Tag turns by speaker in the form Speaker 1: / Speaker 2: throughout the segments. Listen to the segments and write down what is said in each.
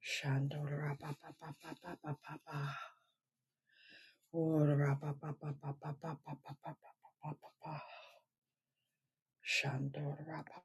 Speaker 1: Shandorapapapapapapapa. Orapapapapapapapapapapa. Shandorapa-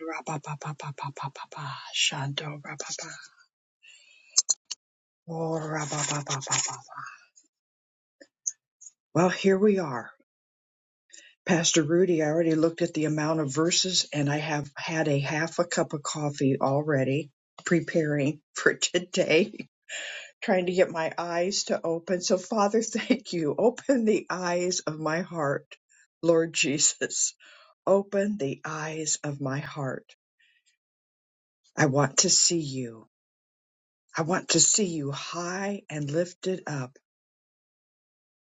Speaker 1: Orapapapapapapapa. Shandorapapa. Orapapapapapa. Well, here we are. Pastor Rudy, I already looked at the amount of verses and I have had a half a cup of coffee already preparing for today. trying to get my eyes to open. So, Father, thank you. Open the eyes of my heart, Lord Jesus. Open the eyes of my heart. I want to see you. I want to see you high and lifted up,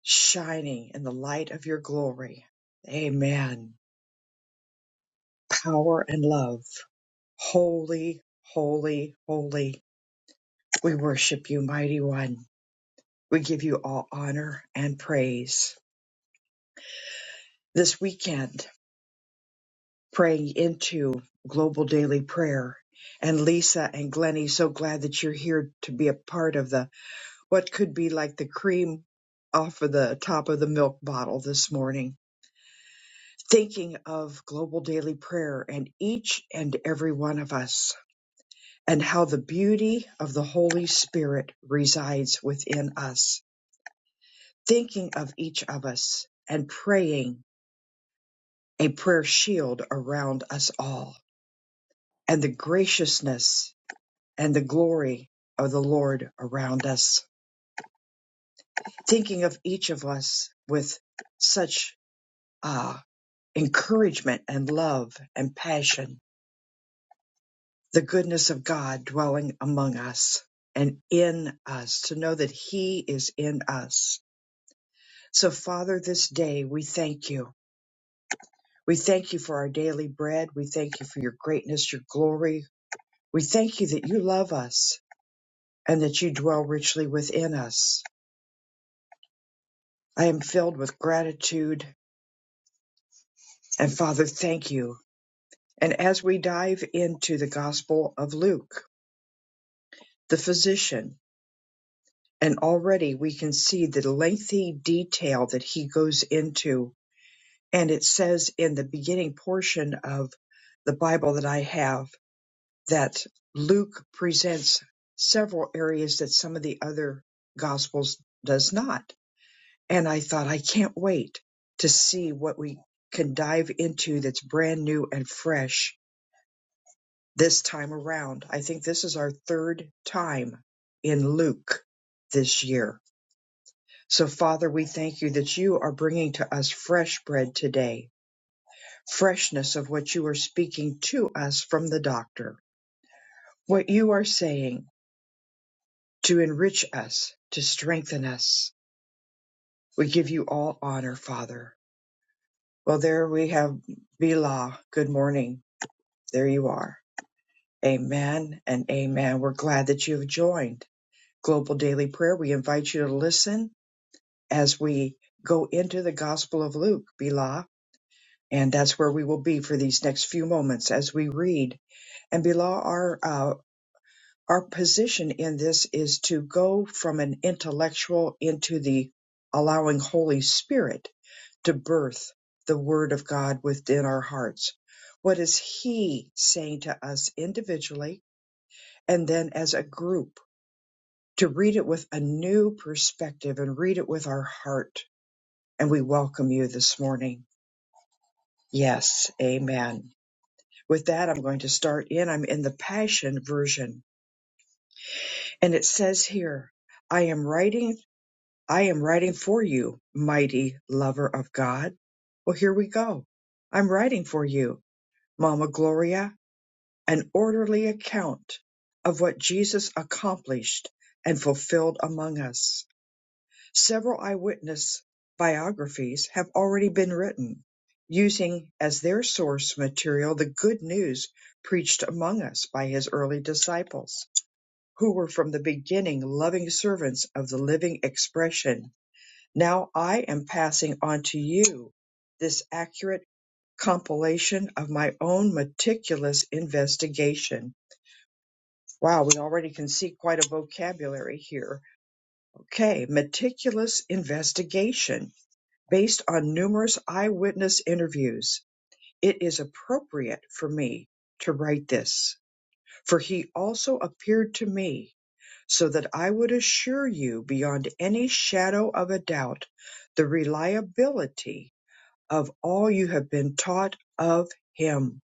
Speaker 1: shining in the light of your glory. Amen. Power and love. Holy, holy, holy. We worship you, mighty one. We give you all honor and praise. This weekend, praying into global daily prayer. And Lisa and Glennie, so glad that you're here to be a part of the what could be like the cream off of the top of the milk bottle this morning. Thinking of global daily prayer and each and every one of us, and how the beauty of the Holy Spirit resides within us. Thinking of each of us and praying a prayer shield around us all, and the graciousness and the glory of the Lord around us. Thinking of each of us with such uh, encouragement and love and passion, the goodness of God dwelling among us and in us, to know that He is in us. So, Father, this day we thank you. We thank you for our daily bread. We thank you for your greatness, your glory. We thank you that you love us and that you dwell richly within us. I am filled with gratitude And Father, thank you. And as we dive into the Gospel of Luke, the physician, and already we can see the lengthy detail that he goes into. And it says in the beginning portion of the Bible that I have that Luke presents several areas that some of the other Gospels does not. And I thought, I can't wait to see what we can dive into that's brand new and fresh this time around. I think this is our third time in Luke this year. So, Father, we thank you that you are bringing to us fresh bread today, freshness of what you are speaking to us from the doctor, what you are saying to enrich us, to strengthen us. We give you all honor, Father. Well, there we have Bila. Good morning. There you are. Amen and amen. We're glad that you have joined Global Daily Prayer. We invite you to listen as we go into the Gospel of Luke, Bila. And that's where we will be for these next few moments as we read. And Bila, our uh, our position in this is to go from an intellectual into the allowing Holy Spirit to birth the Word of God within our hearts. What is He saying to us individually and then as a group? To read it with a new perspective and read it with our heart. And we welcome you this morning. Yes, amen. With that, I'm going to start in. I'm in the Passion Version, and it says here, I am writing, I am writing for you, mighty lover of God. Well, here we go. I'm writing for you, Mama Gloria, an orderly account of what Jesus accomplished and fulfilled among us. Several eyewitness biographies have already been written, using as their source material the good news preached among us by his early disciples, who were from the beginning loving servants of the living expression. Now I am passing on to you this accurate compilation of my own meticulous investigation. Wow, we already can see quite a vocabulary here. Okay, meticulous investigation Based on numerous eyewitness interviews, it is appropriate for me to write this, for he also appeared to me, so that I would assure you beyond any shadow of a doubt the reliability of all you have been taught of him.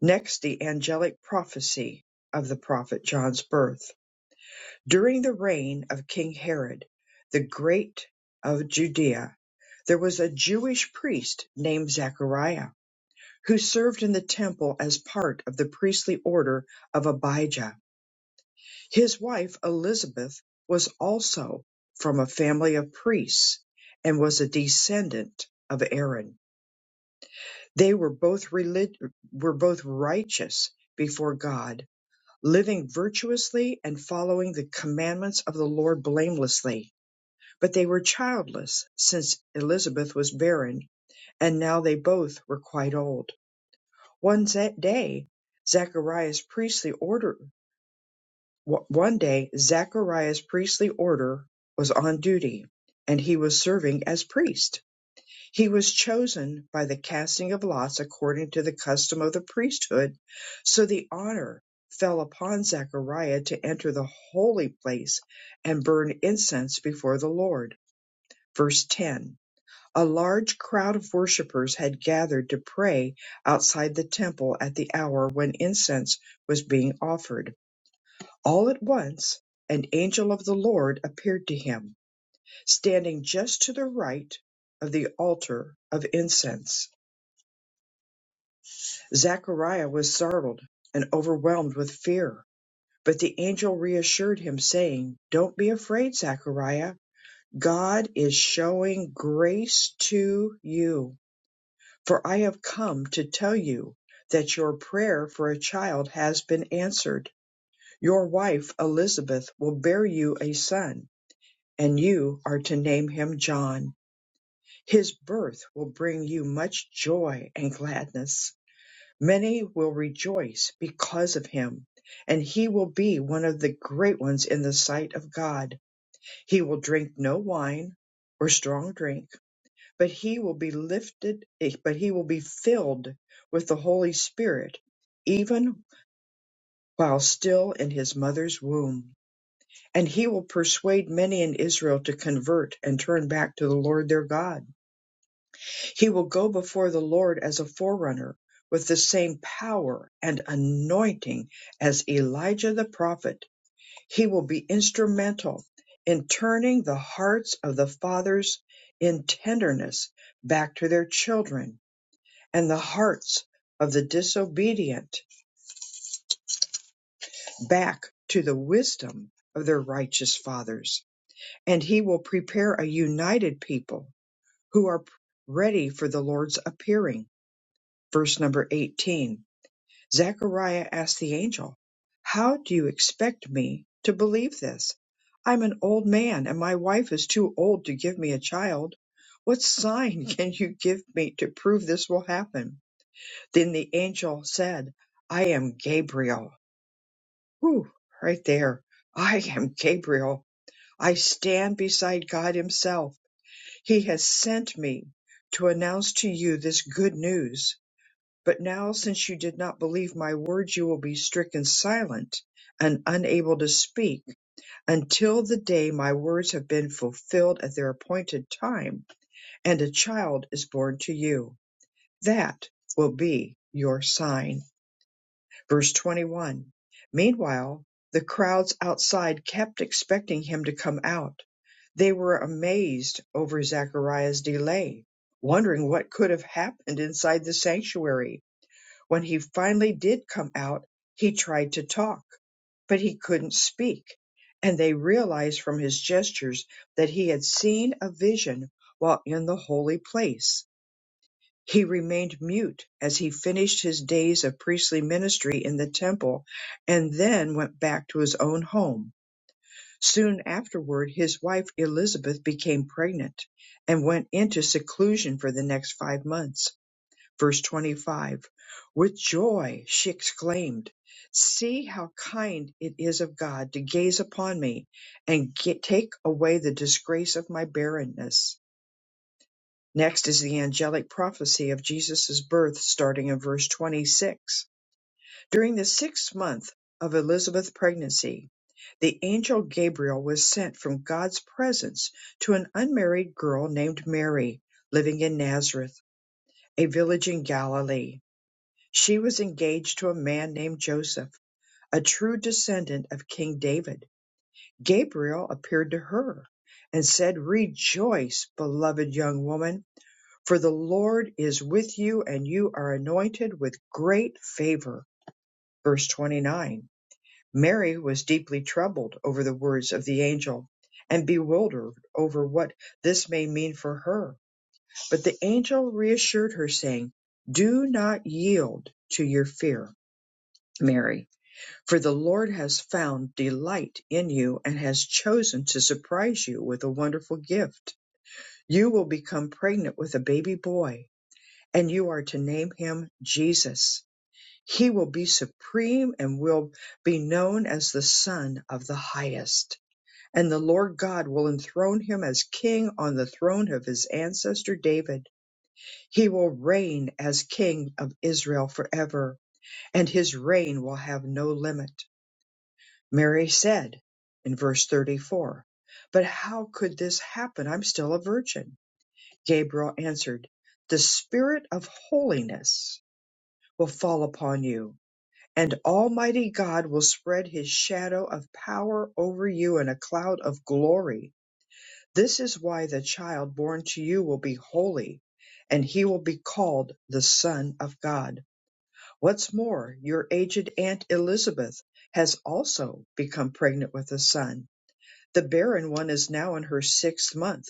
Speaker 1: Next, the angelic prophecy of the prophet John's birth. During the reign of King Herod the Great of Judea, there was a Jewish priest named Zachariah who served in the temple as part of the priestly order of Abijah. His wife Elizabeth was also from a family of priests and was a descendant of Aaron. They were both relig- were both righteous before God, living virtuously and following the commandments of the Lord blamelessly. but they were childless since Elizabeth was barren, and now they both were quite old. One za- day, Zacharias' priestly order, one day, Zacharias' priestly order was on duty, and he was serving as priest. He was chosen by the casting of lots according to the custom of the priesthood, so the honor fell upon Zechariah to enter the holy place and burn incense before the Lord. Verse 10 a large crowd of worshippers had gathered to pray outside the temple at the hour when incense was being offered. All at once an angel of the Lord appeared to him, standing just to the right of the altar of incense. Zachariah was startled and overwhelmed with fear, but the angel reassured him, saying, Don't be afraid, Zachariah. God is showing grace to you. For I have come to tell you that your prayer for a child has been answered. Your wife Elizabeth will bear you a son, and you are to name him John. His birth will bring you much joy and gladness. Many will rejoice because of him, and he will be one of the great ones in the sight of God. He will drink no wine or strong drink but he will be lifted, eh, but he will be filled with the Holy Spirit, even while still in his mother's womb. And he will persuade many in Israel to convert and turn back to the Lord their God. He will go before the Lord as a forerunner with the same power and anointing as Elijah the prophet. He will be instrumental in turning the hearts of the fathers in tenderness back to their children and the hearts of the disobedient back to the wisdom of their righteous fathers. And he will prepare a united people who are ready for the Lord's appearing. Verse number 18 Zechariah asked the angel, How do you expect me to believe this? I'm an old man, and my wife is too old to give me a child. What sign can you give me to prove this will happen? Then the angel said, I am Gabriel Whew, right there. I am Gabriel. I stand beside God Himself. He has sent me to announce to you this good news. But now, since you did not believe my words, you will be stricken silent and unable to speak until the day my words have been fulfilled at their appointed time and a child is born to you. That will be your sign. Verse 21 Meanwhile the crowds outside kept expecting him to come out. They were amazed over Zachariah's delay, wondering what could have happened inside the sanctuary. When he finally did come out, he tried to talk, but he couldn't speak. And they realized from his gestures that he had seen a vision while in the holy place he remained mute as he finished his days of priestly ministry in the temple and then went back to his own home. Soon afterward, his wife Elizabeth became pregnant and went into seclusion for the next five months. Verse 25 With joy she exclaimed, See how kind it is of God to gaze upon me and get, take away the disgrace of my barrenness. Next is the angelic prophecy of Jesus' birth starting in verse 26. During the sixth month of Elizabeth's pregnancy, the angel Gabriel was sent from God's presence to an unmarried girl named Mary living in Nazareth, a village in Galilee. She was engaged to a man named Joseph, a true descendant of King David. Gabriel appeared to her and said, Rejoice, beloved young woman for the Lord is with you and you are anointed with great favor. Verse 29. Mary was deeply troubled over the words of the angel and bewildered over what this may mean for her. But the angel reassured her, saying, Do not yield to your fear, Mary, for the Lord has found delight in you and has chosen to surprise you with a wonderful gift. You will become pregnant with a baby boy and you are to name him Jesus. He will be supreme and will be known as the Son of the Highest. And the Lord God will enthrone him as king on the throne of his ancestor David. He will reign as king of Israel forever, and his reign will have no limit. Mary said in verse 34, But how could this happen? I'm still a virgin. Gabriel answered, The Spirit of holiness will fall upon you, and Almighty God will spread his shadow of power over you in a cloud of glory. This is why the child born to you will be holy, and he will be called the Son of God. What's more, your aged Aunt Elizabeth has also become pregnant with a son. The barren one is now in her sixth month.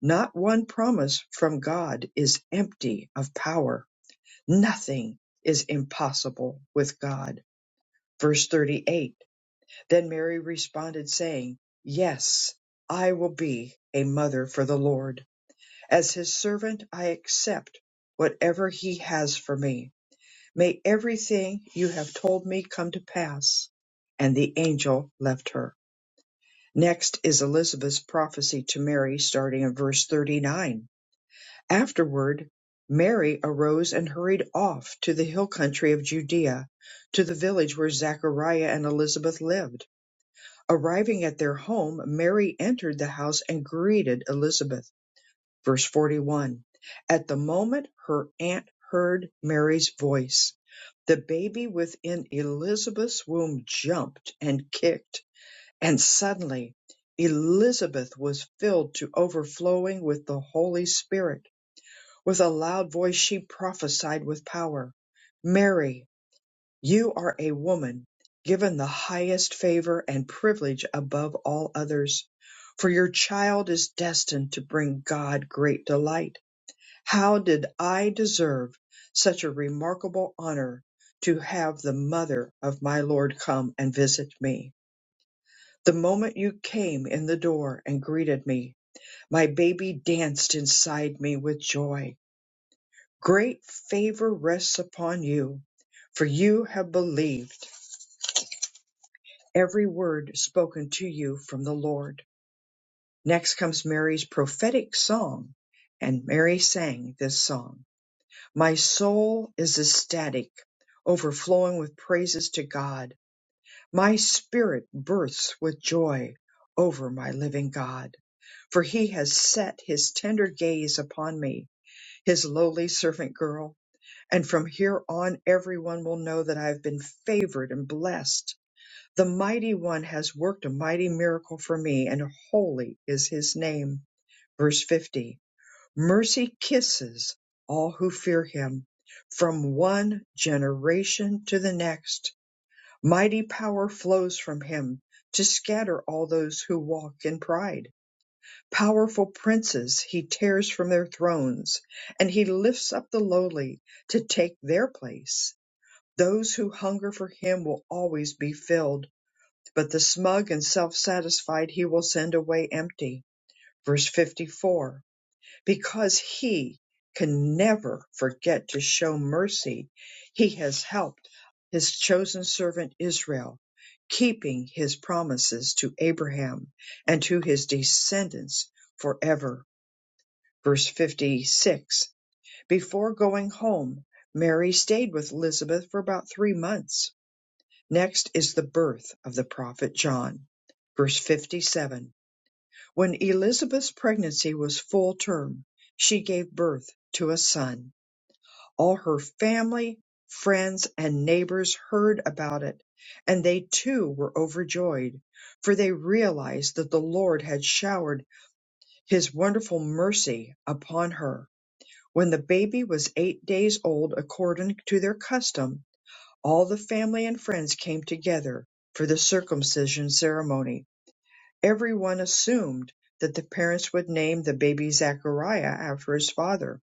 Speaker 1: Not one promise from God is empty of power. Nothing is impossible with God. Verse 38 Then Mary responded, saying, Yes, I will be a mother for the Lord. As his servant, I accept whatever he has for me. May everything you have told me come to pass. And the angel left her. Next is Elizabeth's prophecy to Mary, starting in verse 39. Afterward, Mary arose and hurried off to the hill country of Judea, to the village where Zachariah and Elizabeth lived Arriving at their home, Mary entered the house and greeted Elizabeth. Verse 41. At the moment her aunt heard Mary's voice, the baby within Elizabeth's womb jumped and kicked, and suddenly Elizabeth was filled to overflowing with the Holy Spirit. With a loud voice she prophesied with power. Mary you are a woman given the highest favor and privilege above all others, for your child is destined to bring God great delight. How did I deserve such a remarkable honor to have the mother of my Lord come and visit me? The moment you came in the door and greeted me, my baby danced inside me with joy. Great favor rests upon you, for you have believed every word spoken to you from the Lord. Next comes Mary's prophetic song, and Mary sang this song My soul is ecstatic, overflowing with praises to God. My spirit bursts with joy over my living God. For he has set his tender gaze upon me, his lowly servant girl, and from here on everyone will know that I have been favored and blessed. The mighty one has worked a mighty miracle for me, and holy is his name. Verse 50 Mercy kisses all who fear him from one generation to the next. Mighty power flows from him to scatter all those who walk in pride. Powerful princes he tears from their thrones, and he lifts up the lowly to take their place. Those who hunger for him will always be filled but the smug and self satisfied he will send away empty. Verse 54 Because he can never forget to show mercy, he has helped his chosen servant Israel, keeping his promises to Abraham and to his descendants forever. Verse 56 Before going home, Mary stayed with Elizabeth for about three months Next is the birth of the prophet John. Verse 57 When Elizabeth's pregnancy was full term, she gave birth to a son. All her family, friends, and neighbors heard about it, and they too were overjoyed, for they realized that the Lord had showered his wonderful mercy upon her. When the baby was eight days old, according to their custom, all the family and friends came together for the circumcision ceremony. Everyone assumed that the parents would name the baby Zachariah after his father,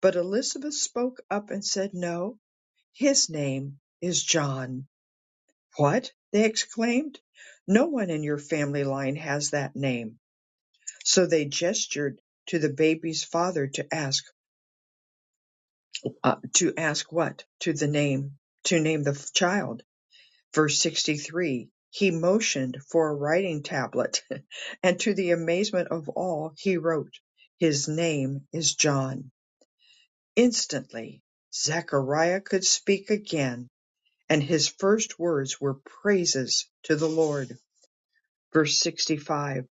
Speaker 1: but Elizabeth spoke up and said, No, his name is John. What? they exclaimed. No one in your family line has that name. So they gestured to the baby's father to ask, uh, to ask what? To the name, to name the child. Verse 63 He motioned for a writing tablet, and to the amazement of all, he wrote, His name is John. Instantly, Zechariah could speak again, and his first words were praises to the Lord. Verse 65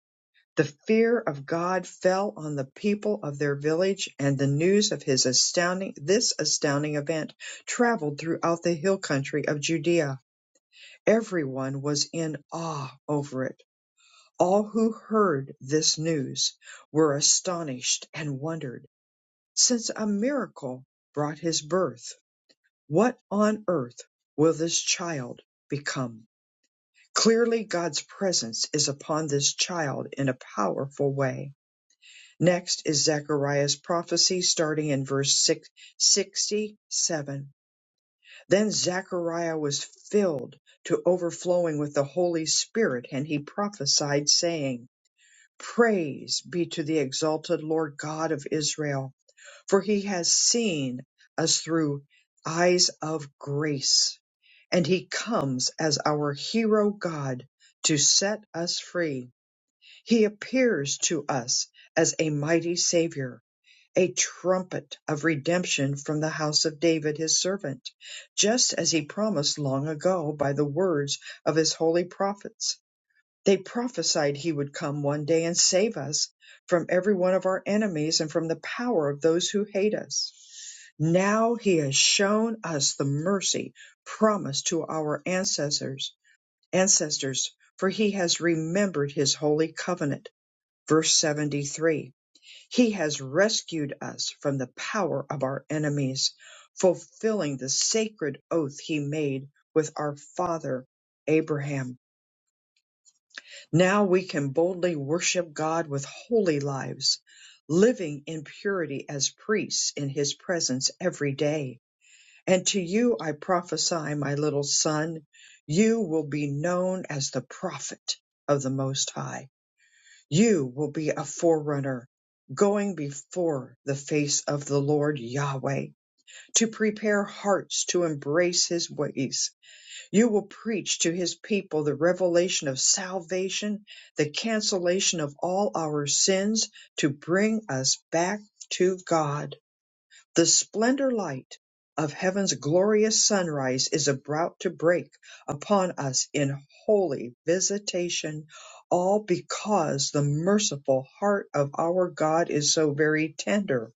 Speaker 1: The fear of God fell on the people of their village, and the news of his astounding, this astounding event traveled throughout the hill country of Judea Everyone was in awe over it. All who heard this news were astonished and wondered, since a miracle brought his birth. What on earth will this child become? Clearly, God's presence is upon this child in a powerful way. Next is Zechariah's prophecy, starting in verse 67. Then Zechariah was filled to overflowing with the Holy Spirit, and he prophesied, saying, Praise be to the exalted Lord God of Israel, for he has seen us through eyes of grace, and he comes as our hero God to set us free. He appears to us as a mighty Savior a trumpet of redemption from the house of David his servant, just as he promised long ago by the words of his holy prophets. They prophesied he would come one day and save us from every one of our enemies and from the power of those who hate us. Now he has shown us the mercy promised to our ancestors, ancestors, for he has remembered his holy covenant. Verse 73 he has rescued us from the power of our enemies, fulfilling the sacred oath he made with our father Abraham. Now we can boldly worship God with holy lives, living in purity as priests in his presence every day. And to you I prophesy, my little son, you will be known as the prophet of the Most High you will be a forerunner, going before the face of the Lord Yahweh to prepare hearts to embrace his ways. You will preach to his people the revelation of salvation, the cancellation of all our sins to bring us back to God. The splendor light of heaven's glorious sunrise is about to break upon us in holy visitation, all because the merciful heart of our God is so very tender.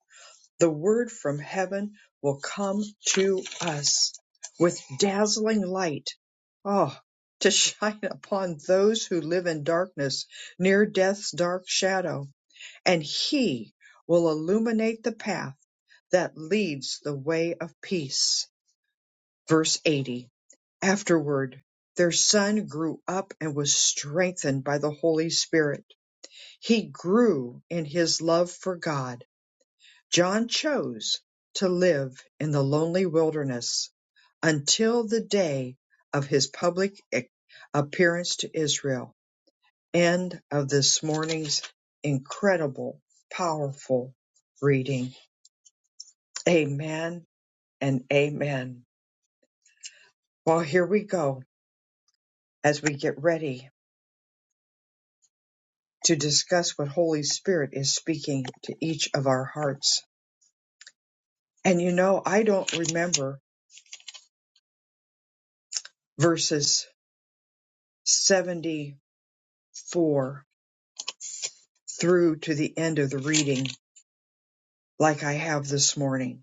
Speaker 1: The word from heaven will come to us with dazzling light. Oh, to shine upon those who live in darkness, near death's dark shadow and He will illuminate the path that leads the way of peace. Verse 80 Afterward, their son grew up and was strengthened by the Holy Spirit. He grew in his love for God. John chose to live in the lonely wilderness until the day of his public e-, appearance to Israel. End of this morning's incredible, powerful reading. Amen and amen. Well, here we go as we get ready to discuss what Holy Spirit is speaking to each of our hearts. And you know, I don't remember verses 74 through to the end of the reading like I have this morning.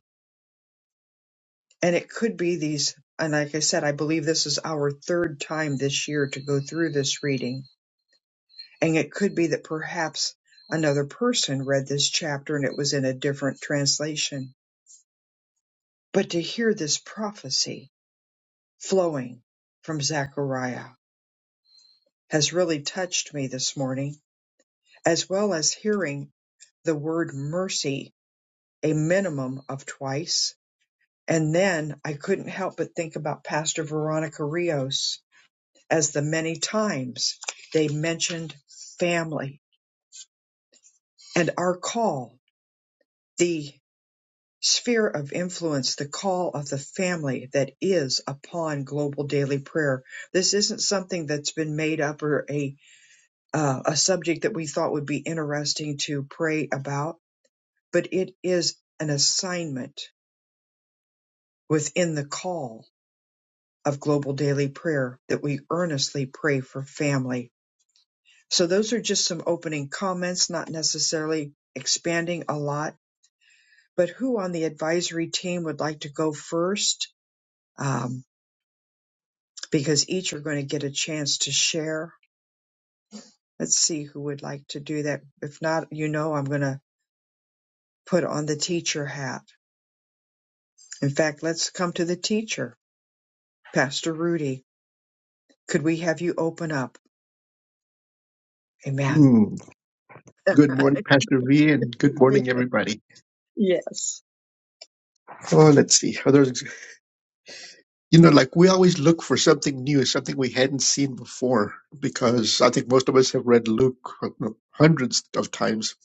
Speaker 1: And it could be these, and like I said, I believe this is our third time this year to go through this reading And it could be that perhaps another person read this chapter and it was in a different translation. But to hear this prophecy flowing from Zechariah has really touched me this morning, as well as hearing the word mercy a minimum of twice. And then I couldn't help but think about Pastor Veronica Rios as the many times they mentioned family and our call. The sphere of influence, the call of the family that is upon global daily prayer. This isn't something that's been made up or a uh, a subject that we thought would be interesting to pray about, but it is an assignment within the call of global daily prayer that we earnestly pray for family. So those are just some opening comments, not necessarily expanding a lot. But who on the advisory team would like to go first? Um, because each are going to get a chance to share. Let's see who would like to do that. If not, you know, I'm going to put on the teacher hat. In fact, let's come to the teacher, Pastor Rudy. Could we have you open up? Amen.
Speaker 2: Mm. Good morning, Pastor V, and good morning, everybody.
Speaker 1: Yes.
Speaker 2: Oh, let's see. Others, you know, like we always look for something new, something we hadn't seen before, because I think most of us have read Luke uh, hundreds of times.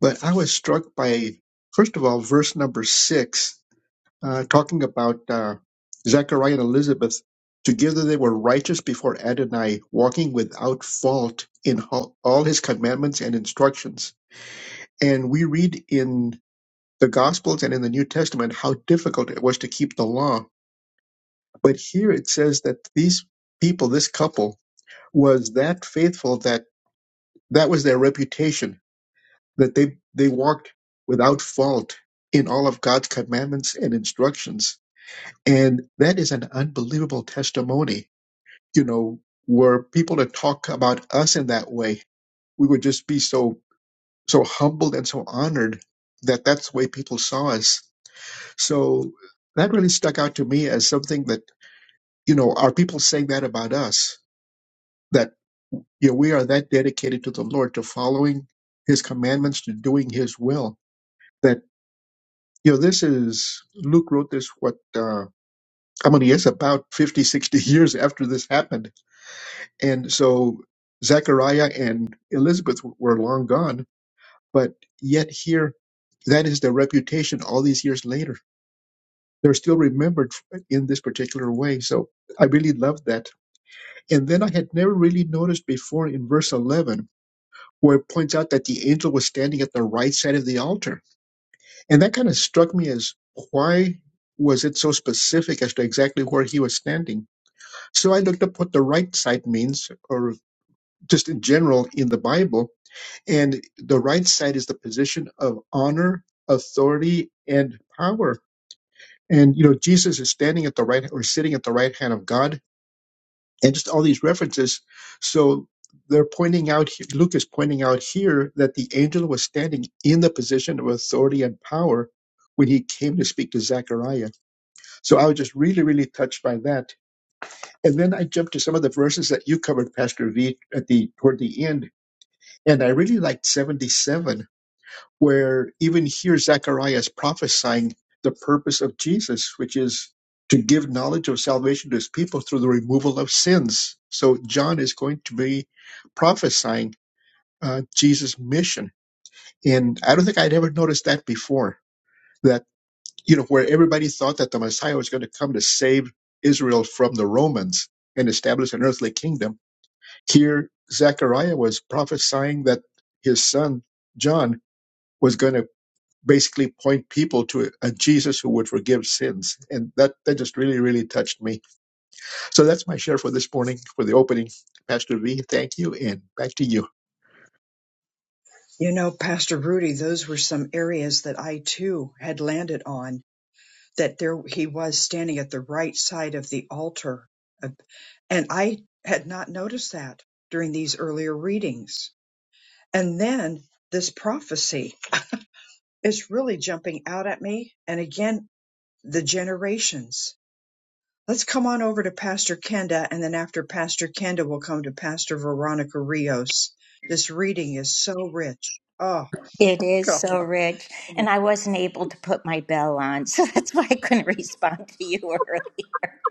Speaker 2: But I was struck by, first of all, verse number six, uh, talking about uh, Zechariah and Elizabeth. Together they were righteous before Adonai, walking without fault in all all his commandments and instructions. And we read in the Gospels and in the New Testament how difficult it was to keep the law. But here it says that these people, this couple, was that faithful that that was their reputation, that they, they walked without fault in all of God's commandments and instructions. And that is an unbelievable testimony. You know, were people to talk about us in that way, we would just be so, so humbled and so honored that that's the way people saw us So that really stuck out to me as something that, you know, are people saying that about us? That, you know, we are that dedicated to the Lord, to following his commandments, to doing his will. That, you know, this is, Luke wrote this, what, uh, how many years? About 50, 60 years after this happened. And so Zechariah and Elizabeth were long gone, but yet here, that is their reputation all these years later. They're still remembered in this particular way. So I really loved that And then I had never really noticed before in verse 11, where it points out that the angel was standing at the right side of the altar. And that kind of struck me as why was it so specific as to exactly where he was standing? So I looked up what the right side means, or just in general in the Bible. And the right side is the position of honor, authority, and power. And, you know, Jesus is standing at the right or sitting at the right hand of God and just all these references. So they're pointing out, he- Luke is pointing out here that the angel was standing in the position of authority and power when he came to speak to Zechariah. So I was just really, really touched by that. And then I jumped to some of the verses that you covered, Pastor V, at the toward the end, and I really liked 77 where even here Zechariah is prophesying the purpose of Jesus, which is to give knowledge of salvation to his people through the removal of sins. So John is going to be prophesying uh, Jesus' mission. And I don't think I'd ever noticed that before, that, you know, where everybody thought that the Messiah was going to come to save Israel from the Romans and establish an earthly kingdom. Here, Zechariah was prophesying that his son, John, was going to basically point people to a Jesus who would forgive sins. And that, that just really, really touched me. So that's my share for this morning for the opening. Pastor V, thank you, and back to you.
Speaker 1: You know, Pastor Rudy, those were some areas that I too had landed on, that there he was standing at the right side of the altar. And I had not noticed that during these earlier readings And then this prophecy is really jumping out at me. And again, the generations. Let's come on over to Pastor Kenda, and then after Pastor Kenda, we'll come to Pastor Veronica Rios. This reading is so rich. Oh,
Speaker 3: It is
Speaker 1: God.
Speaker 3: so rich.
Speaker 1: Amen.
Speaker 3: And I wasn't able to put my bell on, so that's why I couldn't respond to you earlier.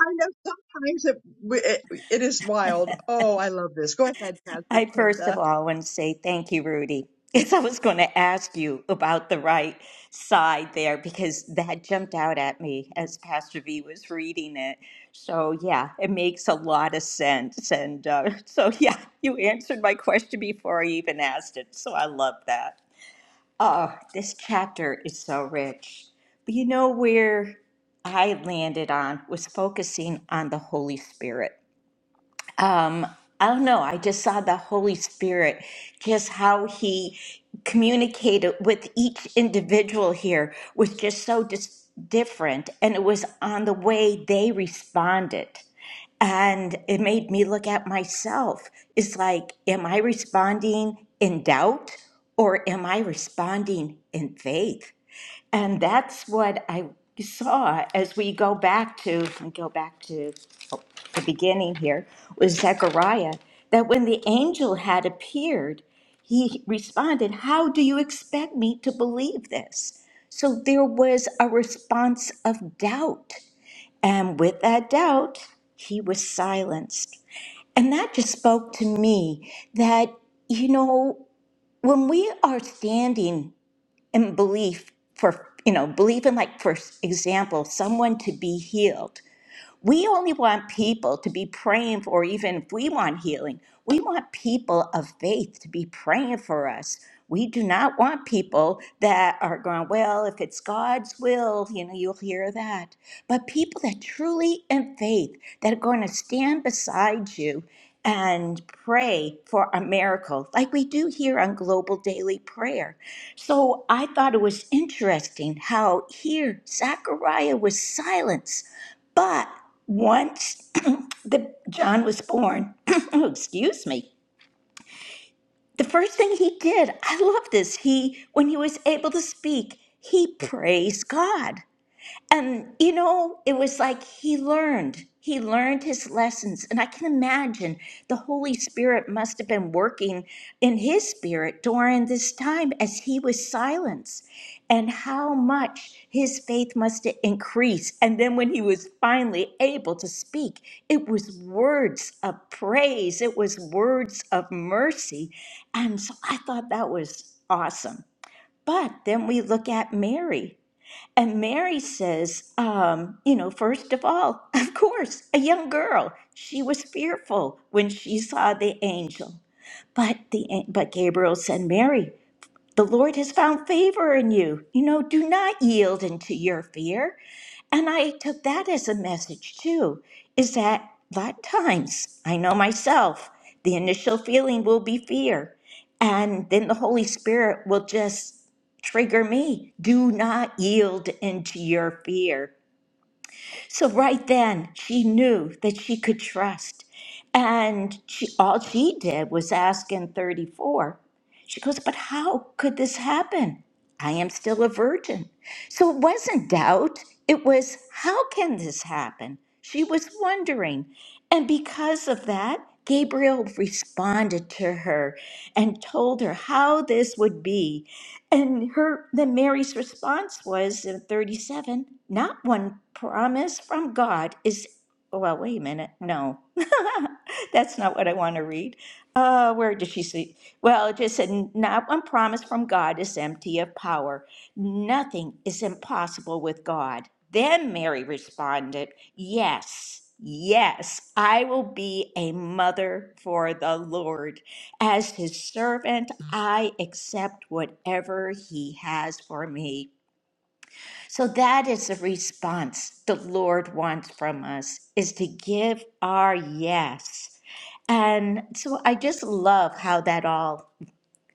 Speaker 1: I know sometimes it, it, it is wild. Oh, I love this. Go ahead, Pastor
Speaker 3: I first
Speaker 1: Kenda.
Speaker 3: of all want to say thank you, Rudy. Because I was going to ask you about the right side there because that jumped out at me as Pastor V was reading it. So, yeah, it makes a lot of sense. And uh, so, yeah, you answered my question before I even asked it. So I love that. Oh, this chapter is so rich. But you know where I landed on was focusing on the Holy Spirit. I don't know, I just saw the Holy Spirit, just how he communicated with each individual here was just so dis- different. And it was on the way they responded. And it made me look at myself. It's like, am I responding in doubt or am I responding in faith? And that's what I saw as we go back to, and go back to the beginning here, with Zechariah, that when the angel had appeared, he responded, How do you expect me to believe this? So there was a response of doubt. And with that doubt, he was silenced. And that just spoke to me that, you know, when we are standing and belief for you know belief in like for example someone to be healed we only want people to be praying for, even if we want healing, we want people of faith to be praying for us. We do not want people that are going, well, if it's God's will, you know, you'll hear that. But people that truly in faith, that are going to stand beside you and pray for a miracle, like we do here on Global Daily Prayer. So I thought it was interesting how here Zechariah was silenced but once the John was born, oh, excuse me, the first thing he did, I love this. He when he was able to speak, he praised God. And, you know, it was like he learned. He learned his lessons. And I can imagine the Holy Spirit must have been working in his spirit during this time as he was silenced, and how much his faith must have increased. And then when he was finally able to speak, it was words of praise, it was words of mercy. And so I thought that was awesome. But then we look at Mary. And Mary says, um, you know, first of all, of course, a young girl. She was fearful when she saw the angel. But the an- but Gabriel said, Mary, the Lord has found favor in you. You know, do not yield into your fear. And I took that as a message too, is that a lot of times, I know myself, the initial feeling will be fear. And then the Holy Spirit will just trigger me. Do not yield into your fear. So right then, she knew that she could trust. And she, all she did was ask in 34. She goes, But how could this happen? I am still a virgin. So it wasn't doubt, it was, How can this happen? She was wondering. And because of that, Gabriel responded to her and told her how this would be and her then Mary's response was in 37, not one promise from God is oh, well, wait a minute. No. That's not what I want to read. Uh, where did she see? Well, it just said, not one promise from God is empty of power. Nothing is impossible with God. Then Mary responded, Yes, yes, I will be a mother for the Lord. As his servant, I accept whatever he has for me. So that is the response the Lord wants from us is to give our yes. And so I just love how that all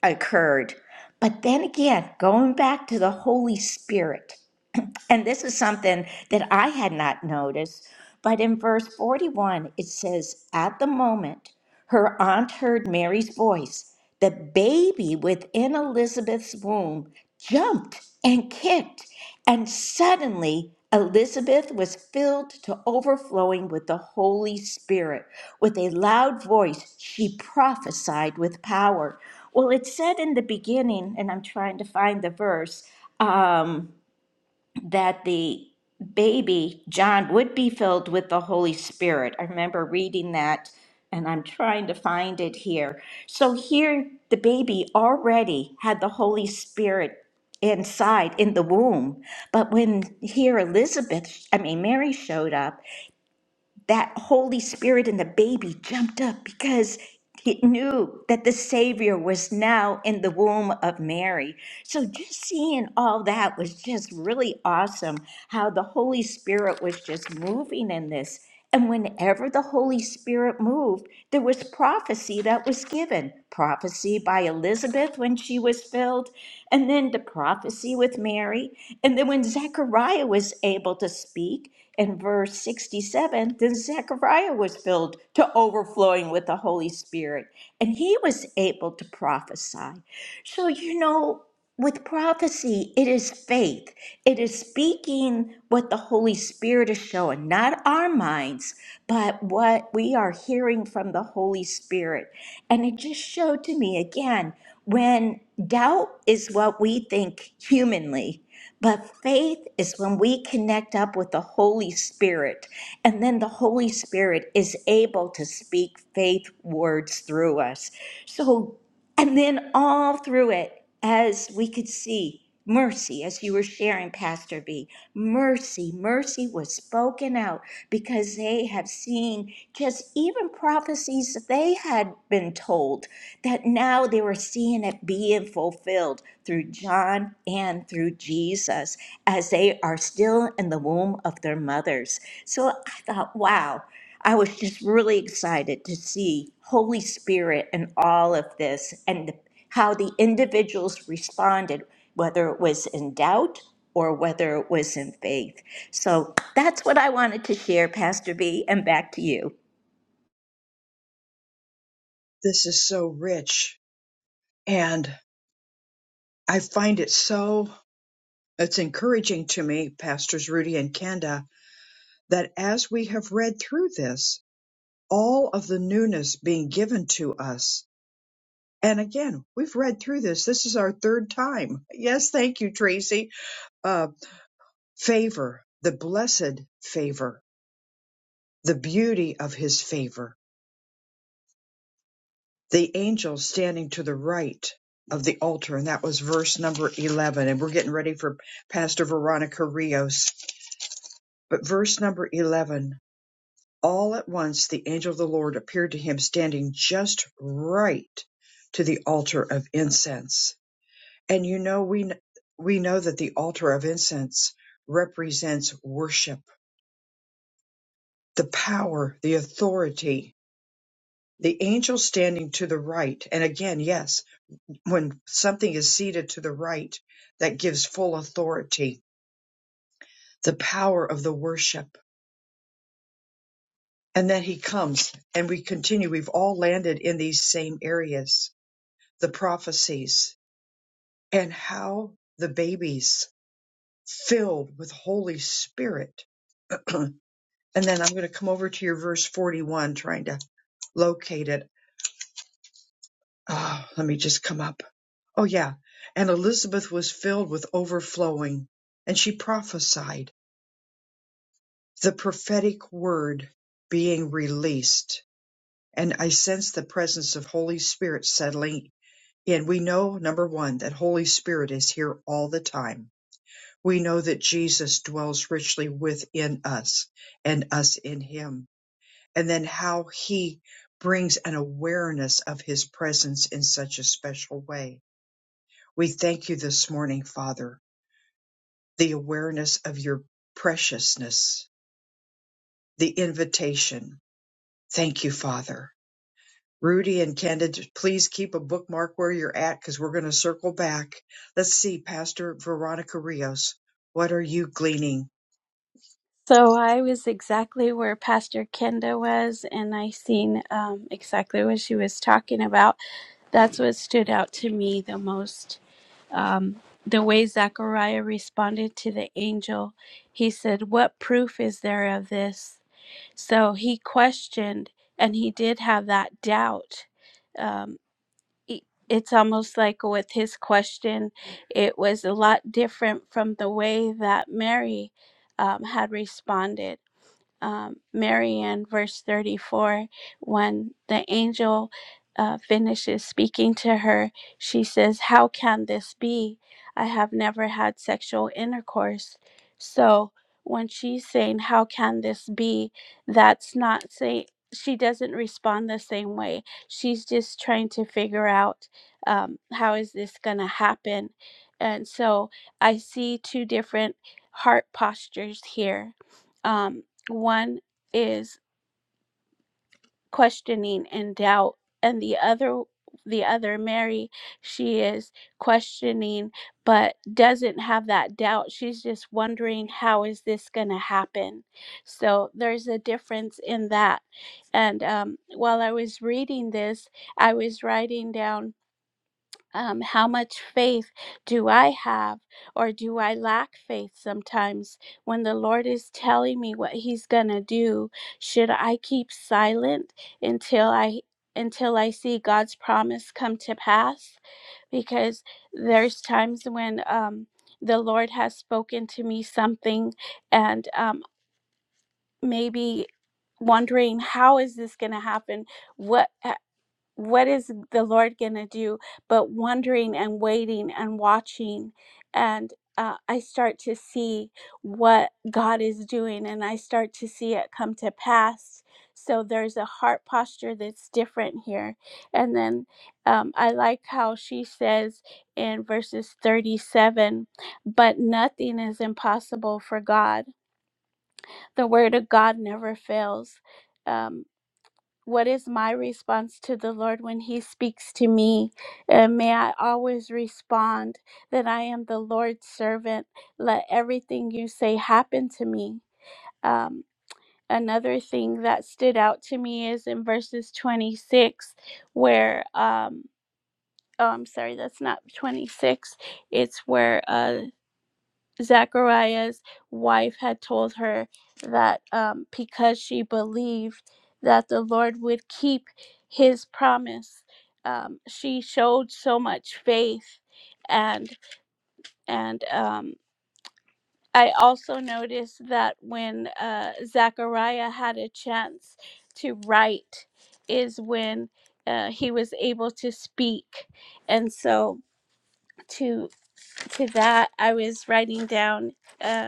Speaker 3: occurred. But then again, going back to the Holy Spirit. And this is something that I had not noticed. But in verse 41, it says, At the moment her aunt heard Mary's voice, the baby within Elizabeth's womb jumped and kicked. And suddenly Elizabeth was filled to overflowing with the Holy Spirit. With a loud voice, she prophesied with power. Well, it said in the beginning, and I'm trying to find the verse. um, that the baby John would be filled with the Holy Spirit. I remember reading that and I'm trying to find it here. So here the baby already had the Holy Spirit inside in the womb. But when here Elizabeth, I mean Mary showed up, that Holy Spirit and the baby jumped up because it knew that the Savior was now in the womb of Mary. So just seeing all that was just really awesome how the Holy Spirit was just moving in this. And whenever the Holy Spirit moved, there was prophecy that was given prophecy by Elizabeth when she was filled, and then the prophecy with Mary. And then when Zechariah was able to speak, in verse 67, then Zechariah was filled to overflowing with the Holy Spirit, and he was able to prophesy. So, you know, with prophecy, it is faith. It is speaking what the Holy Spirit is showing, not our minds, but what we are hearing from the Holy Spirit. And it just showed to me again when doubt is what we think humanly. But faith is when we connect up with the Holy Spirit, and then the Holy Spirit is able to speak faith words through us. So and then all through it, as we could see, mercy, as you were sharing, Pastor B, mercy, mercy was spoken out because they have seen just even prophecies that they had been told that now they were seeing it being fulfilled through John and through Jesus as they are still in the womb of their mothers. So I thought, wow. I was just really excited to see Holy Spirit and all of this and the, how the individuals responded, whether it was in doubt or whether it was in faith. So that's what I wanted to share, Pastor B, and back to you.
Speaker 1: This is so rich. And I find it so, it's encouraging to me, Pastors Rudy and Kenda, that as we have read through this, all of the newness being given to us. And again, we've read through this. This is our third time. Yes, thank you, Tracy. Uh, favor, the blessed favor, the beauty of his favor, the angel standing to the right of the altar. And that was verse number 11. And we're getting ready for Pastor Veronica Rios. But verse number 11 All at once the angel of the Lord appeared to him standing just right to the altar of incense. And you know we we know that the altar of incense represents worship, the power, the authority. The angel standing to the right, and again, yes, when something is seated to the right, that gives full authority, the power of the worship. And then he comes, and we continue. We've all landed in these same areas the prophecies and how the babies filled with Holy Spirit. and then I'm going to come over to your verse 41, trying to locate it. Oh, let me just come up. Oh, yeah. And Elizabeth was filled with overflowing, and she prophesied the prophetic word being released. And I sense the presence of Holy Spirit settling in. We know, number one, that Holy Spirit is here all the time We know that Jesus dwells richly within us and us in him. And then how he brings an awareness of his presence in such a special way. We thank you this morning, Father, the awareness of your preciousness, the invitation. Thank you, Father. Rudy and Candid, please keep a bookmark where you're at because we're going to circle back. Let's see, Pastor Veronica Rios, what are you gleaning?
Speaker 4: So I was exactly where Pastor Kenda was, and I seen um, exactly what she was talking about. That's what stood out to me the most. Um, the way Zechariah responded to the angel, he said, What proof is there of this? So he questioned, and he did have that doubt. Um, it- it's almost like with his question, it was a lot different from the way that Mary um, had responded um, Mary in verse 34, when the angel uh, finishes speaking to her, she says, How can this be? I have never had sexual intercourse. So when she's saying, How can this be? That's not saying, she doesn't respond the same way. She's just trying to figure out um, how is this going to happen. And so I see two different heart postures here. Um, one is questioning and doubt, and the other the other Mary, she is questioning but doesn't have that doubt. She's just wondering how is this going to happen. So there's a difference in that. And um, while I was reading this, I was writing down um, how much faith do I have, or do I lack faith sometimes when the Lord is telling me what He's gonna do? Should I keep silent until I until I see God's promise come to pass? Because there's times when um, the Lord has spoken to me something, and um, maybe wondering how is this going to happen what what is the Lord going to do? But wondering and waiting and watching. And uh, I start to see what God is doing and I start to see it come to pass. So there's a heart posture that's different here. And then um, I like how she says in verses 37 but nothing is impossible for God. The word of God never fails. Um, what is my response to the Lord when He speaks to me? And may I always respond that I am the Lord's servant. Let everything you say happen to me. Um, another thing that stood out to me is in verses 26, where, um, oh, I'm sorry, that's not 26. It's where uh. Zachariah's wife had told her that um, because she believed that the Lord would keep his promise, um, she showed so much faith. And and um, I also noticed that when uh, Zachariah had a chance to write, is when uh, he was able to speak. And so to to that, I was writing down. Uh,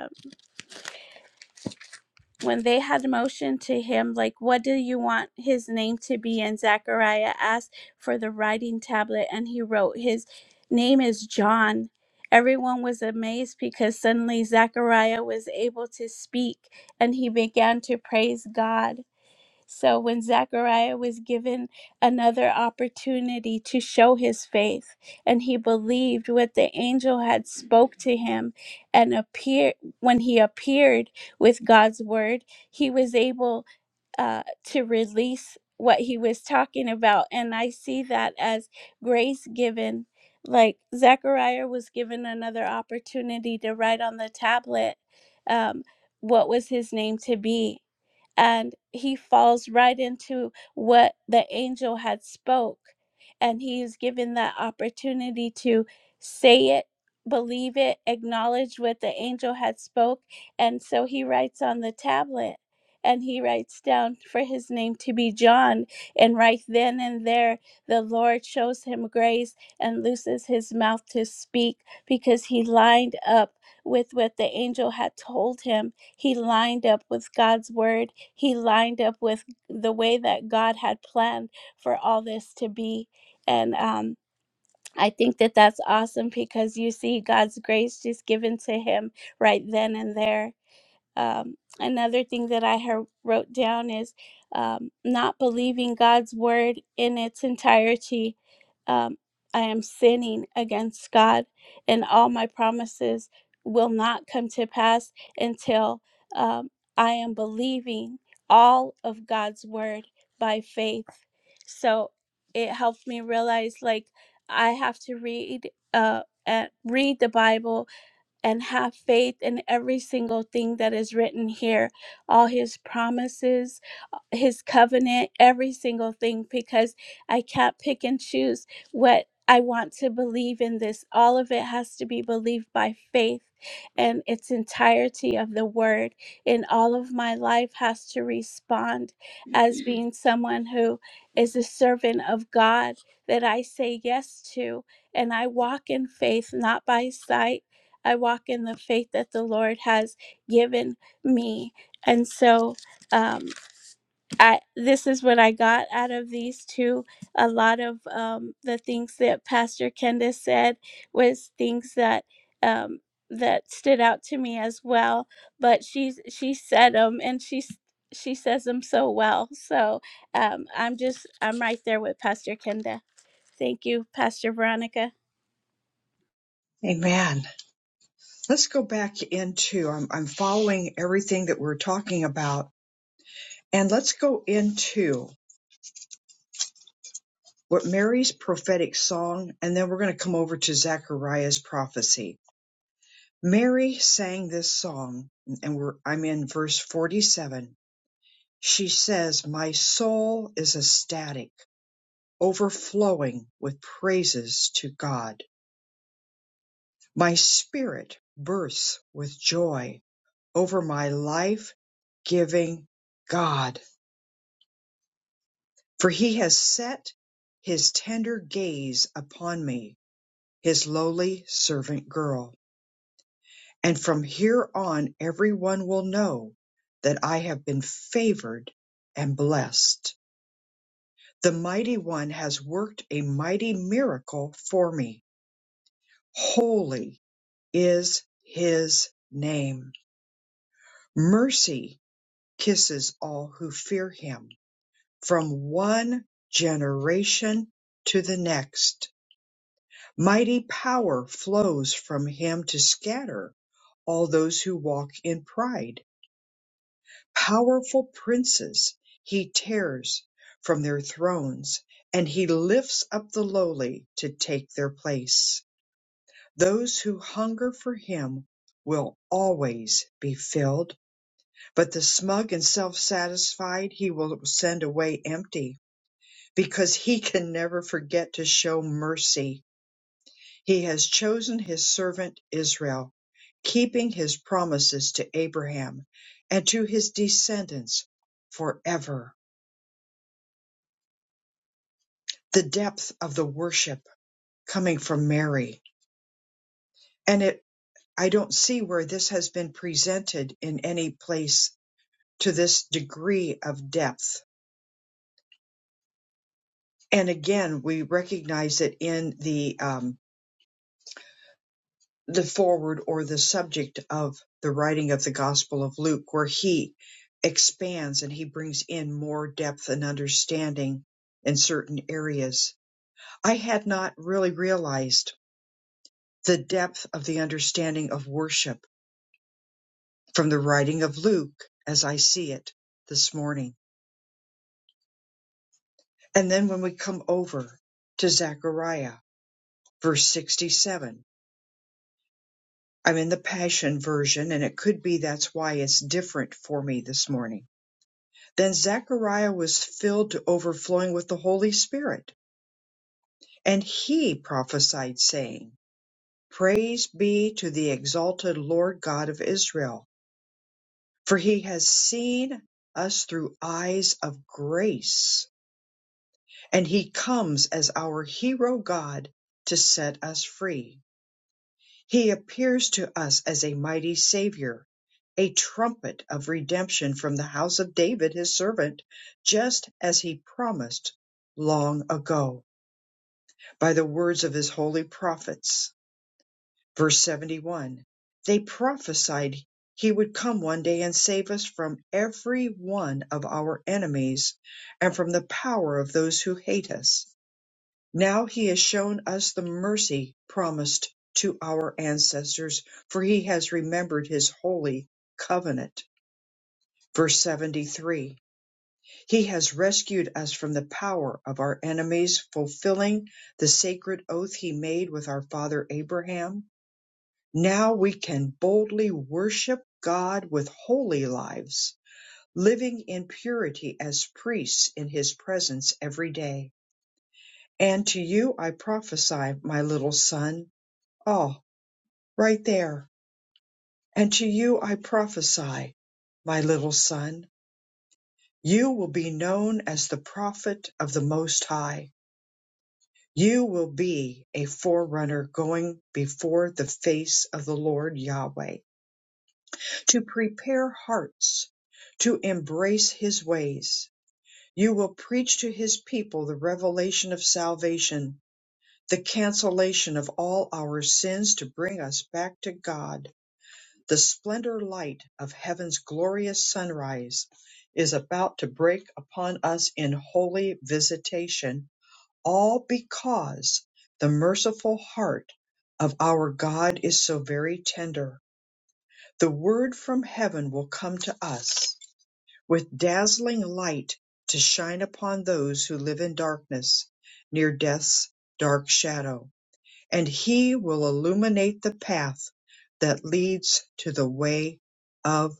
Speaker 4: when they had motioned to him, like, What do you want his name to be? And Zechariah asked for the writing tablet, and he wrote, His name is John. Everyone was amazed because suddenly Zechariah was able to speak and he began to praise God. So when Zechariah was given another opportunity to show his faith and he believed what the angel had spoke to him and appear when he appeared with God's word, he was able uh, to release what he was talking about. And I see that as grace given. Like Zechariah was given another opportunity to write on the tablet um, what was his name to be. And he falls right into what the angel had spoke. And he is given that opportunity to say it, believe it, acknowledge what the angel had spoke. And so he writes on the tablet and he writes down for his name to be John. And right then and there, the Lord shows him grace and looses his mouth to speak because he lined up with what the angel had told him. He lined up with God's word, he lined up with the way that God had planned for all this to be. And, um, I think that that's awesome because you see God's grace just given to him right then and there um, another thing that I have wrote down is um, not believing God's word in its entirety. Um, I am sinning against God, and all my promises will not come to pass until um, I am believing all of God's word by faith. So it helped me realize like I have to read uh, uh read the Bible and have faith in every single thing that is written here, all his promises, uh, his covenant, every single thing, because I can't pick and choose what I want to believe in this. All of it has to be believed by faith, and its entirety of the word in all of my life has to respond as being someone who is a servant of God that I say yes to, and I walk in faith, not by sight I walk in the faith that the Lord has given me. And so um, I, this is what I got out of these two. A lot of um, the things that Pastor Kenda said was things that um, that stood out to me as well. But she she said them, and she she says them so well. So um, I'm just I'm right there with Pastor Kenda. Thank you, Pastor Veronica.
Speaker 1: Amen. Let's go back into, I'm, I'm following everything that we're talking about, and let's go into what Mary's prophetic song, and then we're going to come over to Zechariah's prophecy. Mary sang this song, and we're, I'm in verse 47. She says, My soul is ecstatic, overflowing with praises to God. My spirit bursts with joy over my life giving God. For he has set his tender gaze upon me, his lowly servant girl. And from here on every one will know that I have been favored and blessed. The mighty one has worked a mighty miracle for me. Holy is his name. Mercy kisses all who fear him from one generation to the next. Mighty power flows from him to scatter all those who walk in pride. Powerful princes he tears from their thrones, and he lifts up the lowly to take their place. Those who hunger for him will always be filled, but the smug and self satisfied he will send away empty, because he can never forget to show mercy He has chosen his servant Israel, keeping his promises to Abraham and to his descendants forever. The depth of the worship coming from Mary. And it, I don't see where this has been presented in any place to this degree of depth. And again, we recognize it in the um, the forward or the subject of the writing of the Gospel of Luke, where he expands and he brings in more depth and understanding in certain areas. I had not really realized the depth of the understanding of worship from the writing of Luke as I see it this morning. And then when we come over to Zechariah, verse 67, I'm in the Passion Version, and it could be that's why it's different for me this morning Then Zechariah was filled to overflowing with the Holy Spirit, and he prophesied, saying, Praise be to the exalted Lord God of Israel, for he has seen us through eyes of grace, and he comes as our hero God to set us free. He appears to us as a mighty Savior, a trumpet of redemption from the house of David, his servant, just as he promised long ago by the words of his holy prophets. Verse 71 They prophesied he would come one day and save us from every one of our enemies and from the power of those who hate us. Now he has shown us the mercy promised to our ancestors, for he has remembered his holy covenant. Verse 73 He has rescued us from the power of our enemies, fulfilling the sacred oath he made with our father Abraham. Now we can boldly worship God with holy lives, living in purity as priests in his presence every day. And to you I prophesy, my little son Oh, right there. And to you I prophesy, my little son, you will be known as the prophet of the Most High. You will be a forerunner going before the face of the Lord Yahweh to prepare hearts to embrace his ways. You will preach to his people the revelation of salvation, the cancellation of all our sins to bring us back to God The splendor light of heaven's glorious sunrise is about to break upon us in holy visitation, all because the merciful heart of our God is so very tender. The word from heaven will come to us with dazzling light to shine upon those who live in darkness, near death's dark shadow and he will illuminate the path that leads to the way of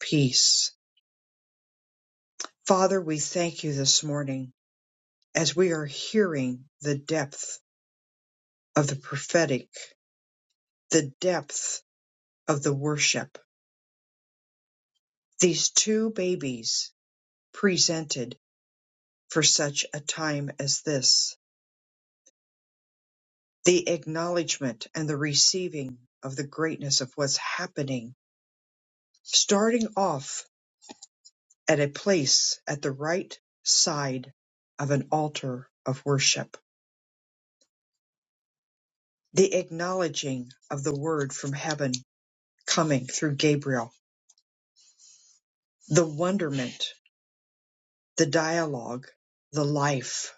Speaker 1: peace. Father, we thank you this morning as we are hearing the depth of the prophetic, the depth of the worship. These two babies presented for such a time as this, the acknowledgement and the receiving of the greatness of what's happening, starting off at a place at the right side of an altar of worship. The acknowledging of the word from heaven coming through Gabriel, the wonderment, the dialogue, the life.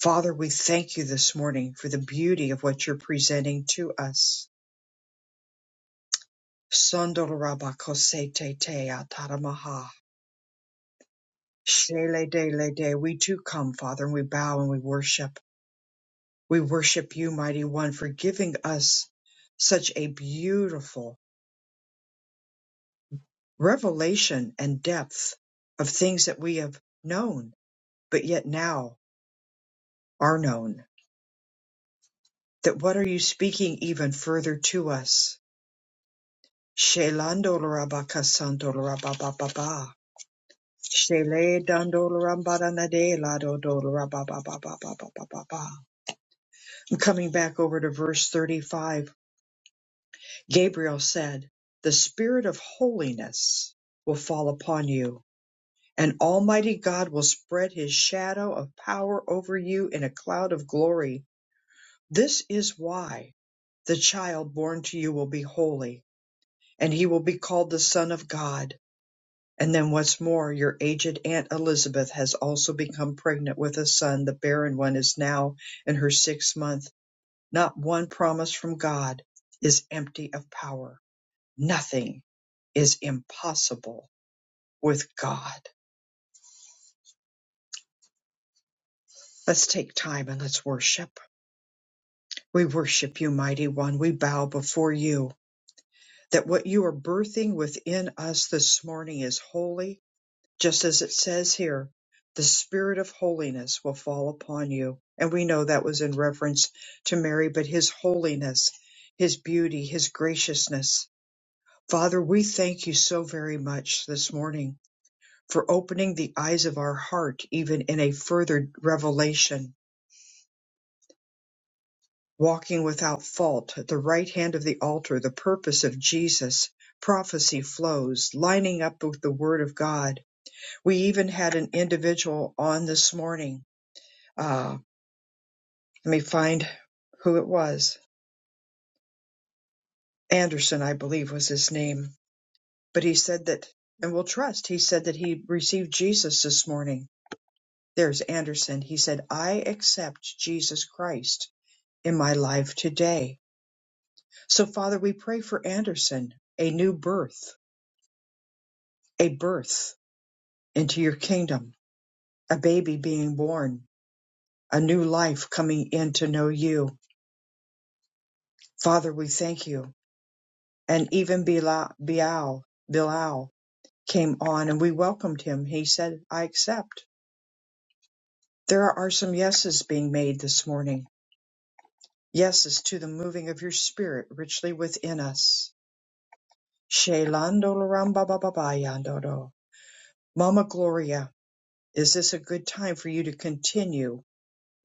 Speaker 1: Father, we thank you this morning for the beauty of what you're presenting to us. Sondorabakosete ataramaha. Shele de le de. We too come, Father, and we bow and we worship. We worship you, mighty one, for giving us such a beautiful revelation and depth of things that we have known, but yet now are known. That what are you speaking even further to us? Shelando lorabaka santo I'm coming back over to verse 35 Gabriel said, The Spirit of holiness will fall upon you, and Almighty God will spread his shadow of power over you in a cloud of glory. This is why the child born to you will be holy, and he will be called the Son of God. And then what's more, your aged Aunt Elizabeth has also become pregnant with a son. The barren one is now in her sixth month. Not one promise from God is empty of power. Nothing is impossible with God. Let's take time and let's worship. We worship you, mighty one. We bow before you that what you are birthing within us this morning is holy, just as it says here. The spirit of holiness will fall upon you. And we know that was in reference to Mary, but his holiness, his beauty, his graciousness. Father, we thank you so very much this morning for opening the eyes of our heart even in a further revelation, walking without fault at the right hand of the altar, the purpose of Jesus. Prophecy flows, lining up with the Word of God. We even had an individual on this morning. Uh, let me find who it was. Anderson, I believe, was his name. But he said that, and we'll trust, he said that he received Jesus this morning. There's Anderson. He said, I accept Jesus Christ in my life today. So, Father, we pray for Anderson a new birth, a birth into your kingdom, a baby being born, a new life coming in to know you. Father, we thank you. And even Bila- Bilal, Bilal came on and we welcomed him. He said, I accept. There are some yeses being made this morning. Yeses to the moving of your spirit richly within us. Shelando Mama Gloria, Is this a good time for you to continue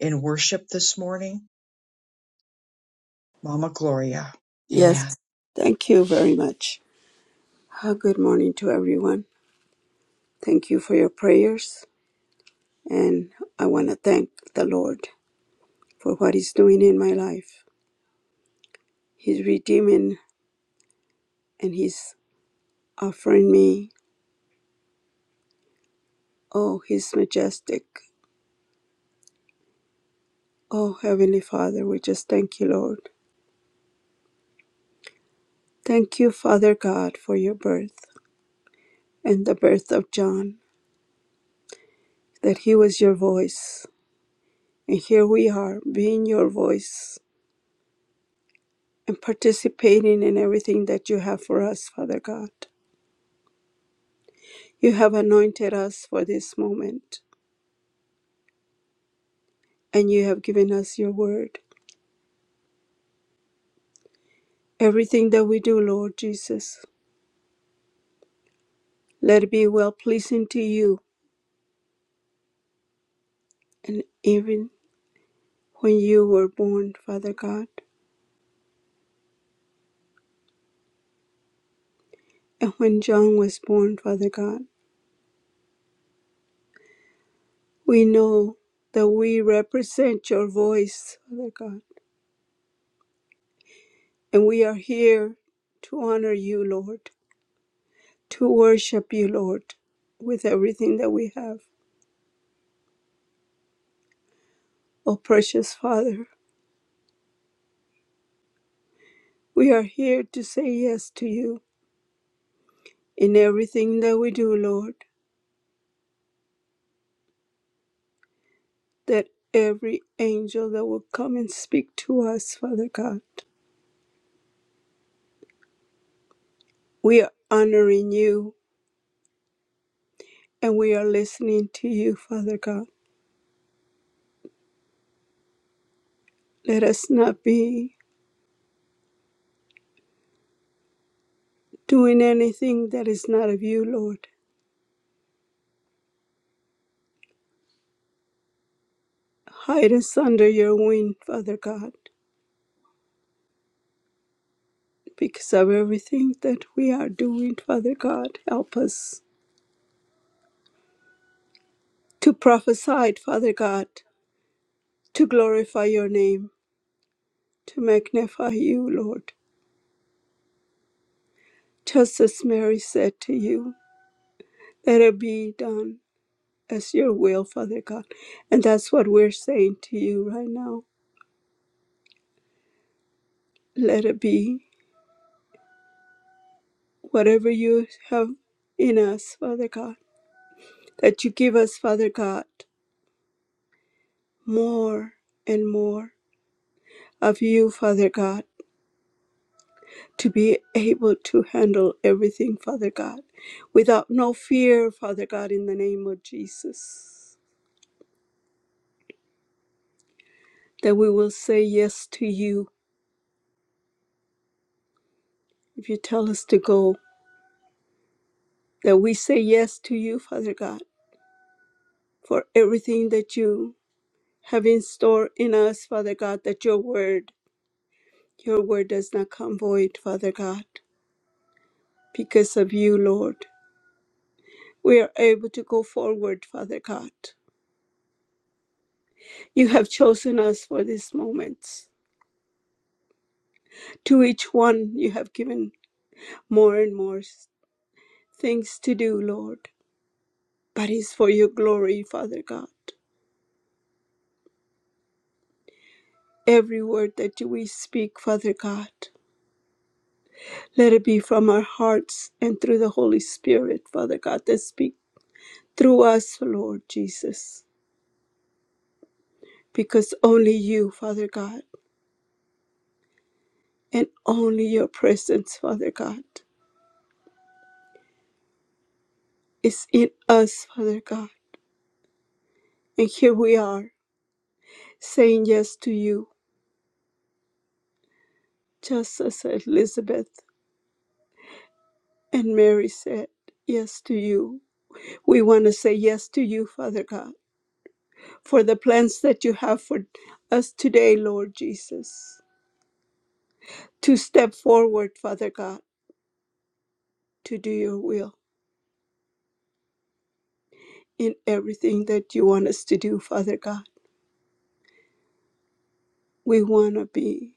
Speaker 1: in worship this morning? Mama Gloria.
Speaker 4: Yes.
Speaker 1: Amen.
Speaker 4: Thank you very much. Ah, Good morning to everyone. Thank you for your prayers. And I want to thank the Lord for what He's doing in my life. He's redeeming and He's offering me, oh, He's majestic. Oh, Heavenly Father, we just thank you, Lord. Thank you, Father God, for your birth and the birth of John, that He was your voice. And here we are, being your voice and participating in everything that you have for us, Father God. You have anointed us for this moment, and you have given us your word. Everything that we do, Lord Jesus, let it be well pleasing to you. And even when you were born, Father God, and when John was born, Father God, we know that we represent your voice, Father God, and we are here to honor you, Lord, to worship you, Lord, with everything that we have. Oh, precious Father, we are here to say yes to you. in everything that we do, Lord, that every angel that will come and speak to us, Father God, we are honoring you and we are listening to you, Father God. Let us not be doing anything that is not of you, Lord. Hide us under your wing, Father God, because of everything that we are doing, Father God. Help us to prophesy, Father God, to glorify your name, to magnify you, Lord just as Mary said to you, let it be done as your will, Father God. And that's what we're saying to you right now. Let it be whatever you have in us, Father God, that you give us, Father God, more and more of you, Father God, to be able to handle everything, Father God, without no fear, Father God, in the name of Jesus, that we will say yes to you if you tell us to go, that we say yes to you, Father God, for everything that you have in store in us, Father God, that your word, your word does not come void, Father God. Because of you, Lord, we are able to go forward, Father God. You have chosen us for these moments. To each one, you have given more and more things to do, Lord, but it's for your glory, Father God. Every word that we speak, Father God. Let it be from our hearts and through the Holy Spirit, Father God, that speak through us, Lord Jesus, because only you, Father God, and only your presence, Father God, is in us, Father God. And here we are saying yes to you, just as Elizabeth and Mary said yes to you. We want to say yes to you, Father God, for the plans that you have for us today, Lord Jesus, to step forward, Father God to do your will in everything that you want us to do, Father God. We want to be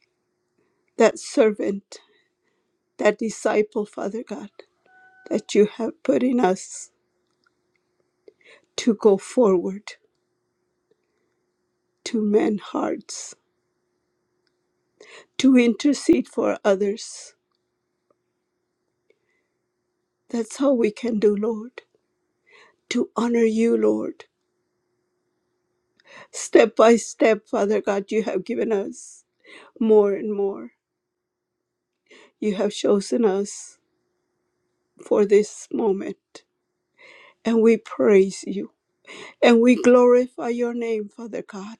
Speaker 4: that servant, that disciple, Father God, that you have put in us to go forward to men's hearts, to intercede for others. That's all we can do, Lord, to honor you, Lord. Step by step, Father God, you have given us more and more. You have chosen us for this moment, and we praise you. And we glorify your name, Father God.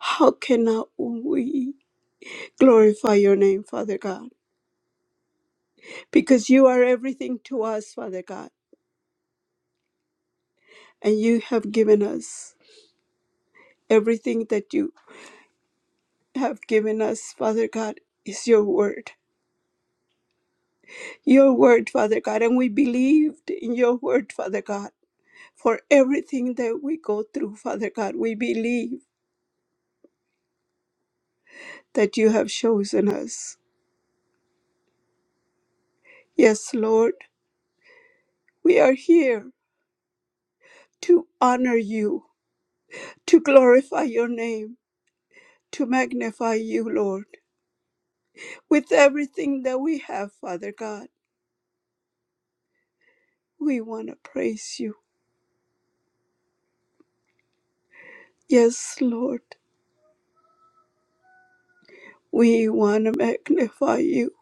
Speaker 4: How cannot we glorify your name, Father God? Because you are everything to us, Father God. And you have given us everything that you have given us, Father God, is your word. Your word, Father God. And we believed in your word, Father God. For everything that we go through, Father God, we believe that you have chosen us. Yes, Lord, we are here to honor you to glorify your name, to magnify you, Lord. With everything that we have, Father God, we want to praise you. Yes, Lord, we want to magnify you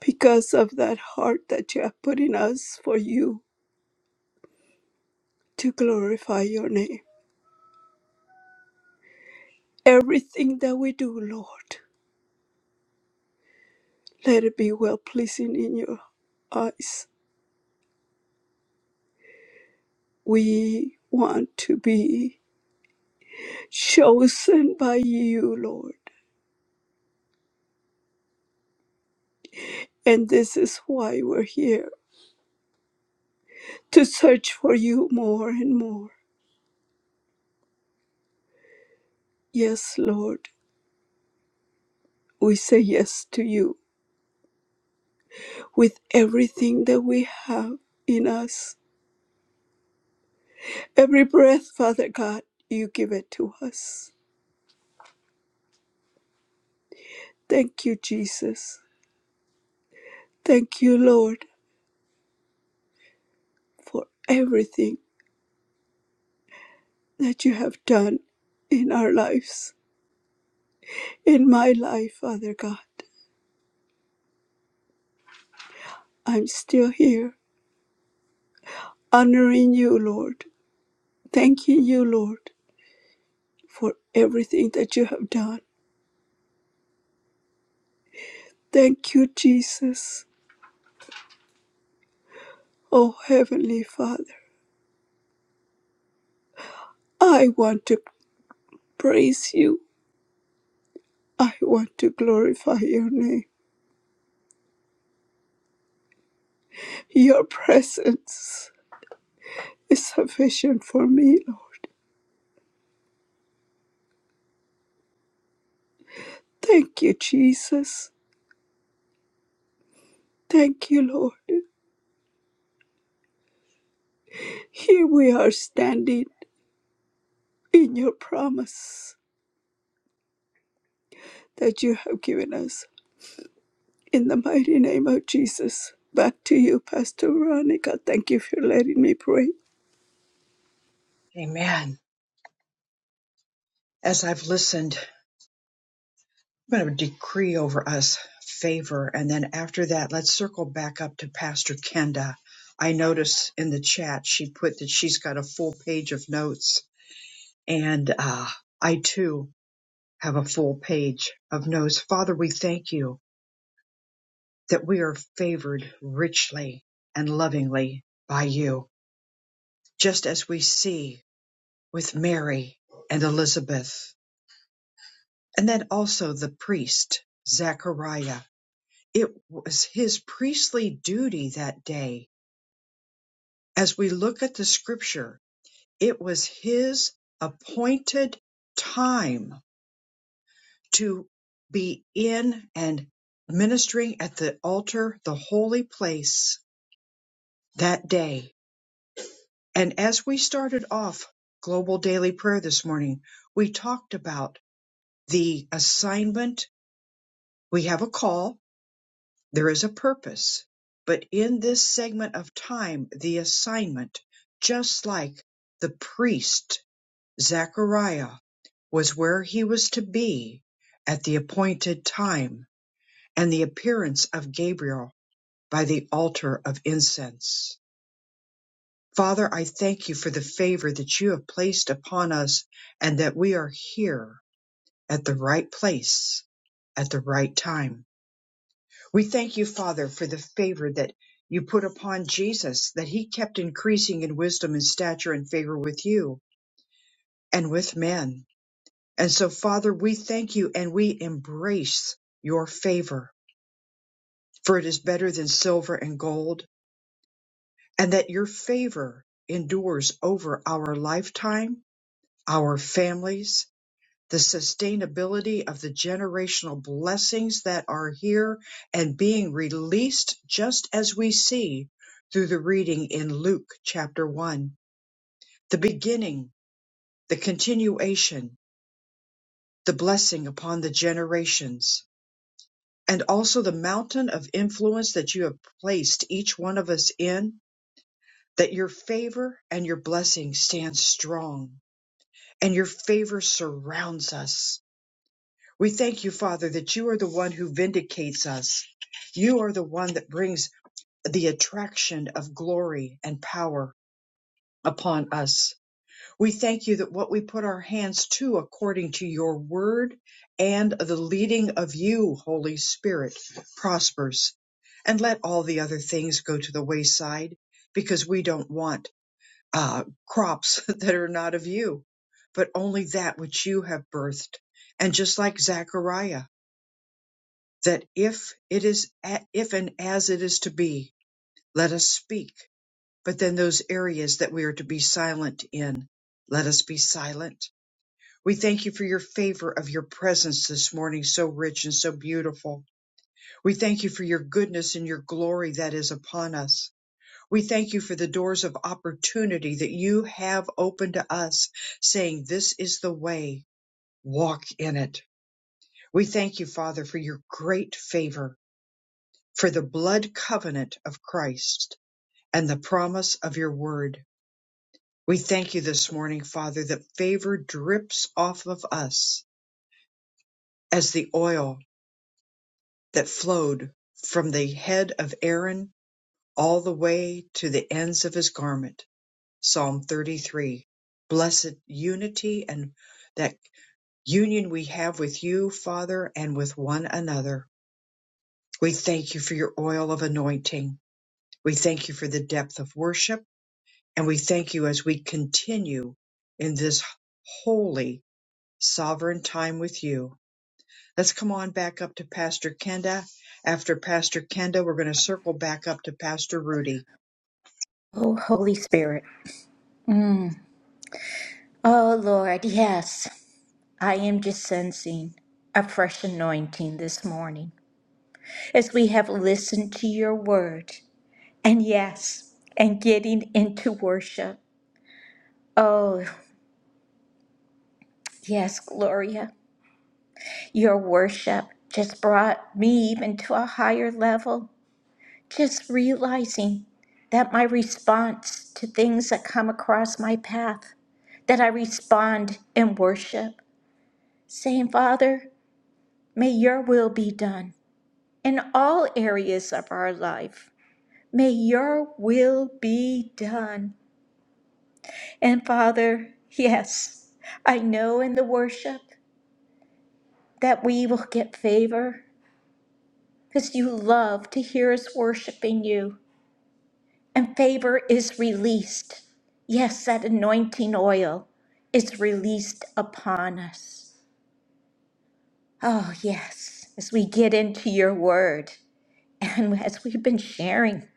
Speaker 4: because of that heart that you have put in us for you to glorify your name. Everything that we do, Lord, let it be well pleasing in your eyes. We want to be chosen by you, Lord, and this is why we're here to search for you more and more. Yes, Lord, we say yes to you with everything that we have in us. Every breath, Father God, you give it to us. Thank you, Jesus. Thank you, Lord, for everything that you have done in our lives. In my life, Father God, I'm still here, honoring you, Lord. Thanking you, Lord, for everything that you have done. Thank you, Jesus. Oh, Heavenly Father, I want to praise you. I want to glorify your name. Your presence is sufficient for me, Lord. Thank you, Jesus. Thank you, Lord. Here we are standing in your promise that you have given us. In the mighty name of Jesus. Back to you, Pastor Veronica. Thank you for letting me pray.
Speaker 1: Amen. As I've listened, I'm going to decree over us favor. And then after that, let's circle back up to Pastor Kenda. I notice in the chat she put that she's got a full page of notes. And uh, I too have a full page of notes. Father, we thank you that we are favored richly and lovingly by you. just as we see with Mary and Elizabeth. And then also the priest, Zechariah. It was his priestly duty that day. As we look at the scripture, it was his appointed time to be in and ministering at the altar, the holy place that day. And as we started off global daily prayer this morning, we talked about the assignment We have a call, there is a purpose, but in this segment of time, the assignment, just like the priest Zechariah was where he was to be at the appointed time and the appearance of Gabriel by the altar of incense. Father, I thank you for the favor that you have placed upon us and that we are here at the right place at the right time. We thank you, Father, for the favor that you put upon Jesus, that he kept increasing in wisdom and stature and favor with you and with men. And so, Father, we thank you and we embrace your favor, for it is better than silver and gold, and that your favor endures over our lifetime, our families, the sustainability of the generational blessings that are here and being released just as we see through the reading in Luke chapter 1. The beginning, the continuation, the blessing upon the generations, and also the mountain of influence that you have placed each one of us in, that your favor and your blessing stands strong and your favor surrounds us We thank you, Father, that you are the one who vindicates us. You are the one that brings the attraction of glory and power upon us. We thank you that what we put our hands to according to your word and the leading of you, Holy Spirit, prospers. And let all the other things go to the wayside because we don't want uh, crops that are not of you, but only that which you have birthed. And just like Zechariah, that if it is a- if and as it is to be, let us speak. But then those areas that we are to be silent in, let us be silent. We thank you for your favor of your presence this morning, so rich and so beautiful. We thank you for your goodness and your glory that is upon us. We thank you for the doors of opportunity that you have opened to us, saying, This is the way, walk in it. We thank you, Father, for your great favor for the blood covenant of Christ and the promise of your word. We thank you this morning, Father, that favor drips off of us as the oil that flowed from the head of Aaron all the way to the ends of his garment. Psalm 33. Blessed unity and that union we have with you, Father, and with one another. We thank you for your oil of anointing. We thank you for the depth of worship. And we thank you as we continue in this holy, sovereign time with you. Let's come on back up to Pastor Kenda. After Pastor Kenda, we're going to circle back up to Pastor Rudy.
Speaker 3: Oh, Holy Spirit. Oh, Lord, yes. I am just sensing a fresh anointing this morning as we have listened to your word. And yes, and getting into worship. Oh, Yes, Gloria, your worship just brought me even to a higher level. Just realizing that my response to things that come across my path, that I respond in worship, saying, Father, may your will be done in all areas of our life. May your will be done. And Father, yes, I know in the worship that we will get favor because you love to hear us worshiping you, and favor is released. Yes, that anointing oil is released upon us. Oh, yes, as we get into your word and as we've been sharing,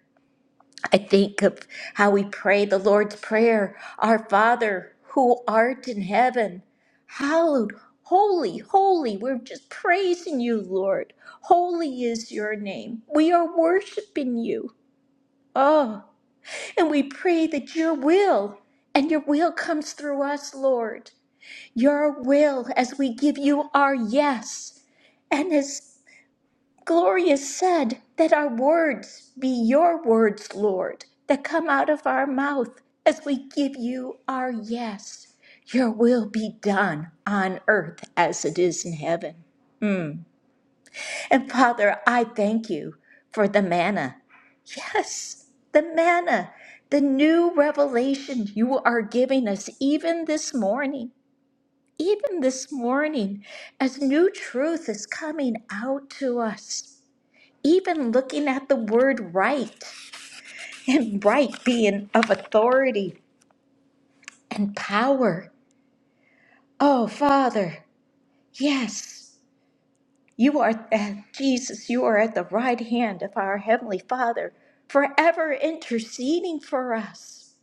Speaker 3: I think of how we pray the Lord's Prayer Our Father who art in heaven, hallowed, holy, holy. We're just praising you, Lord. Holy is your name. We are worshiping you. Oh, and we pray that your will and your will comes through us, Lord. Your will as we give you our yes. And as Gloria said, that our words be your words, Lord, that come out of our mouth as we give you our yes. Your will be done on earth as it is in heaven. And Father, I thank you for the manna Yes, the manna, the new revelation you are giving us even this morning, even this morning, as new truth is coming out to us. Even looking at the word right and right being of authority and power. Oh, Father, yes. You are, Jesus, you are at the right hand of our Heavenly Father, forever interceding for us.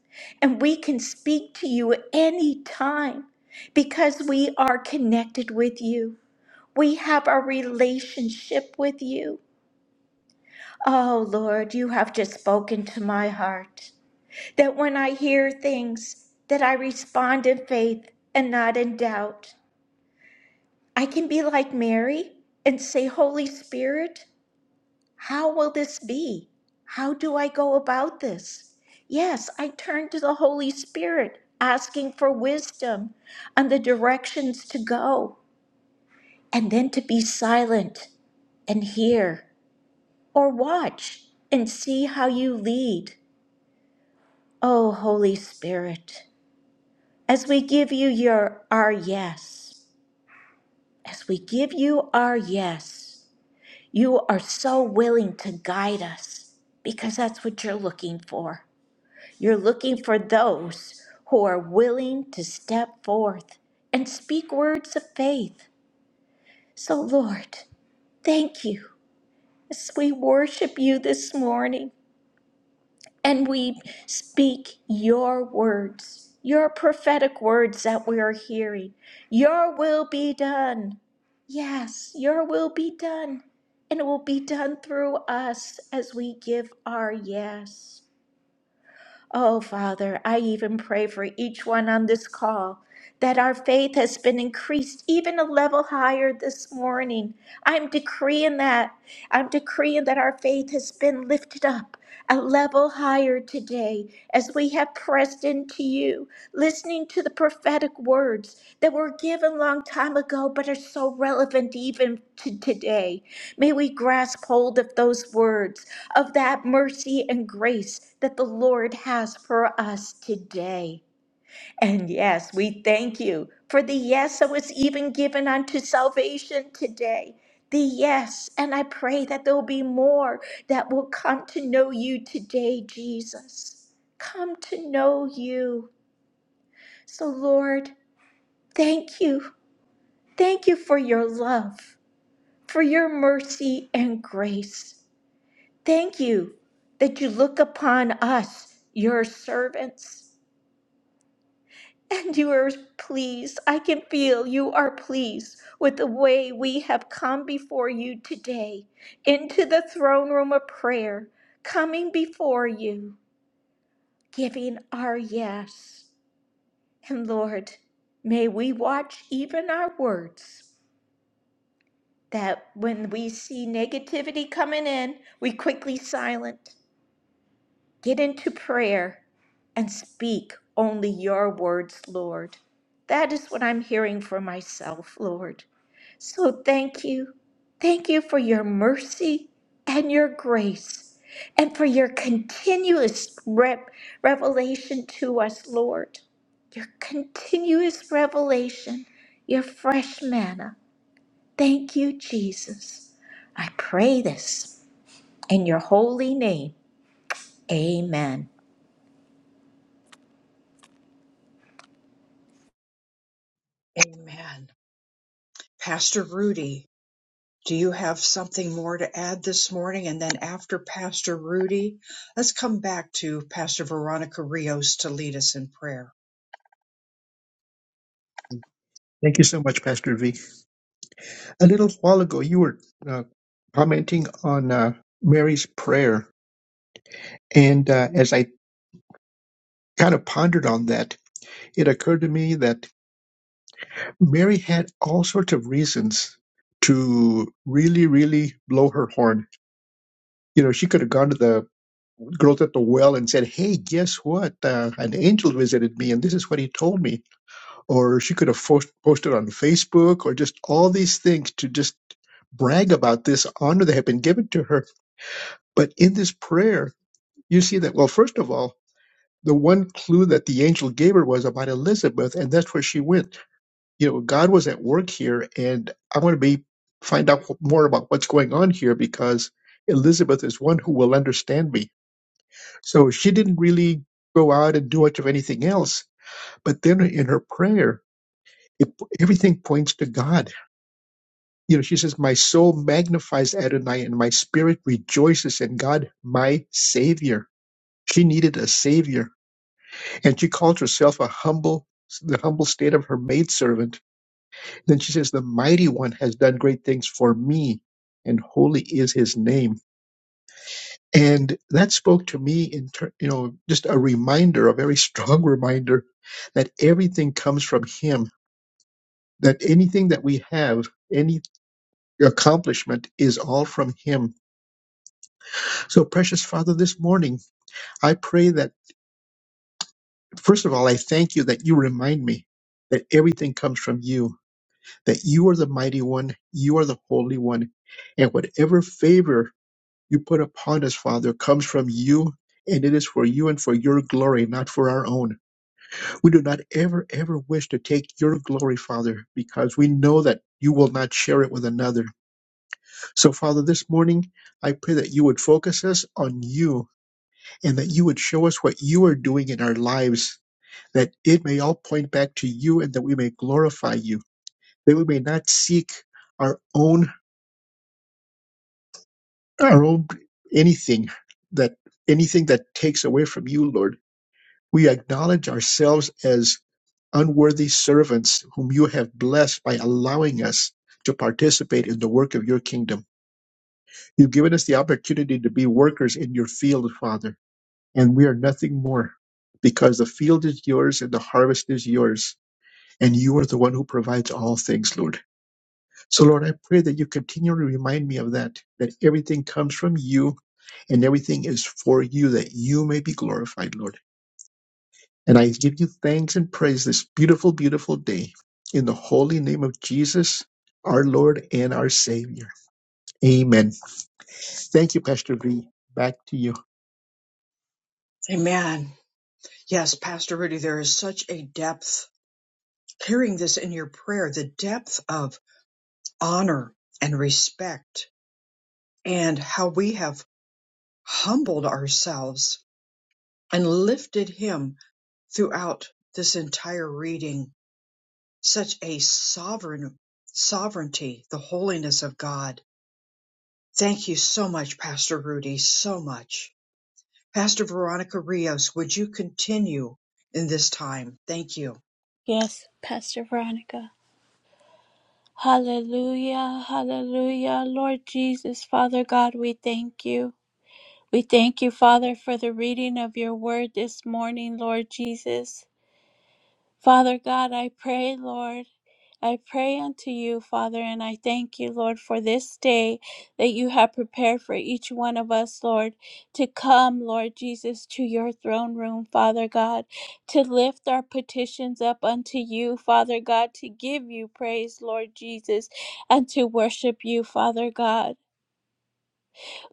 Speaker 3: And we can speak to you any time because we are connected with you. We have a relationship with you. Oh, Lord, you have just spoken to my heart that when I hear things, that I respond in faith and not in doubt. I can be like Mary and say, Holy Spirit, How will this be? How do I go about this? Yes, I turn to the Holy Spirit, asking for wisdom on the directions to go, and then to be silent and hear or watch and see how you lead. Oh, Holy Spirit, as we give you your our yes, as we give you our yes, you are so willing to guide us because that's what you're looking for. You're looking for those who are willing to step forth and speak words of faith. So, Lord, thank you as we worship you this morning and we speak your words, your prophetic words that we are hearing. Your will be done. Yes, your will be done. And it will be done through us as we give our yes. Oh, Father, I even pray for each one on this call that our faith has been increased even a level higher this morning. I'm decreeing that. I'm decreeing that our faith has been lifted up a level higher today as we have pressed into you, listening to the prophetic words that were given long time ago but are so relevant even to today. May we grasp hold of those words of that mercy and grace that the Lord has for us today. And yes, we thank you for the yes that was even given unto salvation today. The yes, and I pray that there will be more that will come to know you today, Jesus. Come to know you. So, Lord, thank you. Thank you for your love, for your mercy and grace. Thank you that you look upon us, your servants, and you are pleased. I can feel you are pleased with the way we have come before you today into the throne room of prayer, coming before you, giving our yes. And Lord, may we watch even our words, that when we see negativity coming in, we quickly silence. Get into prayer and speak only your words, Lord. That is what I'm hearing for myself, Lord. So thank you. Thank you for your mercy and your grace and for your continuous rep- revelation to us, Lord. Your continuous revelation, your fresh manna. Thank you, Jesus. I pray this in your holy name. Amen.
Speaker 1: Amen. Pastor Rudy, do you have something more to add this morning? And then after Pastor Rudy, let's come back to Pastor Veronica Rios to lead us in prayer.
Speaker 2: Thank you so much, Pastor V. A little while ago, you were uh, commenting on uh, Mary's prayer. And uh, as I kind of pondered on that, it occurred to me that Mary had all sorts of reasons to really, really blow her horn. You know, she could have gone to the girls at the well and said, Hey, guess what? Uh, an angel visited me and this is what he told me. Or she could have fo- posted on Facebook or just all these things to just brag about this honor that had been given to her. But in this prayer, you see that, well, first of all, the one clue that the angel gave her was about Elizabeth, and that's where she went you know, God was at work here, and I want to be find out more about what's going on here because Elizabeth is one who will understand me. So she didn't really go out and do much of anything else. But then in her prayer, it, everything points to God. You know, she says, "My soul magnifies Adonai, and my spirit rejoices in God, my Savior." She needed a Savior, and she called herself a humble, the humble state of her maidservant Then she says, The mighty one has done great things for me, and holy is his name. And that spoke to me in, ter- you know, just a reminder, a very strong reminder that everything comes from him, that anything that we have, any accomplishment is all from him. So, precious Father, this morning, I pray that, first of all, I thank you that you remind me that everything comes from you, that you are the mighty one, you are the holy one, and whatever favor you put upon us, Father, comes from you, and it is for you and for your glory, not for our own. We do not ever, ever wish to take your glory, Father, because we know that you will not share it with another. So, Father, this morning, I pray that you would focus us on you and that you would show us what you are doing in our lives, that it may all point back to you and that we may glorify you, that we may not seek our own, our own anything that anything that takes away from you, Lord We acknowledge ourselves as unworthy servants whom you have blessed by allowing us to participate in the work of your kingdom. You've given us the opportunity to be workers in your field, Father, and we are nothing more because the field is yours and the harvest is yours, and you are the one who provides all things, Lord. So, Lord, I pray that you continually remind me of that, that everything comes from you and everything is for you, that you may be glorified, Lord. And I give you thanks and praise this beautiful, beautiful day in the holy name of Jesus, our Lord and our Savior. Amen. Thank you, Pastor V. Back to you.
Speaker 1: Amen. Yes, Pastor Rudy, there is such a depth. Hearing this in your prayer, the depth of honor and respect and how we have humbled ourselves and lifted him throughout this entire reading. Such a sovereign sovereignty, the holiness of God. Thank you so much, Pastor Rudy, so much. Pastor Veronica Rios, would you continue in this time? Thank you.
Speaker 4: Yes, Pastor Veronica. Hallelujah, hallelujah. Lord Jesus, Father God, we thank you. We thank you, Father, for the reading of your word this morning, Lord Jesus. Father God, I pray, Lord. I pray unto you, Father, and I thank you, Lord, for this day that you have prepared for each one of us, Lord, to come, Lord Jesus, to your throne room, Father God, to lift our petitions up unto you, Father God, to give you praise, Lord Jesus, and to worship you, Father God.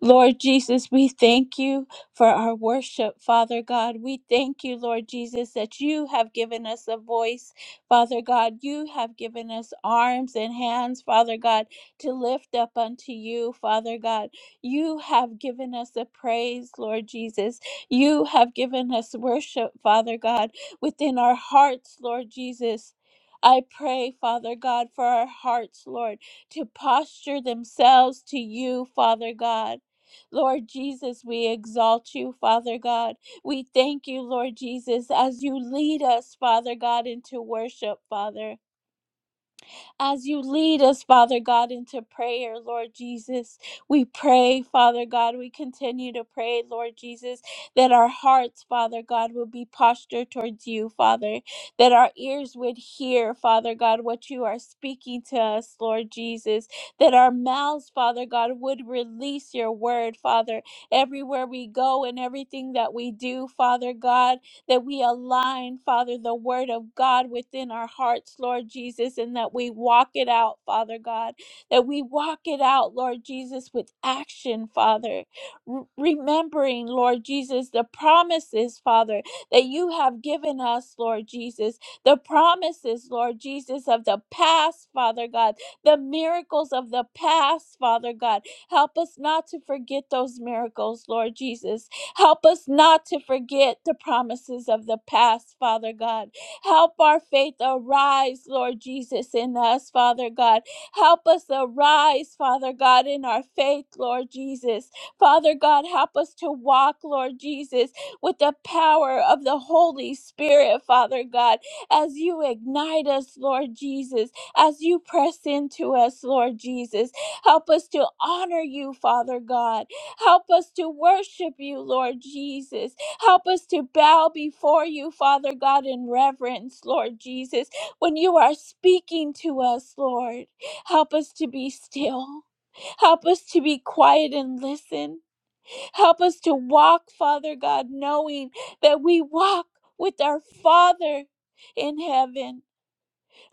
Speaker 4: Lord Jesus, we thank you for our worship, Father God. We thank you, Lord Jesus, that you have given us a voice, Father God. You have given us arms and hands, Father God, to lift up unto you, Father God. You have given us a praise, Lord Jesus. You have given us worship, Father God, within our hearts, Lord Jesus. I pray, Father God, for our hearts, Lord, to posture themselves to you, Father God. Lord Jesus, we exalt you, Father God. We thank you, Lord Jesus, as you lead us, Father God, into worship, Father as you lead us, Father God, into prayer, Lord Jesus. We pray, Father God, we continue to pray, Lord Jesus, that our hearts, Father God, will be postured towards you, Father, that our ears would hear, Father God, what you are speaking to us, Lord Jesus, that our mouths, Father God, would release your word, Father, everywhere we go and everything that we do, Father God that we align, Father, the word of God within our hearts, Lord Jesus, and that we walk it out, Father God, that we walk it out, Lord Jesus, with action, Father. R- remembering, Lord Jesus, the promises, Father, that you have given us, Lord Jesus, the promises, Lord Jesus, of the past, Father God, the miracles of the past, Father God. Help us not to forget those miracles, Lord Jesus. Help us not to forget the promises of the past, Father God. Help our faith arise, Lord Jesus, in us, Father God. Help us arise, Father God, in our faith, Lord Jesus. Father God, help us to walk, Lord Jesus, with the power of the Holy Spirit, Father God, as you ignite us, Lord Jesus, as you press into us, Lord Jesus. Help us to honor you, Father God. Help us to worship you, Lord Jesus. Help us to bow before you, Father God, in reverence, Lord Jesus, when you are speaking to us, Lord. Help us to be still. Help us to be quiet and listen. Help us to walk, Father God, knowing that we walk with our Father in heaven.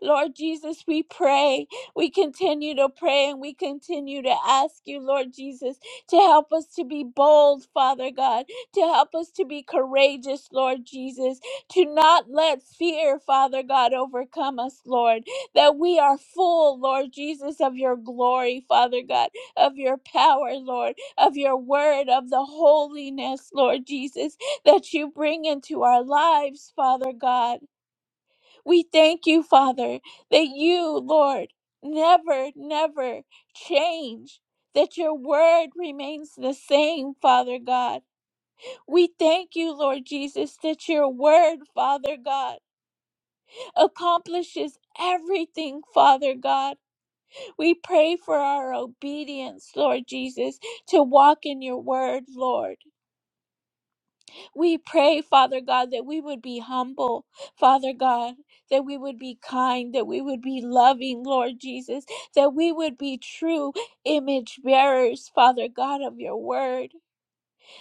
Speaker 4: Lord Jesus, we pray. We continue to pray and we continue to ask you, Lord Jesus, to help us to be bold, Father God, to help us to be courageous, Lord Jesus, to not let fear, Father God, overcome us, Lord, that we are full, Lord Jesus, of your glory, Father God, of your power, Lord, of your word, of the holiness, Lord Jesus, that you bring into our lives, Father God. We thank you, Father, that you, Lord, never, never change, that your word remains the same, Father God. We thank you, Lord Jesus, that your word, Father God, accomplishes everything, Father God. We pray for our obedience, Lord Jesus, to walk in your word, Lord. We pray, Father God, that we would be humble, Father God, that we would be kind, that we would be loving, Lord Jesus, that we would be true image bearers, Father God, of your word.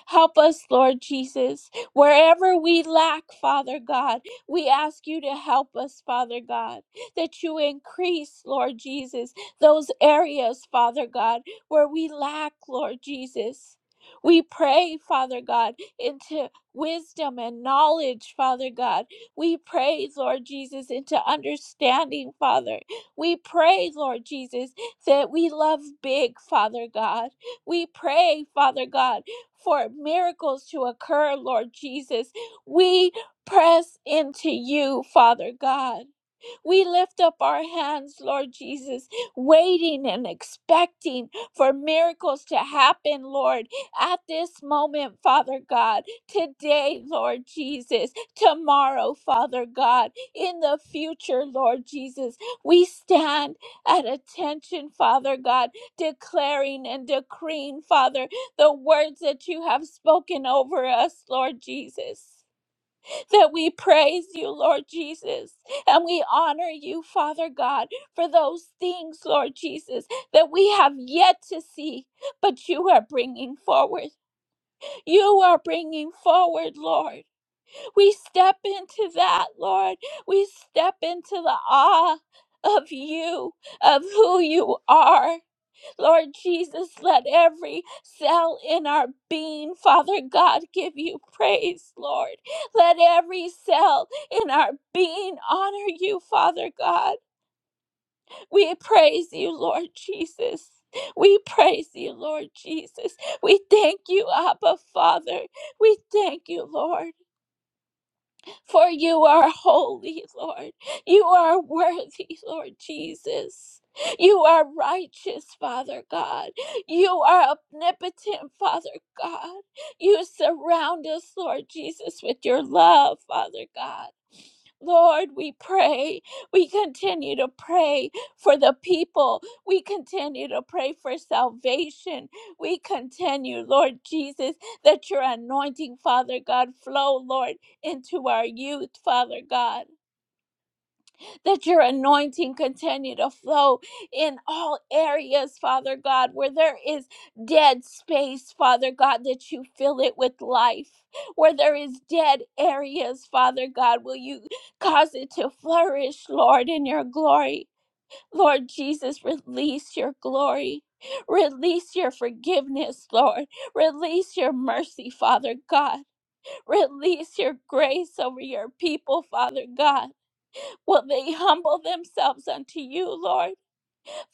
Speaker 4: Help us, Lord Jesus. Wherever we lack, Father God, we ask you to help us, Father God, that you increase, Lord Jesus, those areas, Father God, where we lack, Lord Jesus. We pray, Father God, into wisdom and knowledge, Father God. We pray, Lord Jesus, into understanding, Father. We pray, Lord Jesus, that we love big, Father God. We pray, Father God, for miracles to occur, Lord Jesus. We press into you, Father God. We lift up our hands, Lord Jesus, waiting and expecting for miracles to happen, Lord, at this moment, Father God, today, Lord Jesus, tomorrow, Father God, in the future, Lord Jesus. We stand at attention, Father God, declaring and decreeing, Father, the words that you have spoken over us, Lord Jesus that we praise you, Lord Jesus, and we honor you, Father God, for those things, Lord Jesus, that we have yet to see, but you are bringing forward. You are bringing forward, Lord. We step into that, Lord. We step into the awe of you, of who you are. Lord Jesus, let every cell in our being, Father God, give you praise, Lord. Let every cell in our being honor you, Father God. We praise you, Lord Jesus. We praise you, Lord Jesus. We thank you, Abba, Father. We thank you, Lord for you are holy, Lord. You are worthy, Lord Jesus. You are righteous, Father God. You are omnipotent, Father God. You surround us, Lord Jesus, with your love, Father God. Lord, we pray. We continue to pray for the people. We continue to pray for salvation. We continue, Lord Jesus, that your anointing, Father God, flow, Lord into our youth, Father God. That your anointing continue to flow in all areas, Father God, where there is dead space, Father God, that you fill it with life. Where there is dead areas, Father God, will you cause it to flourish, Lord, in your glory. Lord Jesus, release your glory. Release your forgiveness, Lord. Release your mercy, Father God. Release your grace over your people, Father God. Will they humble themselves unto you, Lord?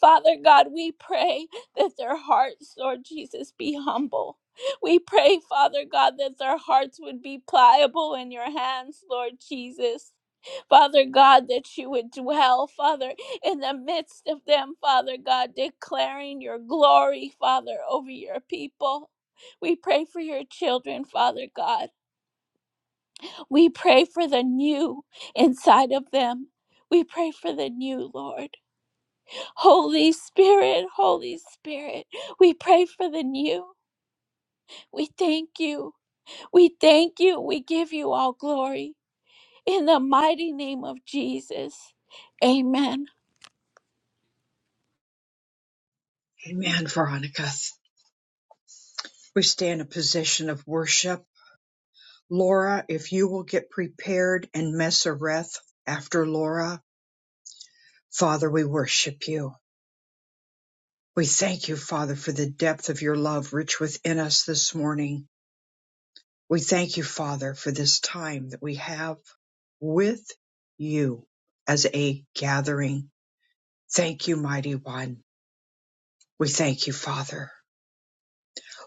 Speaker 4: Father God, we pray that their hearts, Lord Jesus, be humble. We pray, Father God, that their hearts would be pliable in your hands, Lord Jesus. Father God, that you would dwell, Father, in the midst of them, Father God, declaring your glory, Father, over your people. We pray for your children, Father God. We pray for the new inside of them. We pray for the new, Lord. Holy Spirit, Holy Spirit, we pray for the new. We thank you. We thank you. We give you all glory. In the mighty name of Jesus. Amen.
Speaker 1: Amen, Veronica. We stay in a position of worship Laura, if you will get prepared and Messereth after Laura, Father, we worship you. We thank you, Father, for the depth of your love rich within us this morning. We thank you, Father, for this time that we have with you as a gathering. Thank you, Mighty One. We thank you, Father.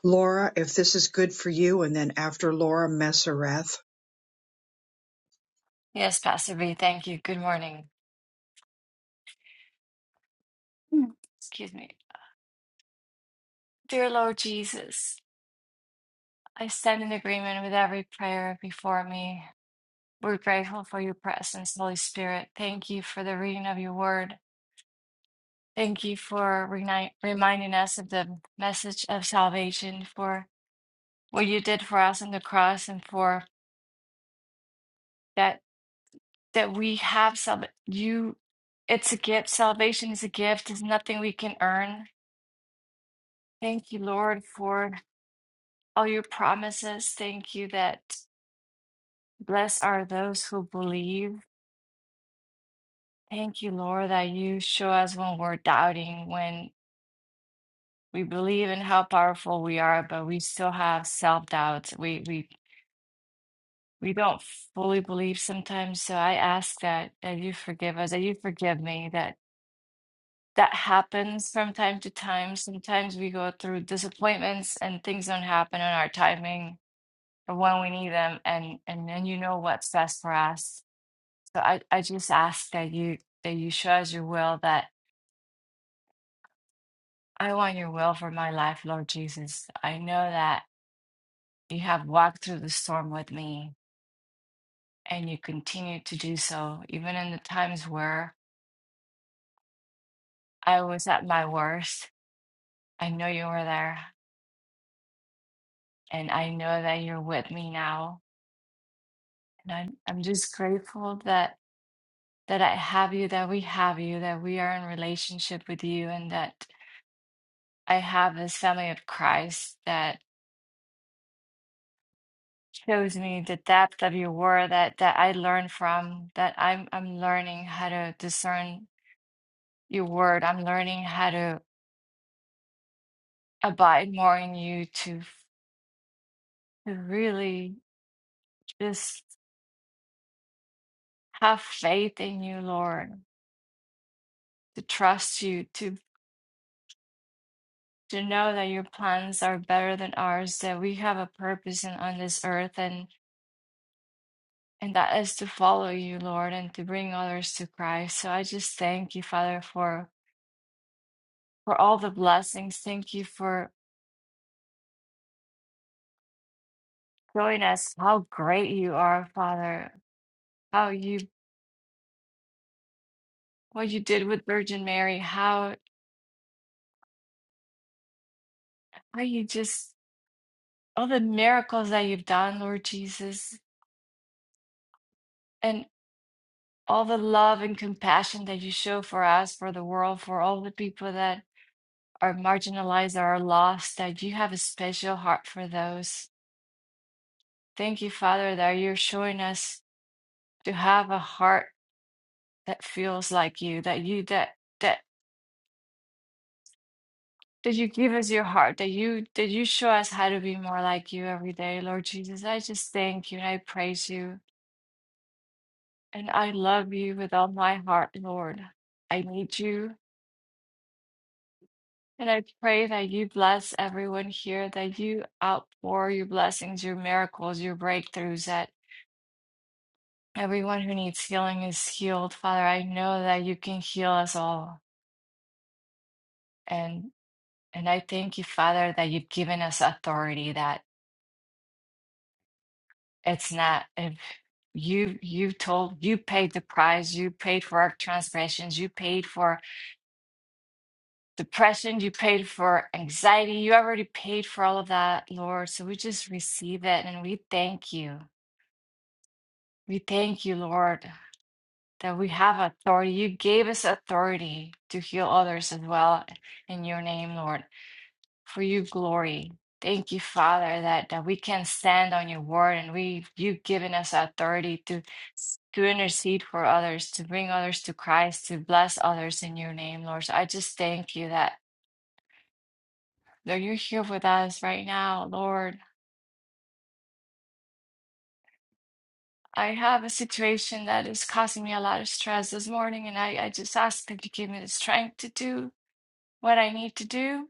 Speaker 1: Laura, if this is good for you, and then after Laura, Messereth.
Speaker 5: Yes, Pastor B, thank you. Good morning. Mm. Excuse me. Dear Lord Jesus, I stand in agreement with every prayer before me. We're grateful for your presence, Holy Spirit. Thank you for the reading of your word. Thank you for reni- reminding us of the message of salvation, for what you did for us on the cross, and for that that we have sal- you. It's a gift. Salvation is a gift. It's nothing we can earn. Thank you, Lord, for all your promises. Thank you that blessed are those who believe. Thank you, Lord, that you show us when we're doubting, when we believe in how powerful we are, but we still have self-doubts. We we we don't fully believe sometimes. So I ask that that you forgive us, that you forgive me, that that happens from time to time. Sometimes we go through disappointments and things don't happen on our timing or when we need them, and and then you know what's best for us. So I, I just ask that you that you show us your will, that I want your will for my life, Lord Jesus. I know that you have walked through the storm with me and you continue to do so, even in the times where I was at my worst. I know you were there and I know that you're with me now. And I'm I'm just grateful that that I have you, that we have you, that we are in relationship with you and that I have this family of Christ that. shows me the depth of your word that that I learn from that I'm I'm learning how to discern your word. I'm learning how to abide more in you to to really just have faith in you, Lord, to trust you, to to know that your plans are better than ours, that we have a purpose in, on this earth and and that is to follow you, Lord, and to bring others to Christ. So I just thank you, Father, for for all the blessings. Thank you for showing us how great you are, Father, how you what you did with Virgin Mary, how how you just all the miracles that you've done, Lord Jesus, and all the love and compassion that you show for us, for the world, for all the people that are marginalized or are lost, that you have a special heart for those. Thank you, Father, that you're showing us to have a heart that feels like you, that you that that Did you give us your heart? That you did you show us how to be more like you every day, Lord Jesus? I just thank you and I praise you and I love you with all my heart, Lord. I need you and I pray that you bless everyone here, that you outpour your blessings, your miracles, your breakthroughs, that everyone who needs healing is healed. Father, I know that you can heal us all. And and I thank you, Father, that you've given us authority, that. It's not if you you told you paid the price, you paid for our transgressions, you paid for depression, you paid for anxiety, you already paid for all of that, Lord. So we just receive it and we thank you. We thank you, Lord, that we have authority. You gave us authority to heal others as well in your name, Lord. for your glory. Thank you, Father, that, that we can stand on your word and we you've given us authority to to intercede for others, to bring others to Christ, to bless others in your name, Lord. So I just thank you that, that you're here with us right now, Lord. I have a situation that is causing me a lot of stress this morning, and I, I just ask that you give me the strength to do what I need to do.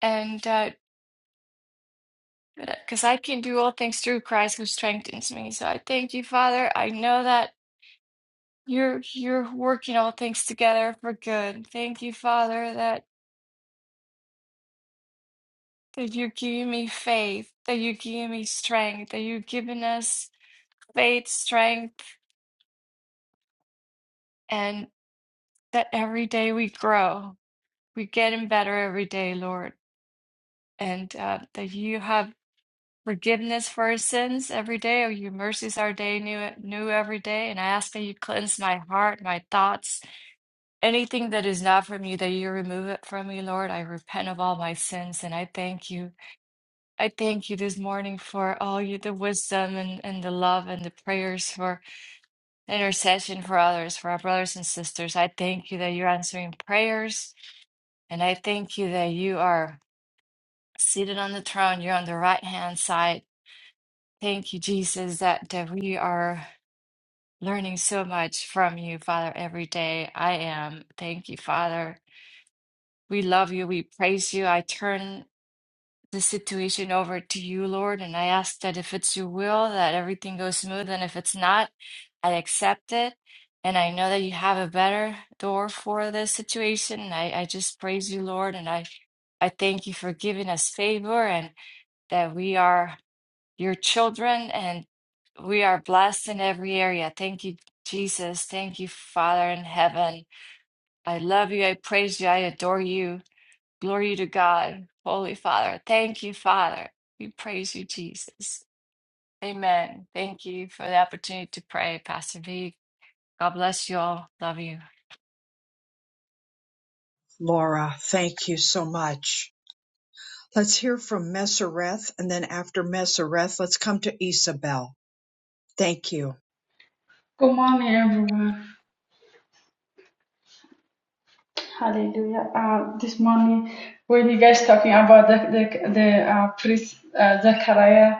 Speaker 5: And uh, because I can do all things through Christ who strengthens me. So I thank you, Father. I know that You're you're working all things together for good. Thank you, Father, that that you're giving me faith, that you're giving me strength, that you're giving us faith, strength, and that every day we grow, we're getting better every day, Lord, and uh, that you have forgiveness for our sins every day, or your mercies are day new new every day. And I ask that you cleanse my heart, my thoughts, anything that is not from you, that you remove it from me, Lord. I repent of all my sins, and I thank you. I thank you this morning for all you the wisdom and, and the love and the prayers for the intercession for others, for our brothers and sisters. I thank you that you're answering prayers, and I thank you that you are seated on the throne. You're on the right hand side. Thank you, Jesus, that, that we are learning so much from you, Father, every day. I am. Thank you, Father. We love you. We praise you. I turn. this situation over to you, Lord. And I ask that if it's your will, that everything goes smooth. And if it's not, I accept it. And I know that you have a better door for this situation. And I, I just praise you, Lord. And I, I thank you for giving us favor and that we are your children and we are blessed in every area. Thank you, Jesus. Thank you, Father in heaven. I love you. I praise you. I adore you. Glory to God, Holy Father. Thank you, Father. We praise you, Jesus. Amen. Thank you for the opportunity to pray, Pastor V. God bless you all. Love you.
Speaker 1: Laura, thank you so much. Let's hear from Messereth, and then after Messereth, let's come to Isabel. Thank you.
Speaker 6: Good morning, everyone. Hallelujah. Uh, this morning, when you guys talking about the the, the uh, priest uh, Zechariah,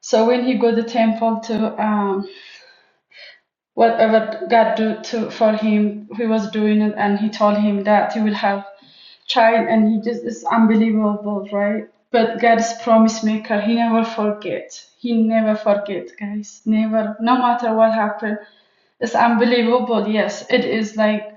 Speaker 6: so when he go to the temple to um, whatever God do to for him, he was doing it, and he told him that he will have child, and he just is unbelievable, right? But God's promise maker, he never forget. He never forget, guys. Never, no matter what happened. It's unbelievable. Yes, it is like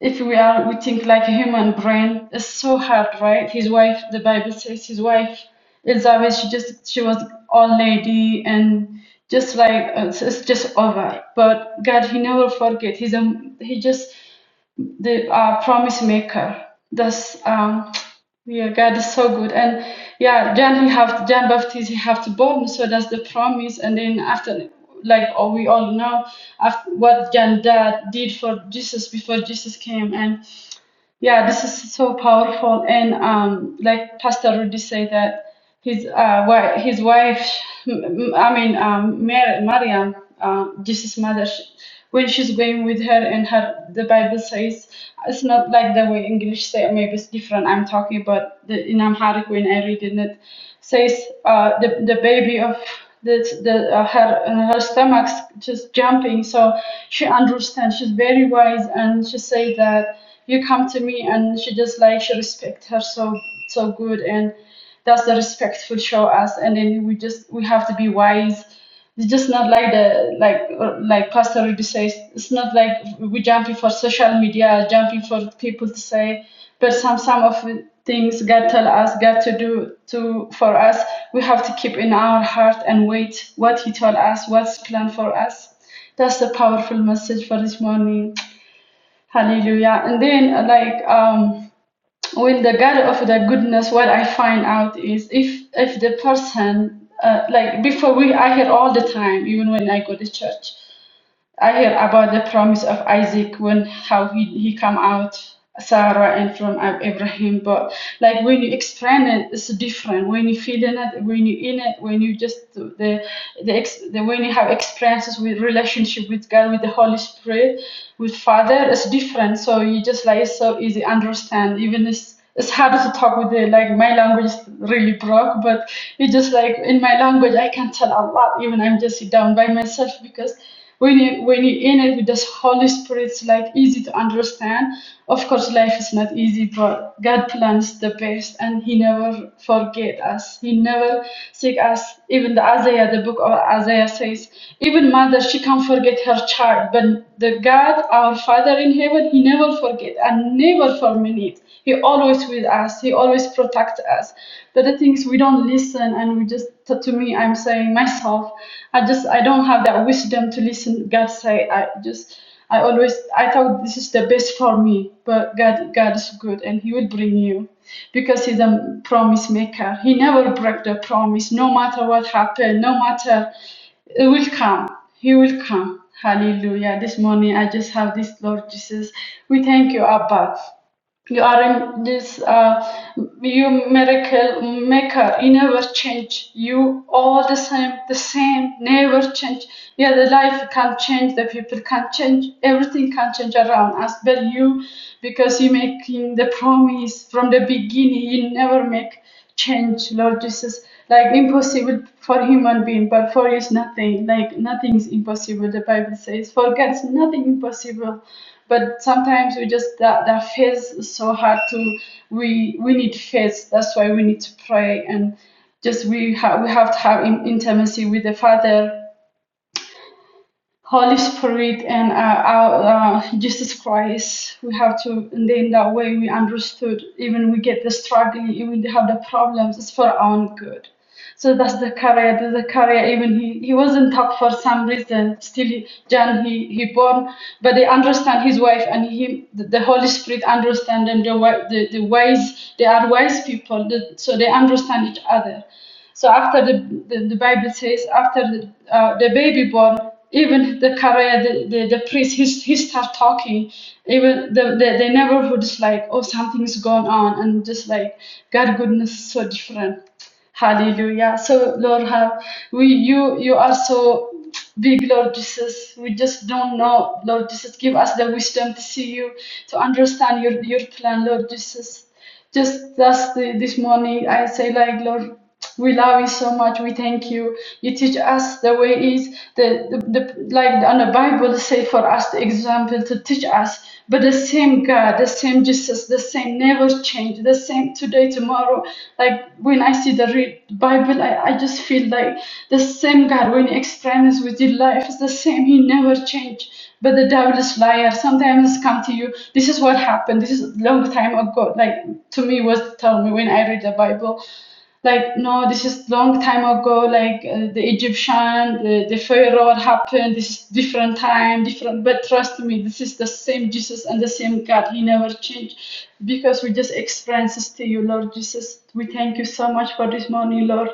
Speaker 6: if we are we think like a human brain it's so hard right his wife the bible says his wife elizabeth she just she was old lady and just like it's, it's just over but god he never forget he's a he just the uh, promise maker that's um yeah god is so good and yeah john he have john baptist he have to born so that's the promise and then after like oh, we all know after what john dad did for jesus before jesus came and yeah this is so powerful and um, like pastor rudy said that his uh, wife, his wife m- m- i mean um, Mar- mariam uh, jesus mother she, when she's going with her and her the bible says it's not like the way english say maybe it's different i'm talking about the, in amharic when i read in it says uh, the, the baby of the, the uh, her uh, her stomach's just jumping so she understands she's very wise and she say that you come to me and she just like she respect her so so good and that's the respectful show us and then we just we have to be wise it's just not like the like uh, like pastor Rudy says it's not like we jumping for social media jumping for people to say but some some of the things god tell us god to do to for us we have to keep in our heart and wait what he told us what's planned for us that's the powerful message for this morning Hallelujah. And then, uh, like, um, when the God of the goodness, what I find out is if if the person, uh, like, before we, I hear all the time, even when I go to church, I hear about the promise of Isaac when how he, he come out Sarah and from Ab- Abraham, but like when you explain it, it's different. When you feel in it, when you in it, when you just the the, ex, the when you have experiences with relationship with God, with the Holy Spirit, with Father, it's different. So you just like it's so easy understand. Even it's it's harder to talk with it. Like my language is really broke, but it's just like in my language I can tell a lot. Even I'm just sit down by myself because when you when you in it with the Holy Spirit, it's like easy to understand. Of course, life is not easy, but God plans the best, and He never forget us. He never seek us. Even the Isaiah, the book of Isaiah says, even mother she can't forget her child, but the God, our Father in heaven, He never forget and never terminate. He always with us. He always protect us. But the things we don't listen, and we just to me, I'm saying myself, I just I don't have that wisdom to listen. God say, I just I always I thought this is the best for me, but God God is good, and He will bring you because he's a promise maker. He never break the promise, no matter what happened, no matter it will come. He will come. Hallelujah. This morning, I just have this, Lord Jesus. We thank you, Abba. You are in this, uh, you miracle maker. You never change. You all the same, the same, never change. Yeah, the life can not change, the people can not change, everything can change around us. But you, because you making the promise from the beginning, you never make change, Lord Jesus. Like impossible for human being, but for you is nothing. Like nothing is impossible. The Bible says, for God's nothing impossible but sometimes we just that, that phase is so hard to we we need faith that's why we need to pray and just we have we have to have in, intimacy with the father Holy Spirit and uh, our uh, Jesus Christ. We have to, and then that way we understood, even we get the struggling, even we have the problems, it's for our own good. So that's the career, that's the career, even he, he wasn't top for some reason, still he, John, he, he born, but they understand his wife and him. the, the Holy Spirit understand them, the, wi- the, the wise, they are wise people, the, so they understand each other. So after the, the, the Bible says after the, uh, the baby born even the Korea, the, the, the priest, he, he start talking. Even the, the, the neighborhood is like, oh, something's going on. And just like, God goodness is so different. Hallelujah. So Lord have we you you are so big, Lord Jesus. We just don't know, Lord Jesus. Give us the wisdom to see you, to understand your your plan, Lord Jesus. Just last uh, this morning I say like Lord we love you so much. We thank you. You teach us the way is the, the, the like on the Bible say for us the example to teach us. But the same God, the same Jesus, the same never change, the same today, tomorrow. Like when I see the read Bible, I, I just feel like the same God when He experiments with your life is the same. He never changed. But the devil is liar. Sometimes come to you. This is what happened. This is a long time ago. Like to me was tell me when I read the Bible like no this is long time ago like uh, the egyptian the, the pharaoh happened this is different time different but trust me this is the same jesus and the same god he never changed because we just experiences to you lord jesus we thank you so much for this morning lord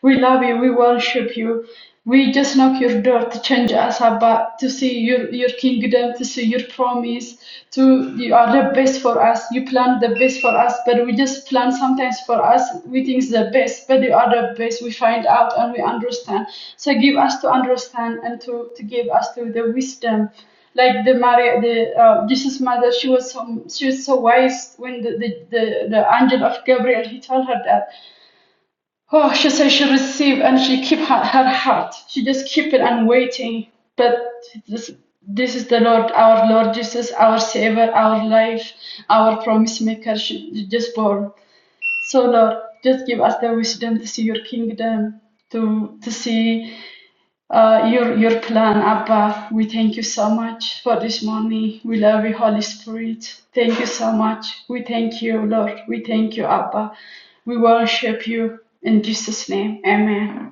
Speaker 6: we love you we worship you we just knock your door to change us about to see your, your kingdom, to see your promise, to you are the best for us. You plan the best for us, but we just plan sometimes for us. We think it's the best, but you are the best. We find out and we understand. So give us to understand and to, to give us to the wisdom like the Maria, the uh, Jesus mother, she was so she was so wise when the the, the, the angel of Gabriel he told her that Oh, she said she received and she keep her, her heart. She just keep it and waiting. But this, this is the Lord, our Lord Jesus, our Savior, our life, our promise maker. She she just born. So Lord, just give us the wisdom to see Your kingdom, to to see uh, your, your plan, Abba. We thank you so much for this morning. We love you, Holy Spirit. Thank you so much. We thank you, Lord. We thank you, Abba. We worship you in Jesus' name. Amen.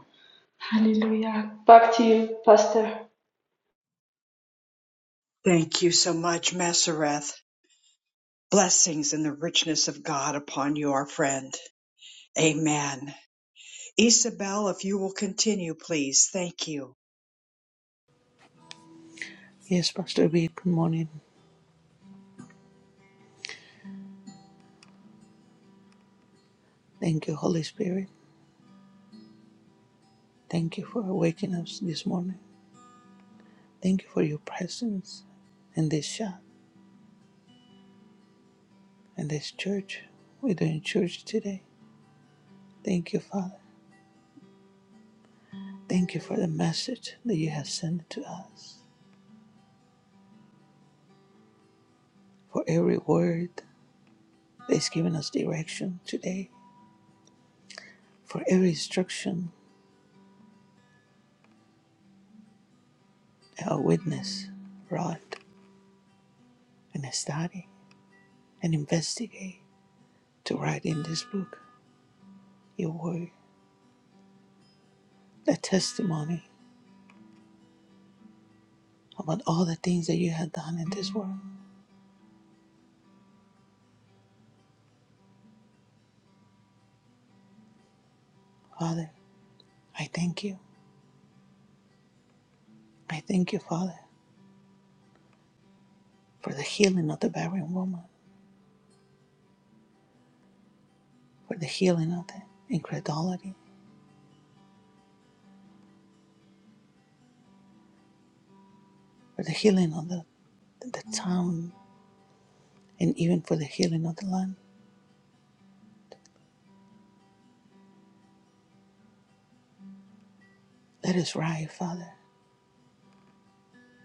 Speaker 6: Hallelujah. Back to you, Pastor.
Speaker 1: Thank you so much, Messereth. Blessings and the richness of God upon you, our friend. Amen. Isabel, if you will continue, please. Thank you.
Speaker 7: Yes, Pastor B, good morning. Thank you, Holy Spirit. Thank you for waking us this morning. Thank you for your presence in this shop, in this church. We're doing church today. Thank you, Father. Thank you for the message that you have sent to us, for every word that's given us direction today, for every instruction our witness brought and study and investigate to write in this book your word, the testimony about all the things that you have done in this world. Father, I thank you. I thank you, Father, for the healing of the barren woman, for the healing of the incredulity, for the healing of the, the town, and even for the healing of the land. Let us rise, Father,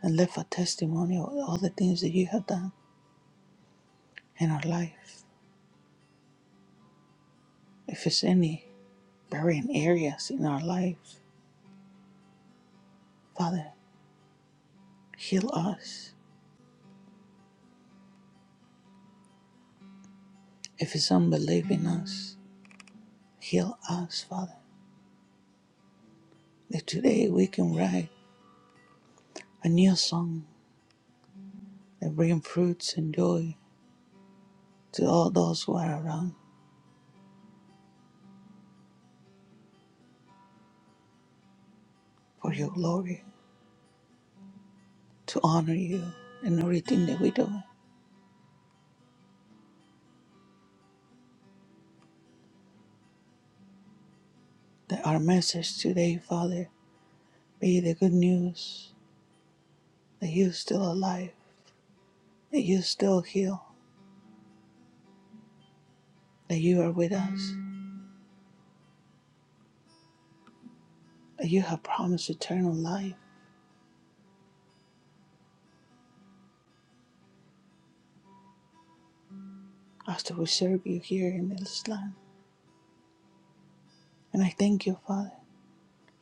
Speaker 7: and live a testimony of all the things that you have done in our life. If it's any barren areas in our life, Father, heal us. If it's unbelief in us, heal us, Father, that today we can rise a new song that brings fruits and joy to all those who are around for your glory, to honor you and everything that we do. That our message today, Father, be the good news that you're still alive, that you still heal, that you are with us, that you have promised eternal life after we serve you here in this land. And I thank you, Father,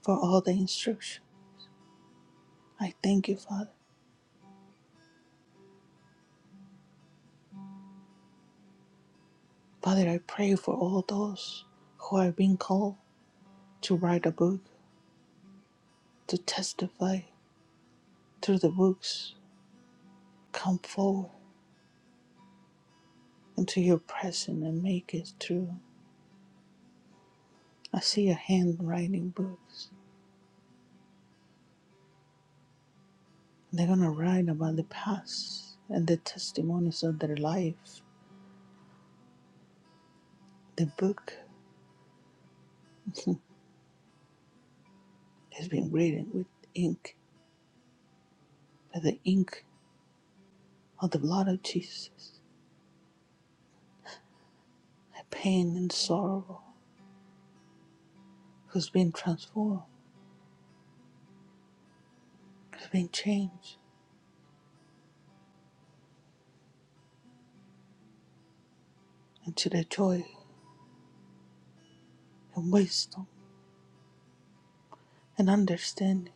Speaker 7: for all the instruction. I thank you, Father. Father, I pray for all those who are being called to write a book to testify through the books. Come forward into your presence and make it true. I see a hand writing books. They're going to write about the past and the testimonies of their life. The book has been written with ink, by the ink of the blood of Jesus. A pain and sorrow who's been transformed, who's been changed into the joy and wisdom and understanding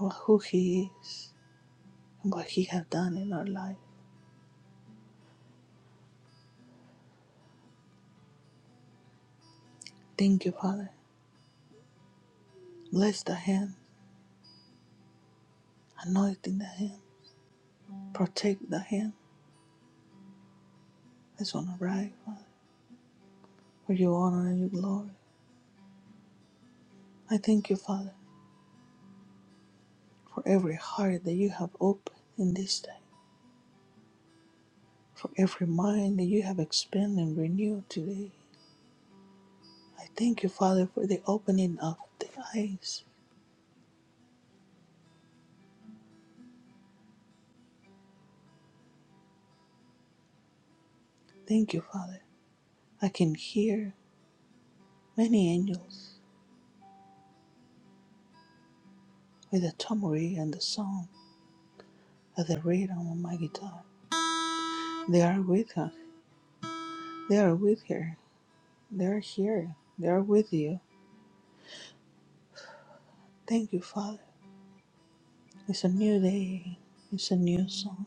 Speaker 7: of who He is what He has done in our life. Thank you, Father. Bless the hand, anointing the hand, protect the hand that's on the right, Father, for your honor and your glory. I thank you, Father, for every heart that you have opened in this day, for every mind that you have expanded and renewed today. I thank you, Father, for the opening of the eyes. Thank you, Father. I can hear many angels with the tambourine and the song of the rhythm on my guitar. They are with us. They are with her. They're here. They're with you. Thank you, Father. It's a new day. It's a new song.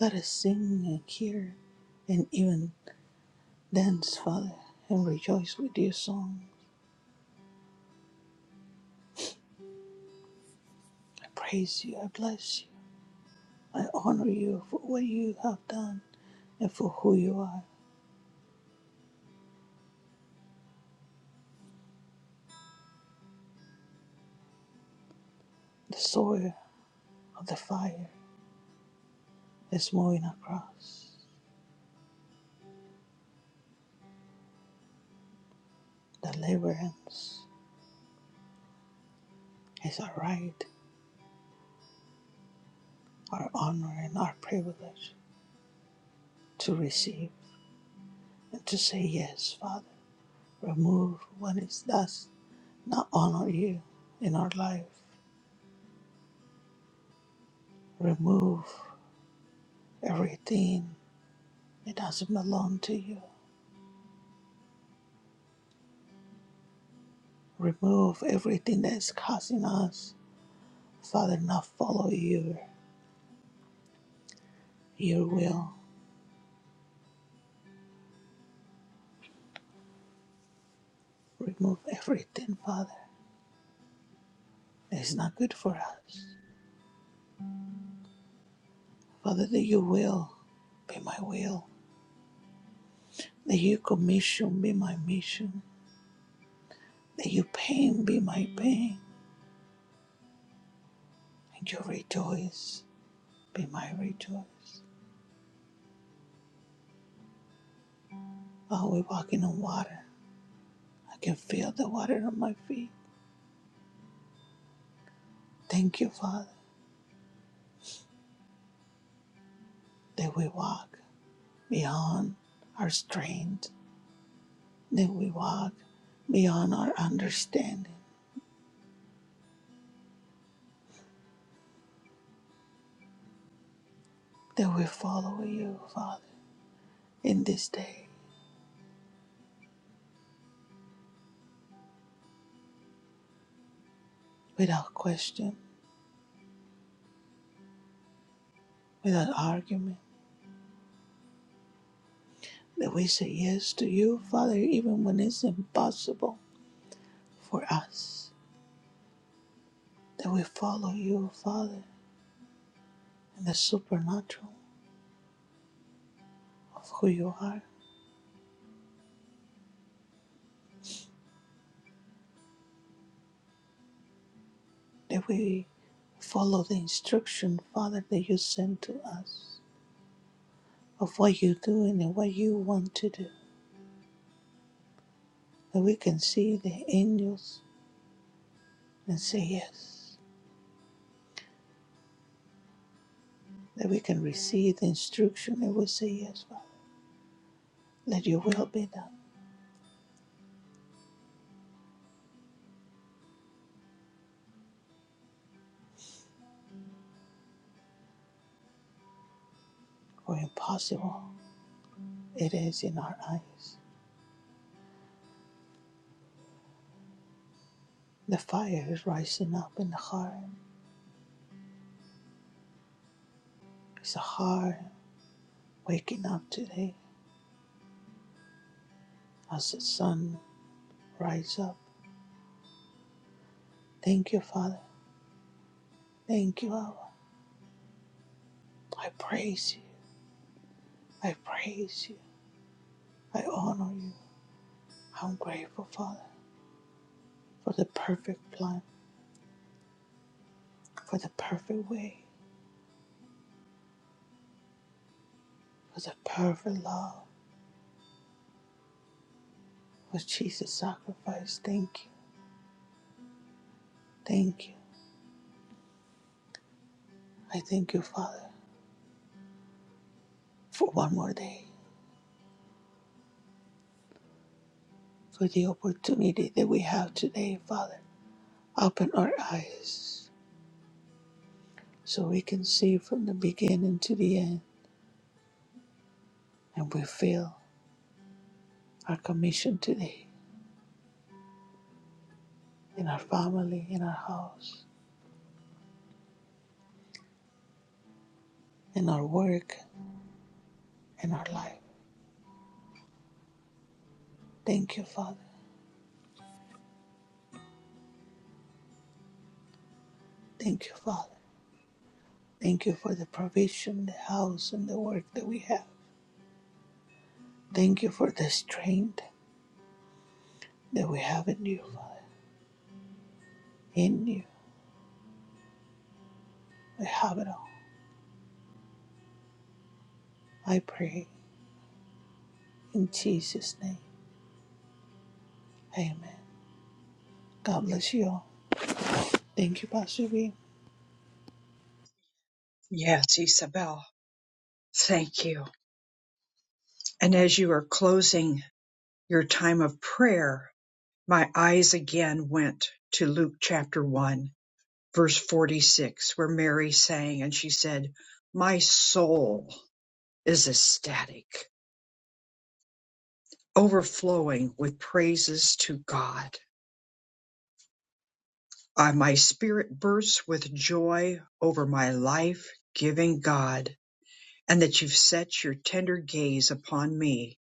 Speaker 7: Let us sing and hear and even dance, Father, and rejoice with your song. I praise you. I bless you. I honor you for what you have done and for who you are. The soil of the fire is moving across. Deliverance is our right, our honor, and our privilege to receive and to say yes, Father. Remove what is does not honor you in our life. Remove everything that doesn't belong to you. Remove everything that is causing us, Father, not follow you, your will. Remove everything, Father, that is not good for us. Father, that your will be my will, that your commission be my mission, that your pain be my pain, and your rejoice be my rejoice. While we're walking on water, I can feel the water on my feet. Thank you, Father, that we walk beyond our strength, that we walk beyond our understanding, that we follow you, Father, in this day without question, without argument, that we say yes to you, Father, even when it's impossible for us, that we follow you, Father, in the supernatural of who you are. that we follow the instruction, Father, that you send to us of what you're doing and what you want to do. That we can see the angels and say yes. That we can receive the instruction and we say yes, Father. Let your will be done. For impossible it is in our eyes. The fire is rising up in the heart. It's a heart waking up today as the sun rises up. Thank you, Father. Thank you, Abba. I praise you. I praise you. I honor you. I'm grateful, Father, for the perfect plan, for the perfect way, for the perfect love, for Jesus' sacrifice. Thank you. Thank you. I thank you, Father, for one more day, for the opportunity that we have today, Father. Open our eyes so we can see from the beginning to the end and we feel our commission today in our family, in our house, in our work, in our life. Thank you, Father. Thank you, Father. Thank you for the provision, the house, and the work that we have. Thank you for the strength that we have in you, Father. In you, we have it all. I pray in Jesus' name. Amen. God bless you all. Thank you, Pastor B.
Speaker 1: Yes, Isabel. Thank you. And as you are closing your time of prayer, my eyes again went to Luke chapter 1, verse 46, where Mary sang and she said, My soul. is ecstatic, overflowing with praises to God. Uh, my spirit bursts with joy over my life giving God, and that you've set your tender gaze upon me,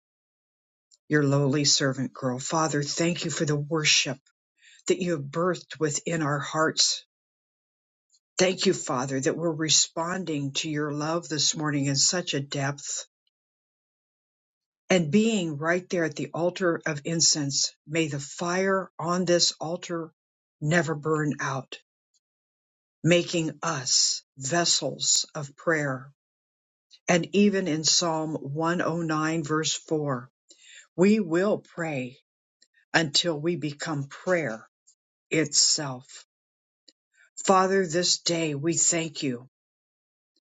Speaker 1: your lowly servant girl. Father, thank you for the worship that you have birthed within our hearts. Thank you, Father, that we're responding to your love this morning in such a depth and being right there at the altar of incense, may the fire on this altar never burn out, making us vessels of prayer. And even in Psalm 109, verse 4, we will pray until we become prayer itself. Father, this day we thank you.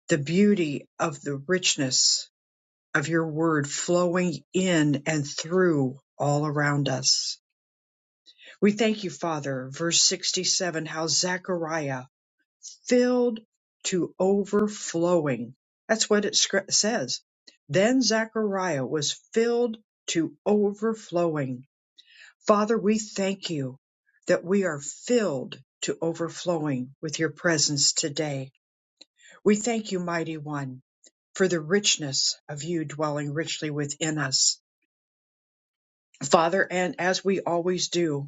Speaker 1: The beauty of the richness of your word flowing in and through all around us We thank you, Father, verse 67, how Zechariah filled to overflowing. That's what it scr- says. Then Zechariah was filled to overflowing. Father, we thank you that we are filled to overflowing with your presence today. We thank you, mighty one, for the richness of you dwelling richly within us. Father, and as we always do,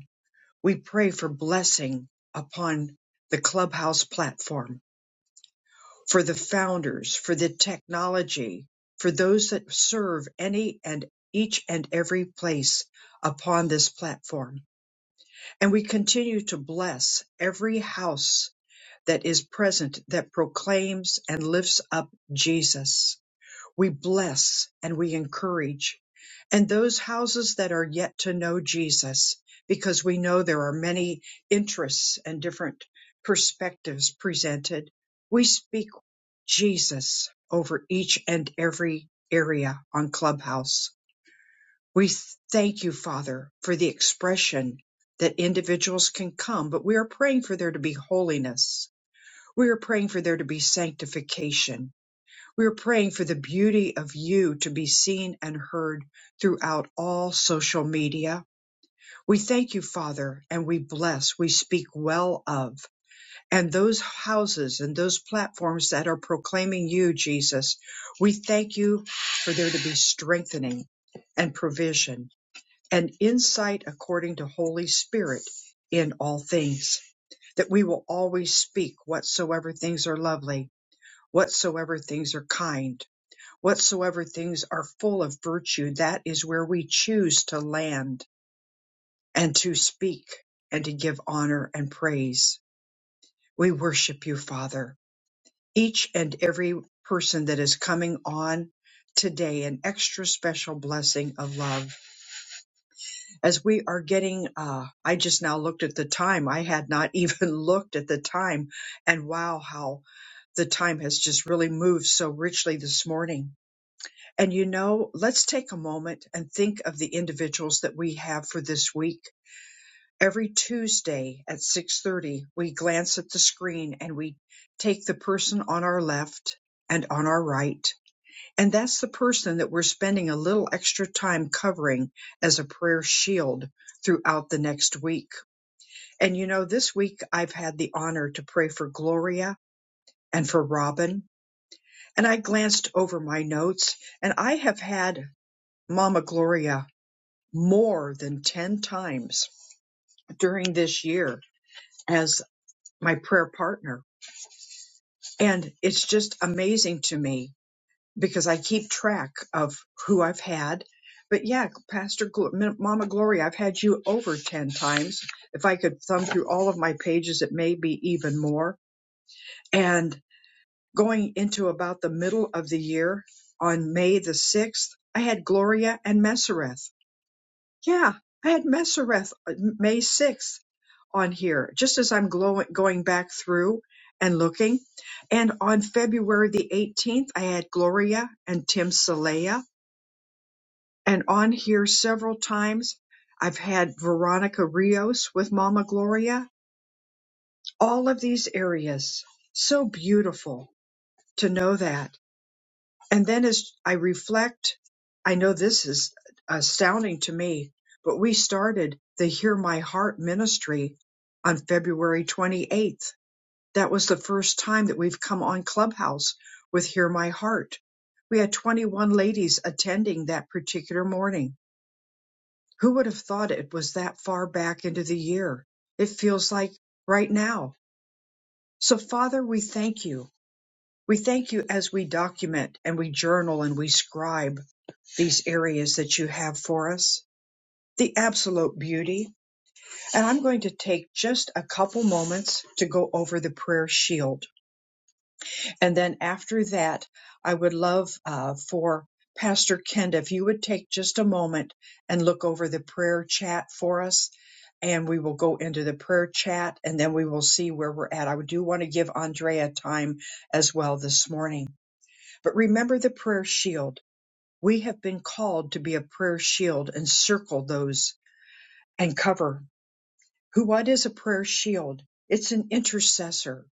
Speaker 1: We pray for blessing upon the clubhouse platform, for the founders, for the technology, for those that serve any and each and every place upon this platform. And we continue to bless every house that is present that proclaims and lifts up Jesus. We bless and we encourage. And those houses that are yet to know Jesus, because we know there are many interests and different perspectives presented, we speak Jesus over each and every area on Clubhouse. We thank you, Father, for the expression that individuals can come, but we are praying for there to be holiness. We are praying for there to be sanctification. We're praying for the beauty of you to be seen and heard throughout all social media. We thank you, Father, and we bless, we speak well of. And those houses and those platforms that are proclaiming you, Jesus, we thank you for there to be strengthening and provision and insight according to Holy Spirit in all things, that we will always speak whatsoever things are lovely, whatsoever things are kind Whatsoever things are full of virtue, that is where we choose to land and to speak and to give honor and praise. We worship you, Father. Each and every person that is coming on today, an extra special blessing of love. As we are getting, uh, I just now looked at the time. I had not even looked at the time. And wow, how the time has just really moved so richly this morning And you know, let's take a moment and think of the individuals that we have for this week. Every Tuesday at 6:30, we glance at the screen and we take the person on our left and on our right. And that's the person that we're spending a little extra time covering as a prayer shield throughout the next week. And you know, this week I've had the honor to pray for Gloria and for Robin. And I glanced over my notes and I have had Mama Gloria more than 10 times during this year as my prayer partner. And it's just amazing to me because I keep track of who I've had. But yeah, Pastor Glo- M- Mama Gloria, I've had you over 10 times. If I could thumb through all of my pages, it may be even more. And going into about the middle of the year on May the 6th, I had Gloria and Messereth. Yeah, I had Messereth uh, May 6th on here, just as I'm glow- going back through and looking. And on February the 18th, I had Gloria and Tim Saleya. And on here several times, I've had Veronica Rios with Mama Gloria. All of these areas. So beautiful to know that. And then as I reflect, I know this is astounding to me, but we started the Hear My Heart ministry on February 28th that was the first time that we've come on Clubhouse with Hear My Heart. We had 21 ladies attending that particular morning. Who would have thought it was that far back into the year? It feels like right now. So, Father, we thank you. We thank you as we document and we journal and we scribe these areas that you have for us, the absolute beauty. And I'm going to take just a couple moments to go over the prayer shield And then after that, I would love uh, for Pastor Kenda, if you would take just a moment and look over the prayer chat for us, and we will go into the prayer chat and then we will see where we're at. I do want to give Andrea time as well this morning. But remember the prayer shield. We have been called to be a prayer shield and circle those and cover. Who, what is a prayer shield? It's an intercessor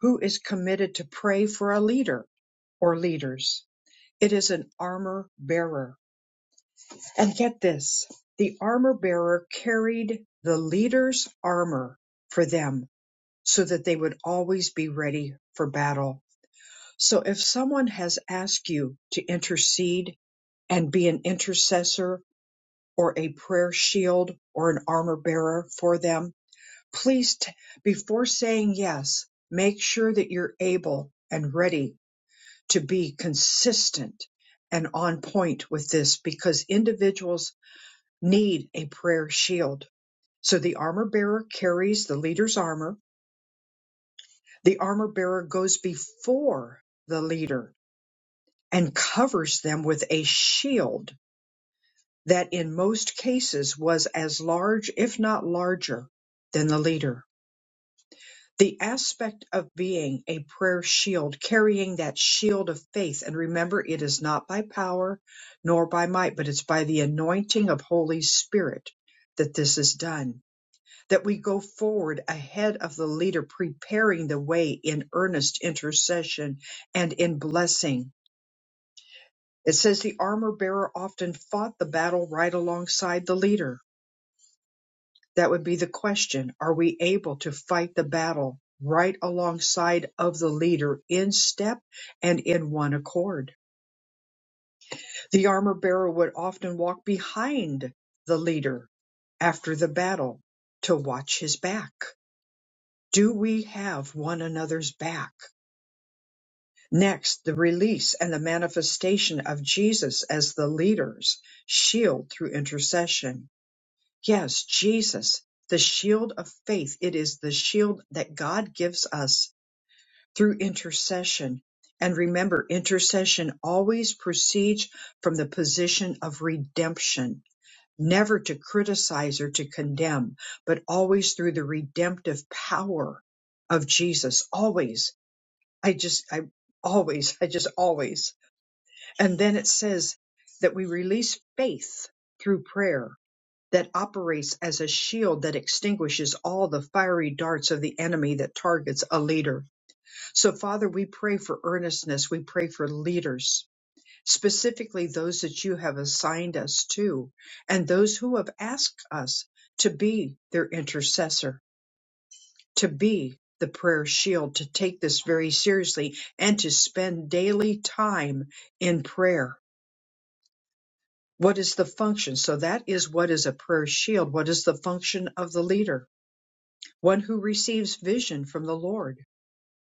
Speaker 1: who is committed to pray for a leader or leaders. It is an armor bearer. And get this the armor bearer carried the leader's armor for them so that they would always be ready for battle. So if someone has asked you to intercede and be an intercessor or a prayer shield or an armor bearer for them, please, t- before saying yes, make sure that you're able and ready to be consistent and on point with this because individuals need a prayer shield. So the armor bearer carries the leader's armor. The armor bearer goes before the leader and covers them with a shield that in most cases was as large, if not larger, than the leader. the aspect of being a prayer shield, carrying that shield of faith. And remember, it is not by power nor by might, but it's by the anointing of Holy Spirit that this is done. That we go forward ahead of the leader, preparing the way in earnest intercession and in blessing. It says the armor bearer often fought the battle right alongside the leader That would be the question. Are we able to fight the battle right alongside of the leader in step and in one accord? The armor bearer would often walk behind the leader after the battle to watch his back. Do we have one another's back? Next, the release and the manifestation of Jesus as the leader's shield through intercession Yes, Jesus, the shield of faith. It is the shield that God gives us through intercession. And remember, intercession always proceeds from the position of redemption, never to criticize or to condemn, but always through the redemptive power of Jesus. Always. I just, I always, I just always. And then it says that we release faith through prayer that operates as a shield that extinguishes all the fiery darts of the enemy that targets a leader. So, Father, we pray for earnestness. We pray for leaders, specifically those that you have assigned us to, and those who have asked us to be their intercessor, to be the prayer shield, to take this very seriously, and to spend daily time in prayer. What is the function? So, that is what is a prayer shield. What is the function of the leader? one who receives vision from the Lord.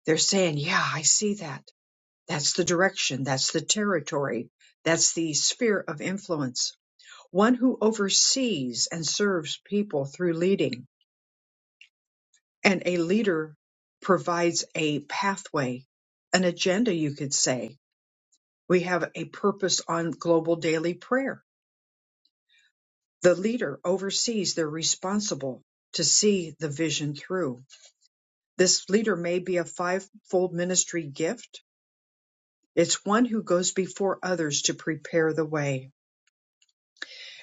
Speaker 1: They're saying, Yeah, I see that. That's the direction. That's the territory. That's the sphere of influence. One who oversees and serves people through leading. And a leader provides a pathway, an agenda, you could say. We have a purpose on global daily prayer. The leader oversees, they're responsible to see the vision through. This leader may be a fivefold ministry gift It's one who goes before others to prepare the way.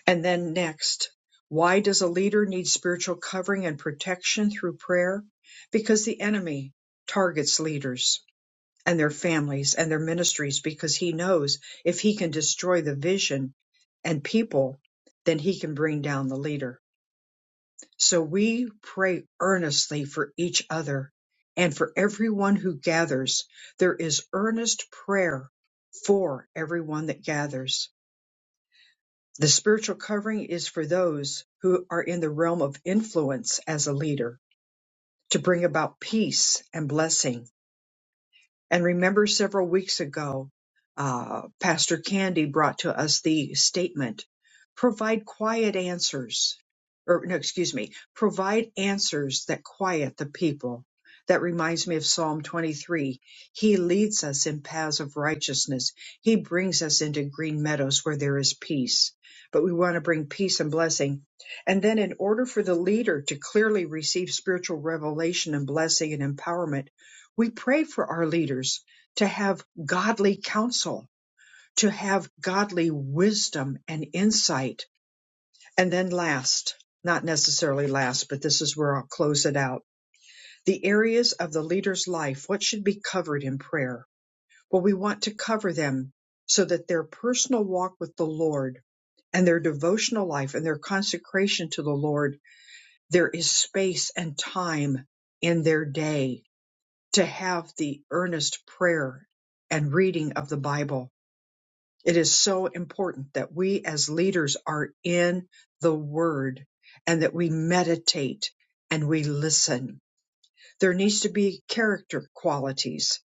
Speaker 1: And then next, why does a leader need spiritual covering and protection through prayer? Because the enemy targets leaders and their families and their ministries because he knows if he can destroy the vision and people, then he can bring down the leader. So we pray earnestly for each other and for everyone who gathers. There is earnest prayer for everyone that gathers. The spiritual covering is for those who are in the realm of influence as a leader to bring about peace and blessing and remember several weeks ago, uh, Pastor Candy brought to us the statement provide quiet answers, or no, excuse me, provide answers that quiet the people. That reminds me of Psalm 23. He leads us in paths of righteousness. He brings us into green meadows where there is peace. But we want to bring peace and blessing. And then, in order for the leader to clearly receive spiritual revelation and blessing and empowerment, we pray for our leaders to have godly counsel, to have godly wisdom and insight. And then last, not necessarily last, but this is where I'll close it out. The areas of the leader's life, what should be covered in prayer? Well, we want to cover them so that their personal walk with the Lord and their devotional life and their consecration to the Lord, there is space and time in their day to have the earnest prayer and reading of the Bible. It is so important that we as leaders are in the Word and that we meditate and we listen. There needs to be character qualities,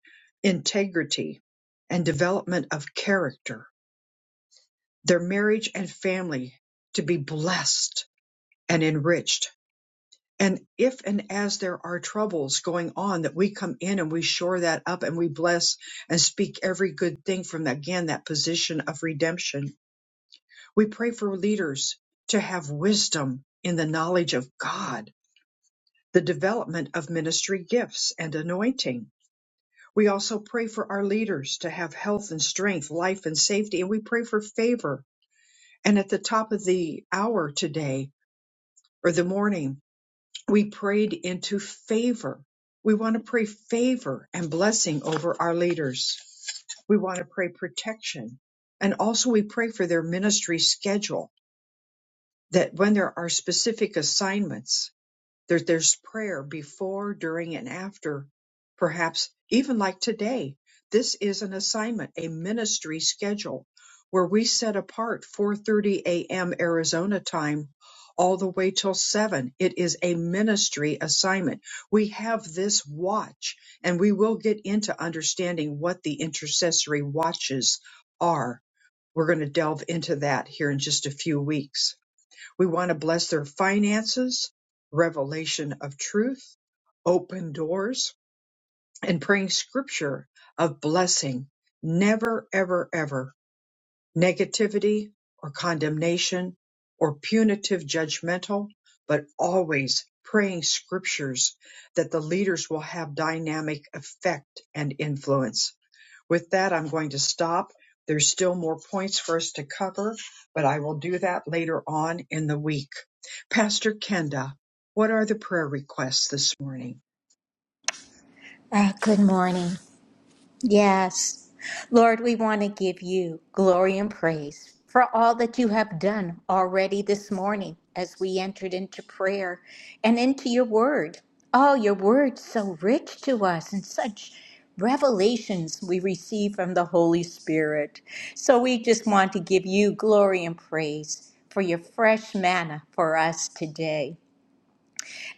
Speaker 1: integrity, and development of character, their marriage and family to be blessed and enriched And if and as there are troubles going on, that we come in and we shore that up and we bless and speak every good thing from again that position of redemption. We pray for leaders to have wisdom in the knowledge of God, the development of ministry gifts and anointing. We also pray for our leaders to have health and strength, life and safety, and we pray for favor. And at the top of the hour today or the morning, We prayed into favor. We want to pray favor and blessing over our leaders. We want to pray protection. And also we pray for their ministry schedule that when there are specific assignments, there, there's prayer before, during, and after. Perhaps even like today, this is an assignment, a ministry schedule where we set apart 4:30 a.m. Arizona time all the way till 7. It is a ministry assignment. We have this watch and we will get into understanding what the intercessory watches are. We're going to delve into that here in just a few weeks we want to bless their finances, revelation of truth, open doors, and praying scripture of blessing. Never, ever, ever negativity or condemnation or punitive judgmental, but always praying scriptures that the leaders will have dynamic effect and influence with that, I'm going to stop. There's still more points for us to cover, but I will do that later on in the week. Pastor Kenda, what are the prayer requests this morning?
Speaker 3: Ah, good morning. Yes. Lord, we want to give you glory and praise for all that you have done already this morning as we entered into prayer and into your word. Oh, your word so rich to us and such revelations we receive from the Holy Spirit. So we just want to give you glory and praise for your fresh manna for us today.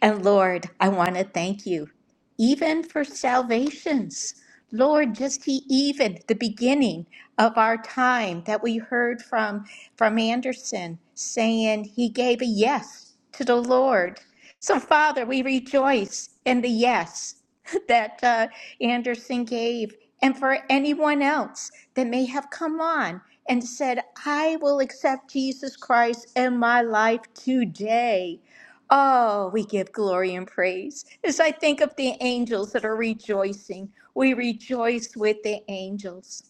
Speaker 3: And Lord, I want to thank you, even for salvations. Lord, just he, even the beginning of our time that we heard from from Anderson saying he gave a yes to the Lord. So, Father, we rejoice in the yes that uh, Anderson gave, and for anyone else that may have come on and said, I will accept Jesus Christ in my life today. Oh, we give glory and praise. As I think of the angels that are rejoicing, we rejoice with the angels.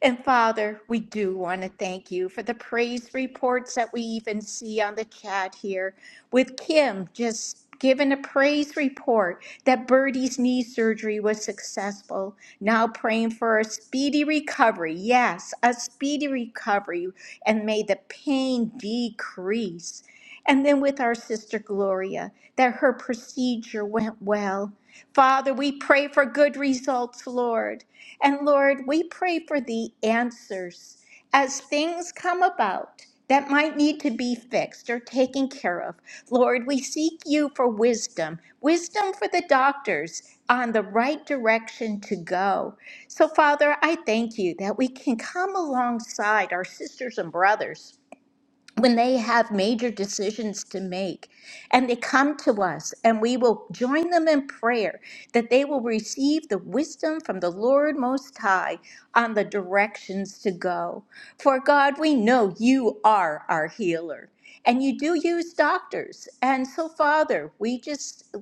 Speaker 3: And Father, we do want to thank you for the praise reports that we even see on the chat here with Kim just giving a praise report that Birdie's knee surgery was successful. Now praying for a speedy recovery. Yes, a speedy recovery and may the pain decrease. And then with our sister Gloria, that her procedure went well. Father, we pray for good results, Lord. And Lord, we pray for the answers as things come about that might need to be fixed or taken care of. Lord, we seek you for wisdom, wisdom for the doctors on the right direction to go. So, Father, I thank you that we can come alongside our sisters and brothers when they have major decisions to make and they come to us and we will join them in prayer that they will receive the wisdom from the Lord most high on the directions to go for God we know you are our healer and you do use doctors and so father we just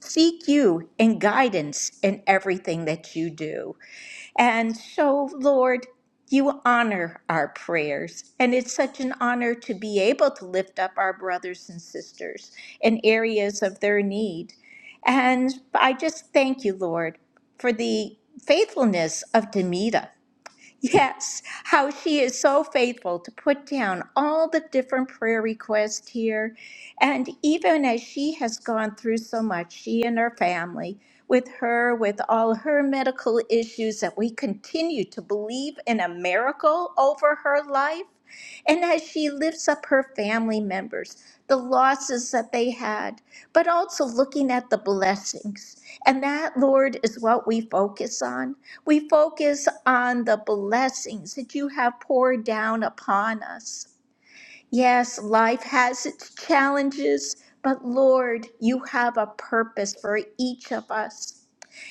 Speaker 3: seek you in guidance in everything that you do and so, Lord, you honor our prayers. And it's such an honor to be able to lift up our brothers and sisters in areas of their need. And I just thank you, Lord, for the faithfulness of Demita. Yes, how she is so faithful to put down all the different prayer requests here. And even as she has gone through so much, she and her family, with her, with all her medical issues, that we continue to believe in a miracle over her life and as she lifts up her family members, the losses that they had, but also looking at the blessings. And that, Lord, is what we focus on. We focus on the blessings that you have poured down upon us. Yes, life has its challenges, but Lord, you have a purpose for each of us.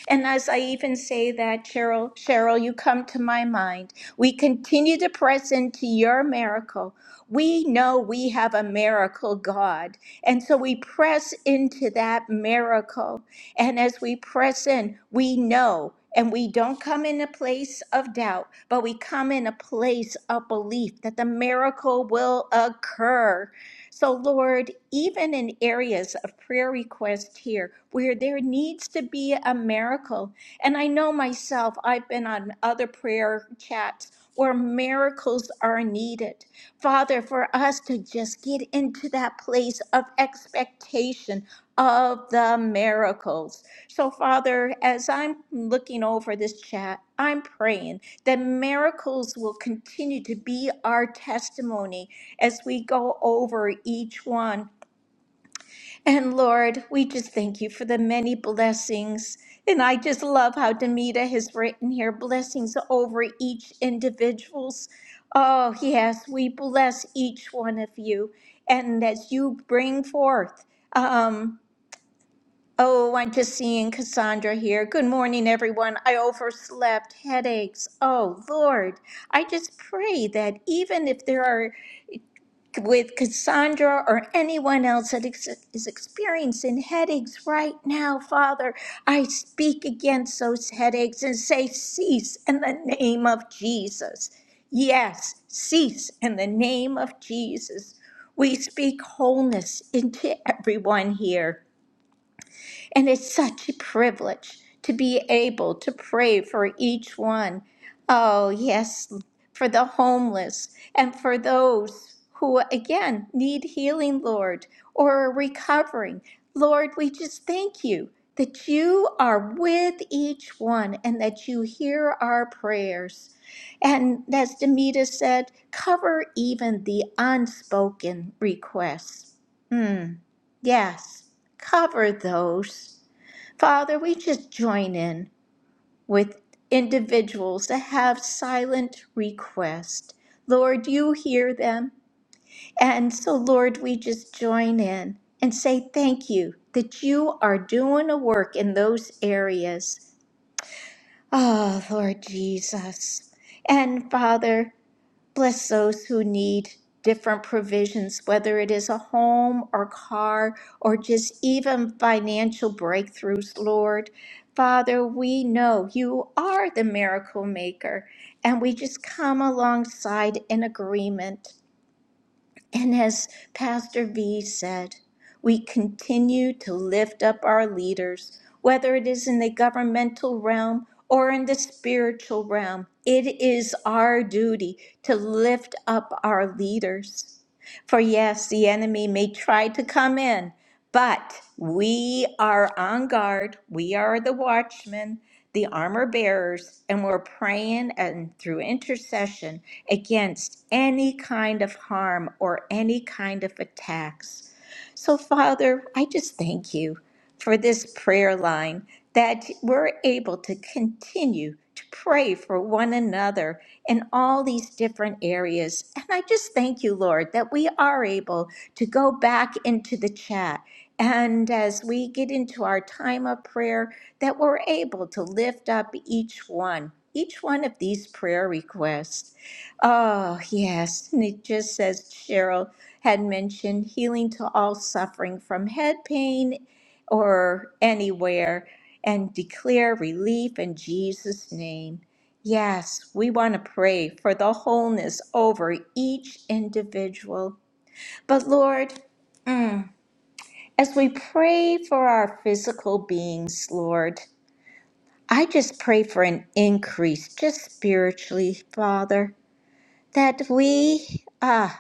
Speaker 3: And as I even say that, Cheryl, Cheryl, you come to my mind. We continue to press into your miracle. We know we have a miracle God. And so we press into that miracle. And as we press in, we know. And we don't come in a place of doubt, but we come in a place of belief that the miracle will occur. So, Lord, even in areas of prayer request here where there needs to be a miracle, and I know myself, I've been on other prayer chats where miracles are needed. Father, for us to just get into that place of expectation of the miracles. So, Father, as I'm looking over this chat, I'm praying that miracles will continue to be our testimony as we go over each one. And Lord, we just thank you for the many blessings. And I just love how Demita has written here blessings over each individual's. Oh, yes, we bless each one of you. And as you bring forth, um, oh, I'm just seeing Cassandra here. Good morning, everyone. I overslept, headaches. Oh, Lord, I just pray that even if there are with Cassandra or anyone else that ex- is experiencing headaches right now, Father, I speak against those headaches and say, cease in the name of Jesus. Yes, cease in the name of Jesus. We speak wholeness into everyone here. And it's such a privilege to be able to pray for each one. Oh, yes, for the homeless and for those who, again, need healing, Lord, or are recovering. Lord, we just thank you that you are with each one and that you hear our prayers. And as Demita said, cover even the unspoken requests. Hmm, yes, cover those. Father, we just join in with individuals that have silent requests. Lord, you hear them. And so, Lord, we just join in and say thank you that you are doing a work in those areas. Oh, Lord Jesus. And Father, Bless those who need different provisions, whether it is a home or car or just even financial breakthroughs, Lord. Father, we know you are the miracle maker, and we just come alongside in agreement. And as Pastor V said, we continue to lift up our leaders, whether it is in the governmental realm or in the spiritual realm. It is our duty to lift up our leaders. For yes, the enemy may try to come in, but we are on guard. We are the watchmen, the armor bearers, and we're praying and through intercession against any kind of harm or any kind of attacks. So, Father, I just thank you for this prayer line that we're able to continue to pray for one another in all these different areas. And I just thank you, Lord, that we are able to go back into the chat. And as we get into our time of prayer, that we're able to lift up each one, each one of these prayer requests. Oh, yes. And it just says, Cheryl, had mentioned healing to all suffering from head pain or anywhere and declare relief in Jesus' name. Yes, we want to pray for the wholeness over each individual. But Lord, as we pray for our physical beings, Lord, I just pray for an increase, just spiritually, Father, that we, ah,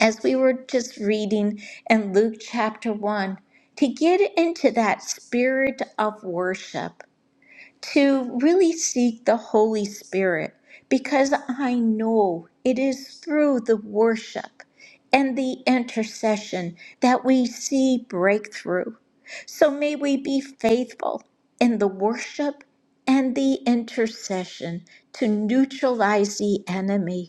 Speaker 3: as we were just reading in Luke chapter 1, to get into that spirit of worship to really seek the Holy Spirit because I know it is through the worship and the intercession that we see breakthrough. So may we be faithful in the worship and the intercession to neutralize the enemy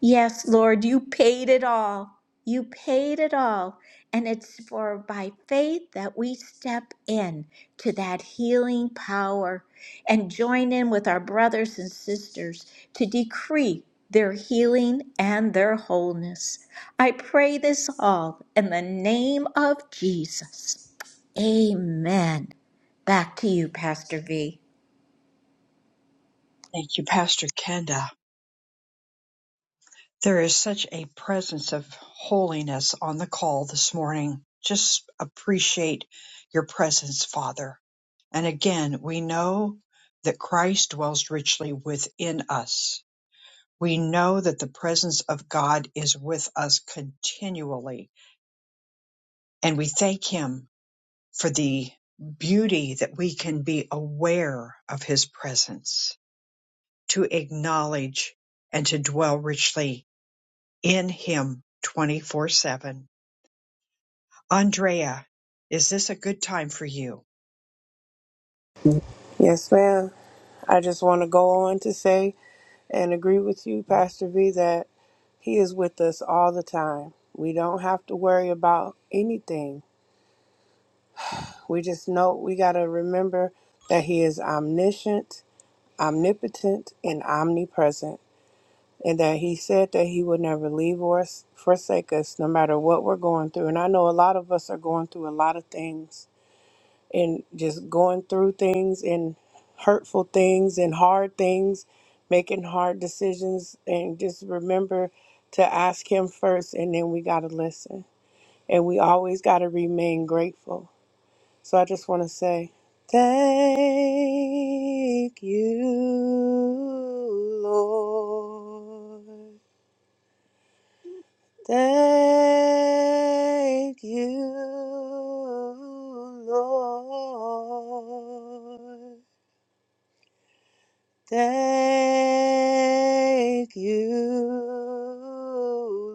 Speaker 3: Yes, Lord, you paid it all. You paid it all. And it's for by faith that we step in to that healing power and join in with our brothers and sisters to decree their healing and their wholeness. I pray this all in the name of Jesus. Amen. Back to you, Pastor V.
Speaker 1: Thank you, Pastor Kenda. There is such a presence of holiness on the call this morning. Just appreciate your presence, Father. And again, we know that Christ dwells richly within us We know that the presence of God is with us continually, and we thank Him for the beauty that we can be aware of His presence, to acknowledge and to dwell richly in Him 24 7. Andrea, is this a good time for you?
Speaker 8: Yes, ma'am. I just want to go on to say and agree with you, Pastor V, that He is with us all the time. We don't have to worry about anything. We just know we got to remember that He is omniscient, omnipotent, and omnipresent, and that He said that He would never leave or forsake us no matter what we're going through. And I know a lot of us are going through a lot of things. and just going through things and hurtful things and hard things, making hard decisions, and just remember to ask Him first, and then we got to listen. And we always got to remain grateful. So I just want to say, Thank you, Lord. Thank you, Lord. Thank you,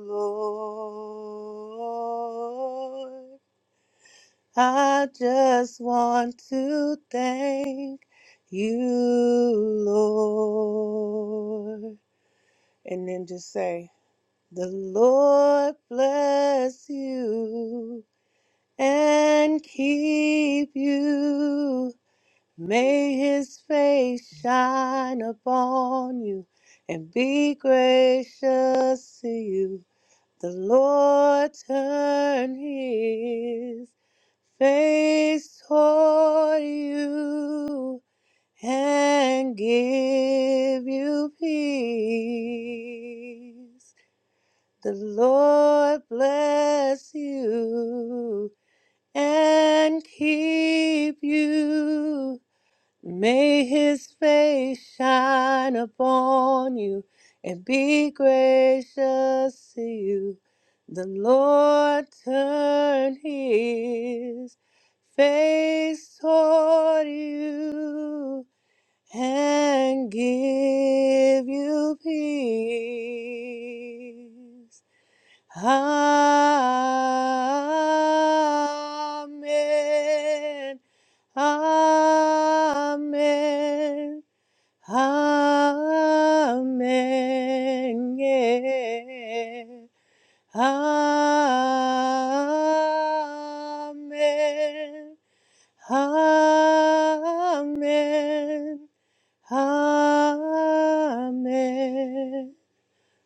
Speaker 8: Lord. I just want to thank you, Lord. And then just say, The Lord bless you and keep you. May his face shine upon you and be gracious to you. The Lord turn his face toward you and give you peace. The Lord bless you and keep you. May his face shine upon you and be gracious to you. The Lord turn his face toward you and give you peace. Amen. Amen. Amen. Yeah. Amen. Amen. Amen.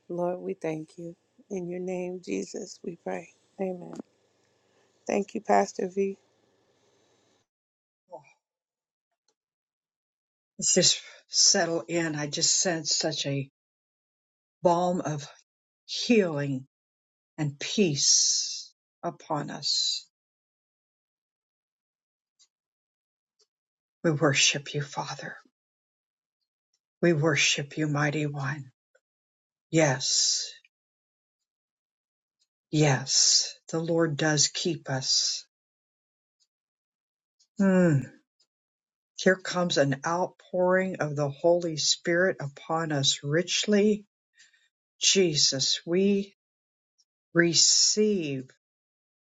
Speaker 8: Lord, we thank you. In your name, Jesus, we pray. Amen. Thank you, Pastor V.
Speaker 1: Let's just settle in. I just sense such a balm of healing and peace upon us. We worship you, Father. We worship you, mighty one. Yes, yes, the Lord does keep us. Hmm. Here comes an outpouring of the Holy Spirit upon us richly. Jesus, we receive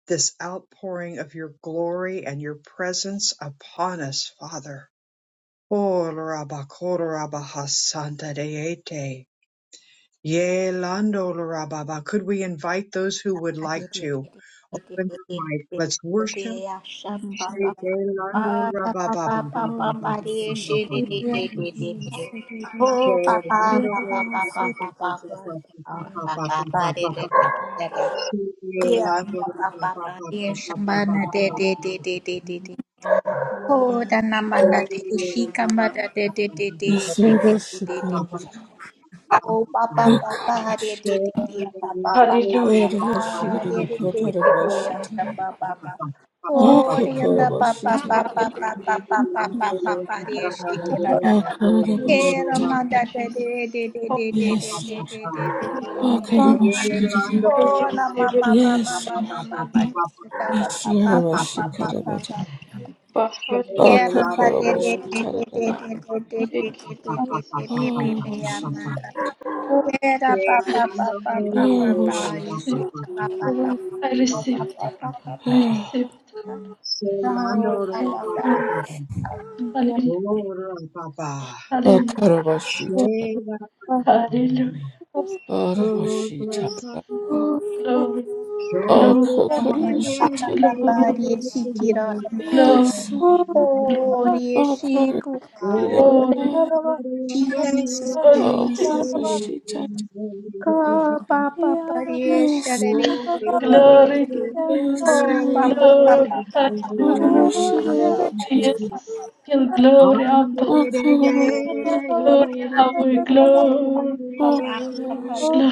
Speaker 1: this outpouring of your glory and your presence upon us, Father. Oh, Rabakoro Rabahasanta Yea, Lando Rababa. Could we invite those who would
Speaker 3: Oh,
Speaker 1: like to open their mic? Let's worship. Shake Lando Rababa.
Speaker 9: All music videos
Speaker 4: Yes,
Speaker 9: include settings
Speaker 1: Shake
Speaker 4: yes,
Speaker 1: Lando
Speaker 9: and songs.
Speaker 1: Rababa. Shake Lando
Speaker 3: the number that is she come back
Speaker 1: Rababa.
Speaker 3: that
Speaker 10: Yasiribashikirabara.
Speaker 3: Oh, ba ba ba ba, de
Speaker 10: Okarashita.
Speaker 3: de de de, ba ba ba ba
Speaker 6: Hallelujah.
Speaker 3: ba ba, de de
Speaker 6: Amen.
Speaker 1: Shake
Speaker 3: de de de, da
Speaker 10: Orarabashiribakatarabashitara.
Speaker 3: ba ba
Speaker 1: Shelando,
Speaker 3: ba.
Speaker 6: Amen.
Speaker 4: Lord.
Speaker 1: Papa,
Speaker 3: Oh, de da ba ba
Speaker 6: Amen.
Speaker 3: ba
Speaker 10: Akakarabashitara.
Speaker 3: ba ba ba ba
Speaker 6: Hallelujah.
Speaker 3: ba ba ba ba, de shi ke da
Speaker 4: Lord,
Speaker 3: da da. Ke ra
Speaker 10: Akarabashitara.
Speaker 3: ma da da de
Speaker 6: Jesus.
Speaker 3: de de de
Speaker 6: Holy
Speaker 3: de de
Speaker 10: Yes,
Speaker 3: de de
Speaker 10: Lord.
Speaker 3: de de
Speaker 6: Spirit.
Speaker 3: de de de
Speaker 6: Hallelujah.
Speaker 3: de.
Speaker 4: come
Speaker 10: Akarabashirira.
Speaker 6: I
Speaker 3: Oh, na ma
Speaker 6: receive it.
Speaker 3: ma
Speaker 6: I
Speaker 3: ma ma
Speaker 10: Yes,
Speaker 3: ma
Speaker 10: Lord.
Speaker 3: ma
Speaker 6: receive
Speaker 3: ma
Speaker 6: it.
Speaker 3: ma, de shi da da
Speaker 10: Yes,
Speaker 3: ba
Speaker 10: Lord.
Speaker 3: ba
Speaker 4: and
Speaker 3: ba ba ba ba
Speaker 10: Arabashikarabata.
Speaker 3: ba.
Speaker 6: Bahari
Speaker 3: Yeah,
Speaker 6: Lord,
Speaker 3: Mama, de- de- de-
Speaker 6: Rabba,
Speaker 10: Akakarabashitara.
Speaker 3: de- de- de- de- de- de- de- de- de-
Speaker 6: Ekita,
Speaker 3: de-
Speaker 1: Papa,
Speaker 3: de-
Speaker 6: Jesus,
Speaker 3: de- de- yeah, Mama.
Speaker 6: Jesus,
Speaker 10: Arabashika.
Speaker 4: help
Speaker 3: yeah, da- ba-
Speaker 6: I
Speaker 3: ba- ba-
Speaker 6: receive it.
Speaker 3: ba- ba- ba- ba,
Speaker 10: Arabashika.
Speaker 3: you see, da- ba-
Speaker 4: the
Speaker 3: ba- ba-
Speaker 4: Lord.
Speaker 3: ba- ba- ba- ba- ba- ba- ba- ba- ba. No, ba- ba- ba.
Speaker 1: Papa.
Speaker 4: We are
Speaker 1: Papa,
Speaker 4: for
Speaker 10: Akarabashitara.
Speaker 1: Thank
Speaker 4: you. For us, we
Speaker 10: Arabashitara.
Speaker 4: are for
Speaker 3: Oh,
Speaker 4: you.
Speaker 10: Akakarabashitara. Yes.
Speaker 4: For us,
Speaker 10: Oh, God. Yeah.
Speaker 4: we are for you.
Speaker 3: Jesus,
Speaker 10: Oh,
Speaker 3: Jesus,
Speaker 4: Oh,
Speaker 3: Jesus.
Speaker 10: Halabashita.
Speaker 3: Ka pa pa pa re
Speaker 4: you.
Speaker 3: sha
Speaker 10: Yes.
Speaker 3: re re re re re re re.
Speaker 10: Yes.
Speaker 3: Oh
Speaker 10: Lord.
Speaker 3: pa pa pa pa pa pa
Speaker 10: Oh,
Speaker 3: pa
Speaker 10: the
Speaker 3: pa pa
Speaker 1: you.
Speaker 3: pa.
Speaker 10: Oh,
Speaker 3: Oh, re
Speaker 10: Kalabashita.
Speaker 3: re pa
Speaker 10: Oh,
Speaker 3: pa pa pa pa pa.
Speaker 10: Kalabashita.
Speaker 3: Oh,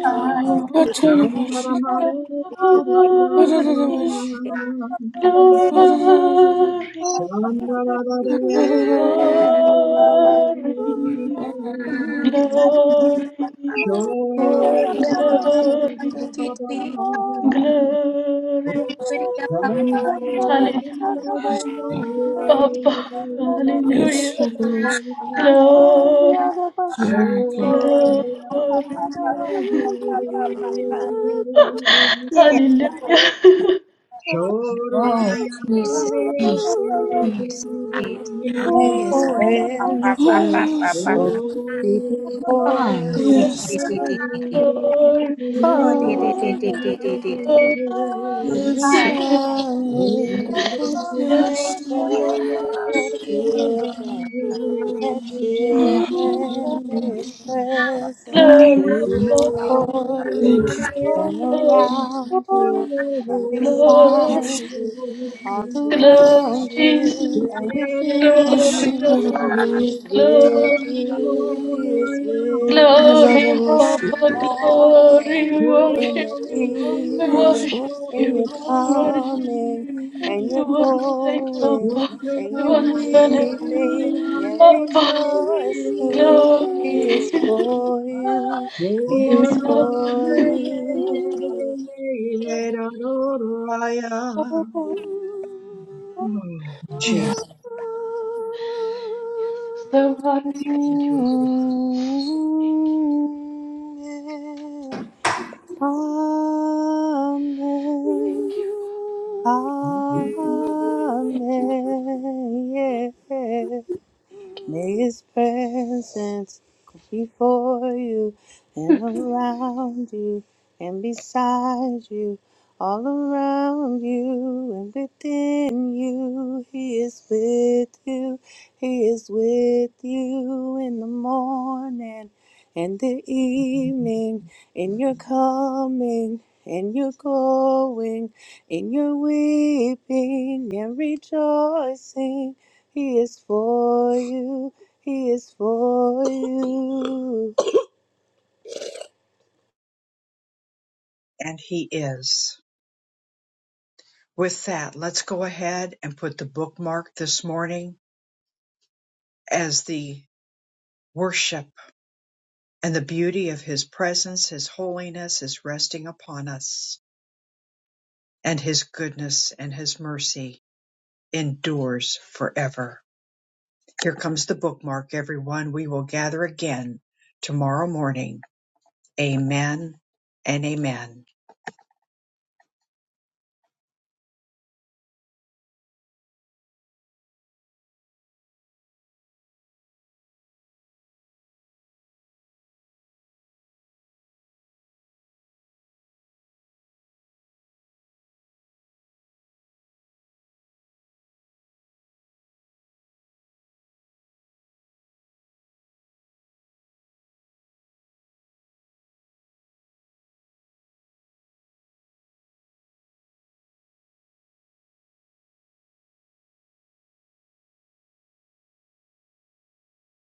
Speaker 3: pa
Speaker 10: Oh, Kalabashita. Oh,
Speaker 1: Shandara
Speaker 10: Kalabashita. Oh, Kalabashita. Oh, Kalabashita.
Speaker 3: pa pa.
Speaker 10: Oh, Kalabashita.
Speaker 3: Hallelujah. Gloria a ti, ti, gloria a Dios.
Speaker 10: Yes, Lord. Yes, Lord. Yeah.
Speaker 7: Thank
Speaker 1: Sure.
Speaker 8: May his
Speaker 3: Oh, papa, papa, papa, papa,
Speaker 8: presence
Speaker 10: Yes,
Speaker 3: pa
Speaker 10: Lord.
Speaker 3: pa.
Speaker 8: go before you.
Speaker 10: Yes.
Speaker 3: Ti, ti, ti, ti, ti. Oh, ti, ti,
Speaker 10: Lord.
Speaker 3: ti, ti, ti, ti, ti.
Speaker 8: You
Speaker 10: Yes,
Speaker 3: Ah,
Speaker 10: Lord.
Speaker 3: okay.
Speaker 8: found me in
Speaker 10: Yes, Lord.
Speaker 8: the desert. Children, let children be his presence.
Speaker 10: Mm.
Speaker 8: You for
Speaker 10: Thank
Speaker 8: you
Speaker 10: you.
Speaker 8: and around you and
Speaker 10: Thank
Speaker 8: beside
Speaker 10: you.
Speaker 8: you, all around you
Speaker 1: Hmm.
Speaker 8: and within you.
Speaker 10: Oshikara.
Speaker 8: He is with you, he is with
Speaker 10: Yarara
Speaker 8: you in the morning in the evening,
Speaker 10: oshikara.
Speaker 8: and you're coming, and you're going, and you're weeping and rejoicing. He is
Speaker 4: Thank
Speaker 8: for you, He is for you.
Speaker 1: Jesus,
Speaker 8: Amen. Amen. Amen. Yeah.
Speaker 7: you.
Speaker 8: May his presence go before you and around you and beside you, all around you and within you. He is with you, he is with you in the morning and the evening, in your coming. and your going, in your weeping and rejoicing. He is for you. He is for you.
Speaker 1: and He is. With that, let's go ahead and put the bookmark this morning as the worship and the beauty of His presence, His holiness is resting upon us, and His goodness and His mercy endures forever. Here comes the bookmark, everyone. We will gather again tomorrow morning. Amen and amen.